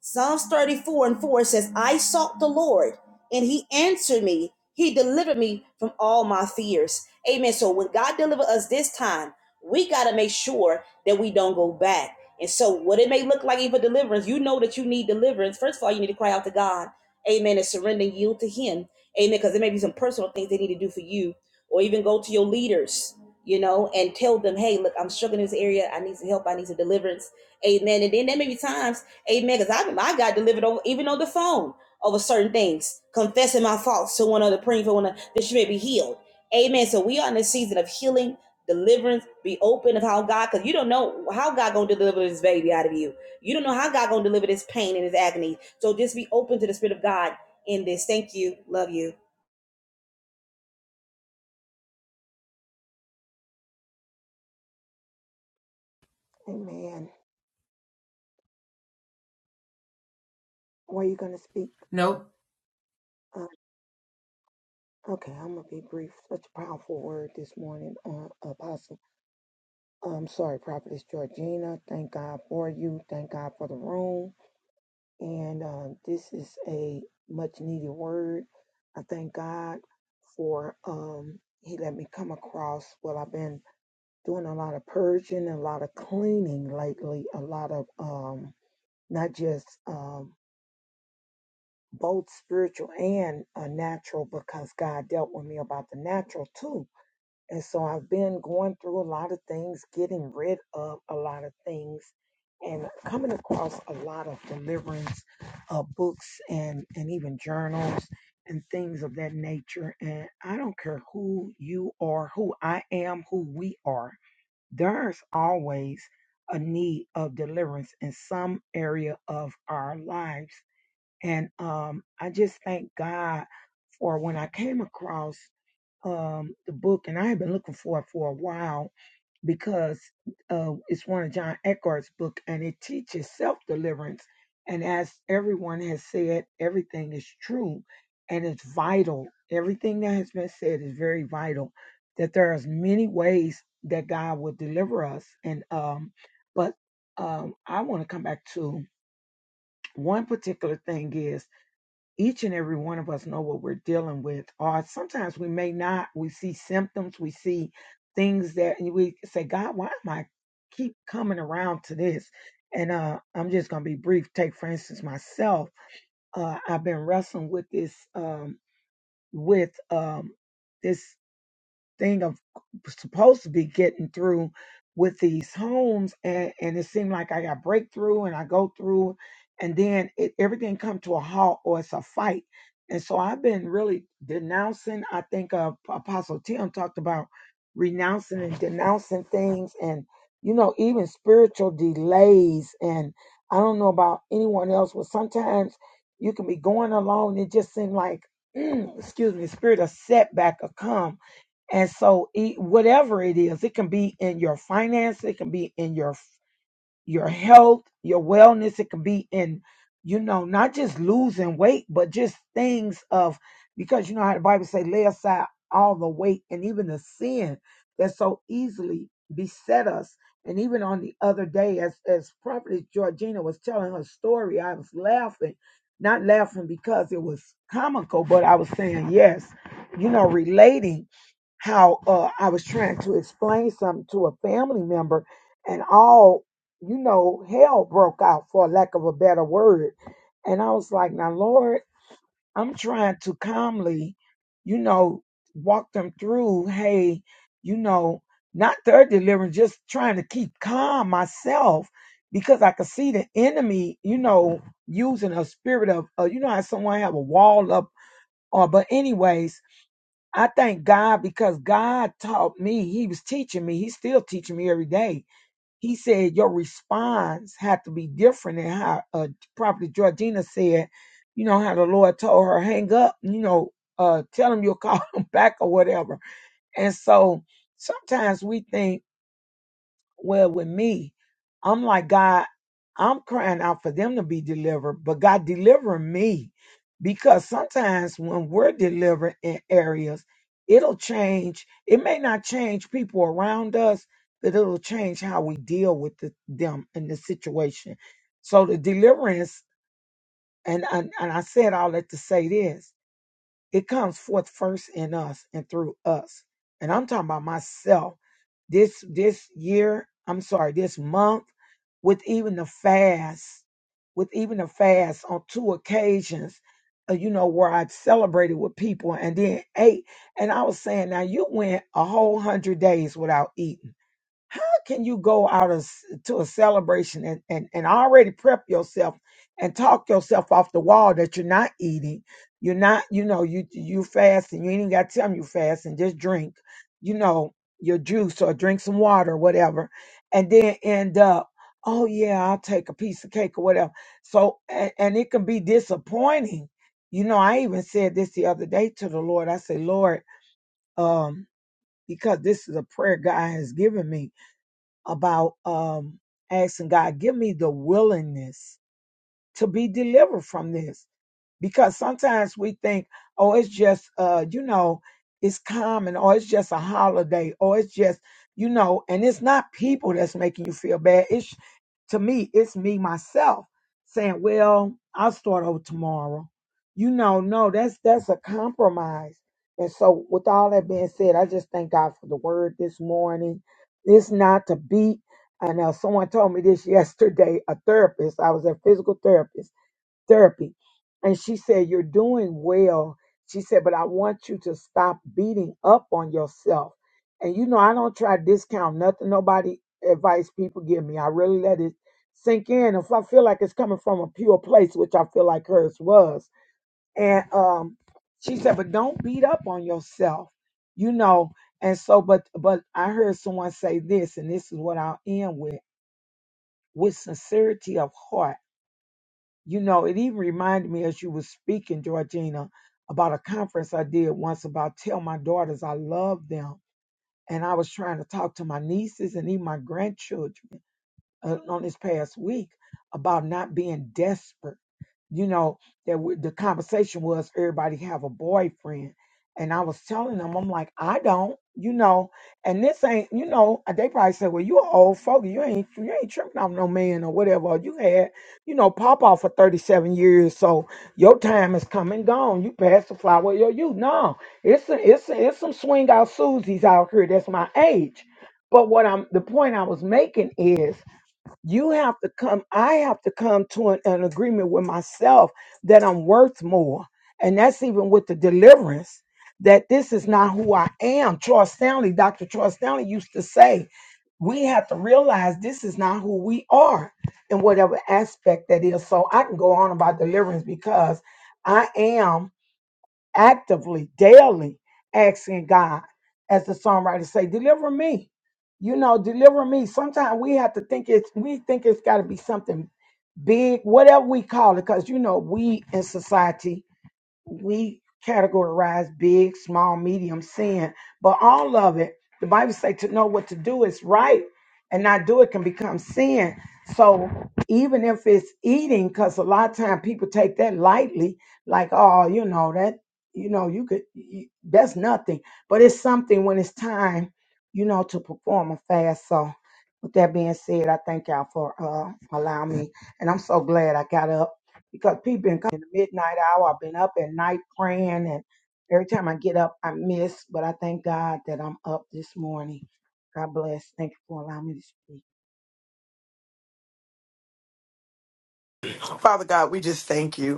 [SPEAKER 4] Psalms 34 and 4 says, I sought the Lord and he answered me. He delivered me from all my fears. Amen. So when God delivered us this time, we got to make sure that we don't go back. And so what it may look like even deliverance, you know that you need deliverance. First of all, you need to cry out to God. Amen. And surrender and yield to him. Amen. Because there may be some personal things they need to do for you or even go to your leaders, you know, and tell them, hey, look, I'm struggling in this area. I need some help. I need some deliverance. Amen. And then there may be times Amen. Because I, I got delivered over, even on the phone over certain things, confessing my faults to one another, praying for one another, that she may be healed. Amen. So we are in a season of healing, deliverance, be open of how God, because you don't know how God gonna deliver this baby out of you. You don't know how God gonna deliver this pain and this agony. So just be open to the Spirit of God in this. Thank you. Love you.
[SPEAKER 6] Amen. Were you going to speak?
[SPEAKER 1] Nope.
[SPEAKER 6] Uh, okay, I'm going to be brief. Such a powerful word this morning, uh, Apostle. I'm sorry, Prophetess Georgina. Thank God for you. Thank God for the room. And uh, this is a much needed word. I thank God for um, He let me come across. Well, I've been doing a lot of purging, a lot of cleaning lately, a lot of um, not just. Um, both spiritual and uh, natural because God dealt with me about the natural too. And so I've been going through a lot of things, getting rid of a lot of things, and coming across a lot of deliverance uh, books and, and even journals and things of that nature. And I don't care who you are, who I am, who we are, there's always a need of deliverance in some area of our lives and um, I just thank God for when I came across um, the book, and I had been looking for it for a while because uh, it's one of John Eckhart's book, and it teaches self deliverance. And as everyone has said, everything is true, and it's vital. Everything that has been said is very vital. That there is many ways that God will deliver us, and um, but um, I want to come back to one particular thing is each and every one of us know what we're dealing with or sometimes we may not we see symptoms we see things that and we say god why am i keep coming around to this and uh i'm just gonna be brief take for instance myself uh i've been wrestling with this um with um this thing of supposed to be getting through with these homes and, and it seemed like I got breakthrough and I go through and then it, everything come to a halt or it's a fight. And so I've been really denouncing, I think uh, Apostle Tim talked about renouncing and denouncing things and, you know, even spiritual delays. And I don't know about anyone else, but sometimes you can be going along. and It just seems like, excuse me, spirit of setback will come and so, it, whatever it is, it can be in your finance, it can be in your your health, your wellness. It could be in, you know, not just losing weight, but just things of because you know how the Bible say, lay aside all the weight and even the sin that so easily beset us. And even on the other day, as as Prophet Georgina was telling her story, I was laughing, not laughing because it was comical, but I was saying yes, you know, relating how uh, I was trying to explain something to a family member, and all you know, hell broke out for lack of a better word. And I was like, now, Lord, I'm trying to calmly, you know, walk them through, hey, you know, not their deliverance, just trying to keep calm myself because I could see the enemy, you know, using a spirit of, uh, you know, how someone have a wall up. Or, but anyways, I thank God because God taught me. He was teaching me. He's still teaching me every day he said your response had to be different. And how uh, Prophet Georgina said, you know, how the Lord told her, hang up, you know, uh, tell him you'll call him back or whatever. And so sometimes we think, well, with me, I'm like, God, I'm crying out for them to be delivered, but God, deliver me. Because sometimes when we're delivered in areas, it'll change. It may not change people around us, but it'll change how we deal with the, them and the situation. So the deliverance, and, and, and I said all that to say this it comes forth first in us and through us. And I'm talking about myself. This this year, I'm sorry, this month, with even the fast, with even the fast on two occasions, uh, you know, where I celebrated with people and then ate. And I was saying, now you went a whole hundred days without eating how can you go out and s- to a celebration and, and, and already prep yourself and talk yourself off the wall that you're not eating? You're not, you know, you you fasting. You ain't even got to tell them you fasting. Just drink, you know, your juice or drink some water or whatever, and then end up, oh yeah, I'll take a piece of cake or whatever. So and, and it can be disappointing. You know, I even said this the other day to the Lord. I said, Lord, um, because this is a prayer God has given me about um, asking God, give me the willingness to be delivered from this. Because sometimes we think, oh, it's just, uh, you know, it's common, or it's just a holiday, or it's just, you know, and it's not people that's making you feel bad. It's to me, it's me myself saying, well, I'll start over tomorrow. You know, no, that's that's a compromise. And so, with all that being said, I just thank God for the word this morning. It's not to beat I know someone told me this yesterday, a therapist. I was a physical therapist, therapy. And she said, You're doing well. She said, But I want you to stop beating up on yourself. And you know, I don't try to discount nothing, nobody advice people give me. I really let it sink in. If I feel like it's coming from a pure place, which I feel like hers was. And um, she said, But don't beat up on yourself, you know. And so, but but I heard someone say this, and this is what I'll end with with sincerity of heart. You know, it even reminded me as you were speaking, Georgina, about a conference I did once about tell my daughters I love them. And I was trying to talk to my nieces and even my grandchildren uh, on this past week about not being desperate. You know that we, the conversation was everybody have a boyfriend, and I was telling them I'm like I don't, you know, and this ain't you know and they probably said well you an old fogey you ain't you ain't tripping off no man or whatever or you had you know pop off for 37 years so your time is come and gone you passed the flower of your youth no it's a, it's a, it's some swing out Susies out here that's my age but what I'm the point I was making is you have to come, I have to come to an, an agreement with myself that I'm worth more. And that's even with the deliverance, that this is not who I am. Troy Stanley, Dr. Troy Stanley used to say, we have to realize this is not who we are in whatever aspect that is. So I can go on about deliverance because I am actively, daily asking God, as the songwriter say, deliver me. You know, deliver me. Sometimes we have to think it's we think it's gotta be something big, whatever we call it, because you know, we in society we categorize big, small, medium sin, but all of it, the Bible say to know what to do is right and not do it can become sin. So even if it's eating, because a lot of time people take that lightly, like, oh, you know, that, you know, you could, you, that's nothing, but it's something when it's time, you know, to perform a fast. So with that being said, I thank y'all for uh, allowing me. And I'm so glad I got up because people been coming in the midnight hour. I've been up at night praying, and every time I get up, I miss. But I thank God that I'm up this morning. God bless. Thank you for allowing me to speak.
[SPEAKER 3] Father God, we just thank you.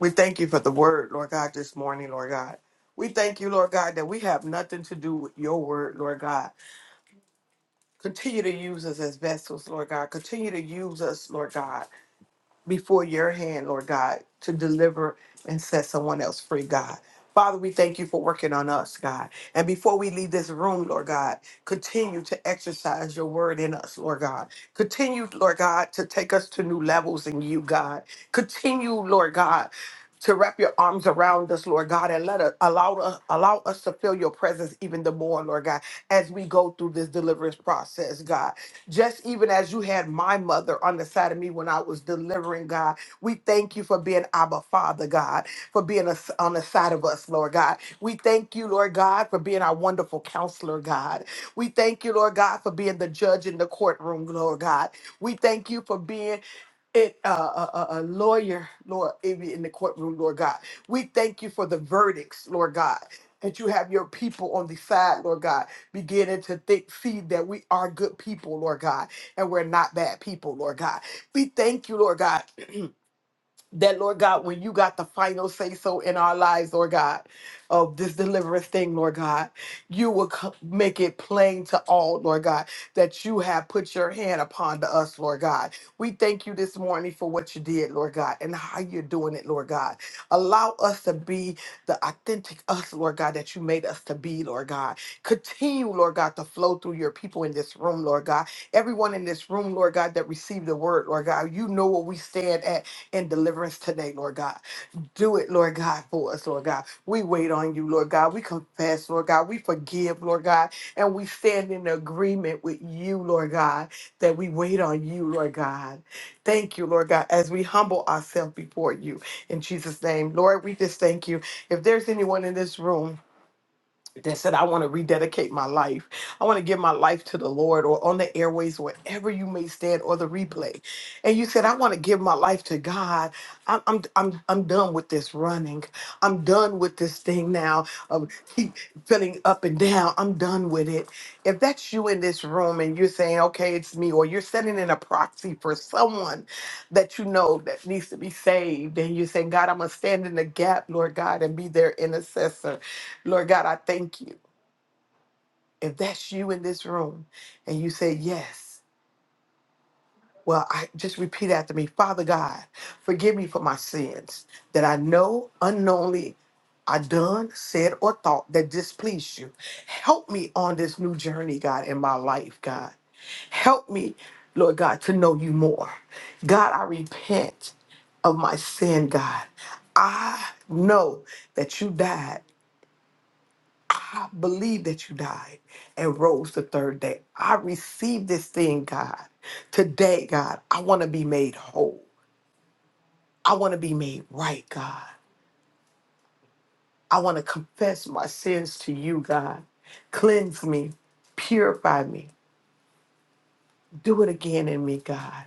[SPEAKER 3] We thank you for the word, Lord God, this morning, Lord God. We thank you, Lord God, that we have nothing to do with your word, Lord God. Continue to use us as vessels, Lord God. Continue to use us, Lord God, before your hand, Lord God, to deliver and set someone else free, God. Father, we thank you for working on us, God. And before we leave this room, Lord God, continue to exercise your word in us, Lord God. Continue, Lord God, to take us to new levels in you, God. Continue, Lord God, to wrap your arms around us, Lord God, and let us allow us allow us to feel your presence even the more, Lord God, as we go through this deliverance process, God. Just even as you had my mother on the side of me when I was delivering, God, we thank you for being our Father, God, for being us on the side of us, Lord God. We thank you, Lord God, for being our wonderful counselor, God. We thank you, Lord God, for being the judge in the courtroom, Lord God. We thank you for being it, uh, a, a a lawyer, Lord, in the in the courtroom, Lord God. We thank you for the verdicts, Lord God. That you have your people on the side, Lord God, beginning to think, see that we are good people, Lord God, and we're not bad people, Lord God. We thank you, Lord God that, Lord God, when you got the final say so in our lives, Lord God, of this deliverance thing, Lord God, you will co- make it plain to all, Lord God, that you have put your hand upon to us, Lord God. We thank you this morning for what you did, Lord God, and how you're doing it, Lord God. Allow us to be the authentic us, Lord God, that you made us to be, Lord God. Continue, Lord God, to flow through your people in this room, Lord God. Everyone in this room, Lord God, that received the word, Lord God, you know where we stand at and deliverance today, Lord God. Do it, Lord God, for us, Lord God. We wait on you, Lord God. We confess, Lord God. We forgive, Lord God. And we stand in agreement with you, Lord God, that we wait on you, Lord God. Thank you, Lord God, as we humble ourselves before you in Jesus' name. Lord, we just thank you. If there's anyone in this room, that said, I want to rededicate my life. I want to give my life to the Lord or on the airways, wherever you may stand, or the replay. And you said, I want to give my life to God. I'm, I'm, I'm, I'm done with this running. I'm done with this thing now of keep feeling up and down. I'm done with it. If that's you in this room and you're saying, okay, it's me, or you're sending in a proxy for someone that you know that needs to be saved, and you're saying, God, I'm going to stand in the gap, Lord God, and be their intercessor. Lord God, I thank you. If that's you in this room and you say yes, well, I just repeat after me, Father God, forgive me for my sins that I know unknowingly I done, said, or thought that displeased you. Help me on this new journey, God, in my life, God. Help me, Lord God, to know you more. God, I repent of my sin, God. I know that you died I believe that you died and rose the third day. I receive this thing, God. Today, God, I want to be made whole. I want to be made right, God. I want to confess my sins to you, God. Cleanse me, purify me. Do it again in me, God.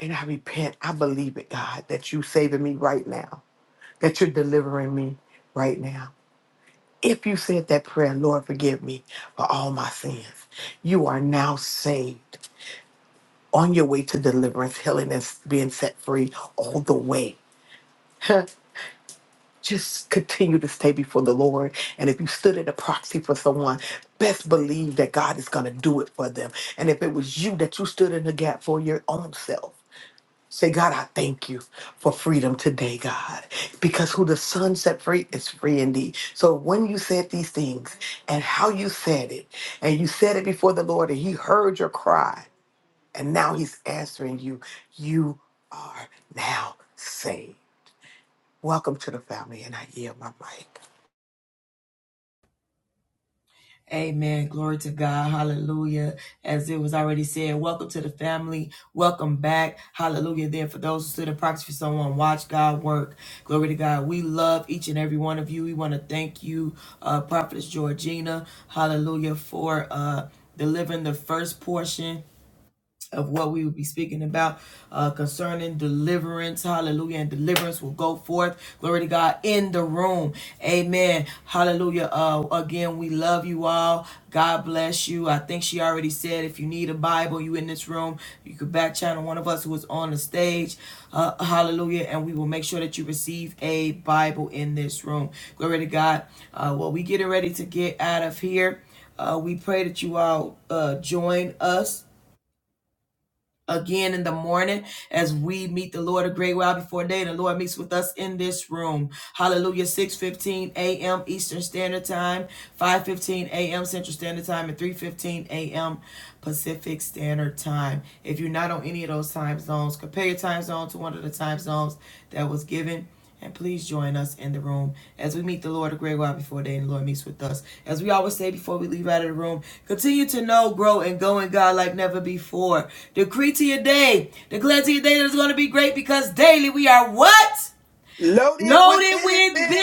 [SPEAKER 3] And I repent. I believe it, God, that you saving me right now, that you're delivering me right now. If you said that prayer, Lord, forgive me for all my sins. You are now saved. on your way to deliverance, healing, and being set free all the way. Huh? Just continue to stay before the Lord. And if you stood in a proxy for someone, best believe that God is going to do it for them. And if it was you that you stood in the gap for your own self, say, God, I thank you for freedom today, God, because who the Son set free is free indeed. So when you said these things and how you said it, and you said it before the Lord, and He heard your cry, and now he's answering you. You are now saved. Welcome to the family, and I yield my mic.
[SPEAKER 1] Amen. Glory to God. Hallelujah. As it was already said, welcome to the family. Welcome back. Hallelujah. There for those who stood in proxy for someone, watch God work. Glory to God. We love each and every one of you. We want to thank you, uh, Prophetess Georgina. Hallelujah for uh delivering the first portion of what we will be speaking about uh, concerning deliverance. Hallelujah. And deliverance will go forth. Glory to God in the room. Amen. Hallelujah. Uh, again, we love you all. God bless you. I think she already said if you need a Bible, you in this room, you could back channel one of us who is on the stage. Uh, hallelujah. And we will make sure that you receive a Bible in this room. Glory to God. Uh, well, we getting ready to get out of here. Uh, we pray that you all uh, join us again in the morning as we meet the Lord a great while before day. The Lord meets with us in this room. Hallelujah. 6:15 a.m. Eastern Standard Time, 5:15 a.m. Central Standard Time, and 3:15 a.m. Pacific Standard Time. If you're not on any of those time zones, compare your time zone to one of the time zones that was given. And please join us in the room as we meet the Lord a great while before day and the Lord meets with us. As we always say before we leave out of the room, continue to know, grow, and go in God like never before. Decree to your day, declare to your day that it's going to be great because daily we are what?
[SPEAKER 3] Loaded with
[SPEAKER 1] Loaded with
[SPEAKER 3] benefits.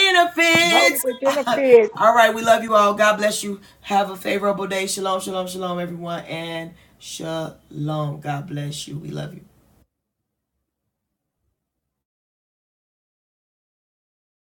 [SPEAKER 6] Loaded with benefits.
[SPEAKER 1] all right, we love you all. God bless you. Have a favorable day. Shalom, shalom, shalom, everyone. And shalom. God bless you. We love you.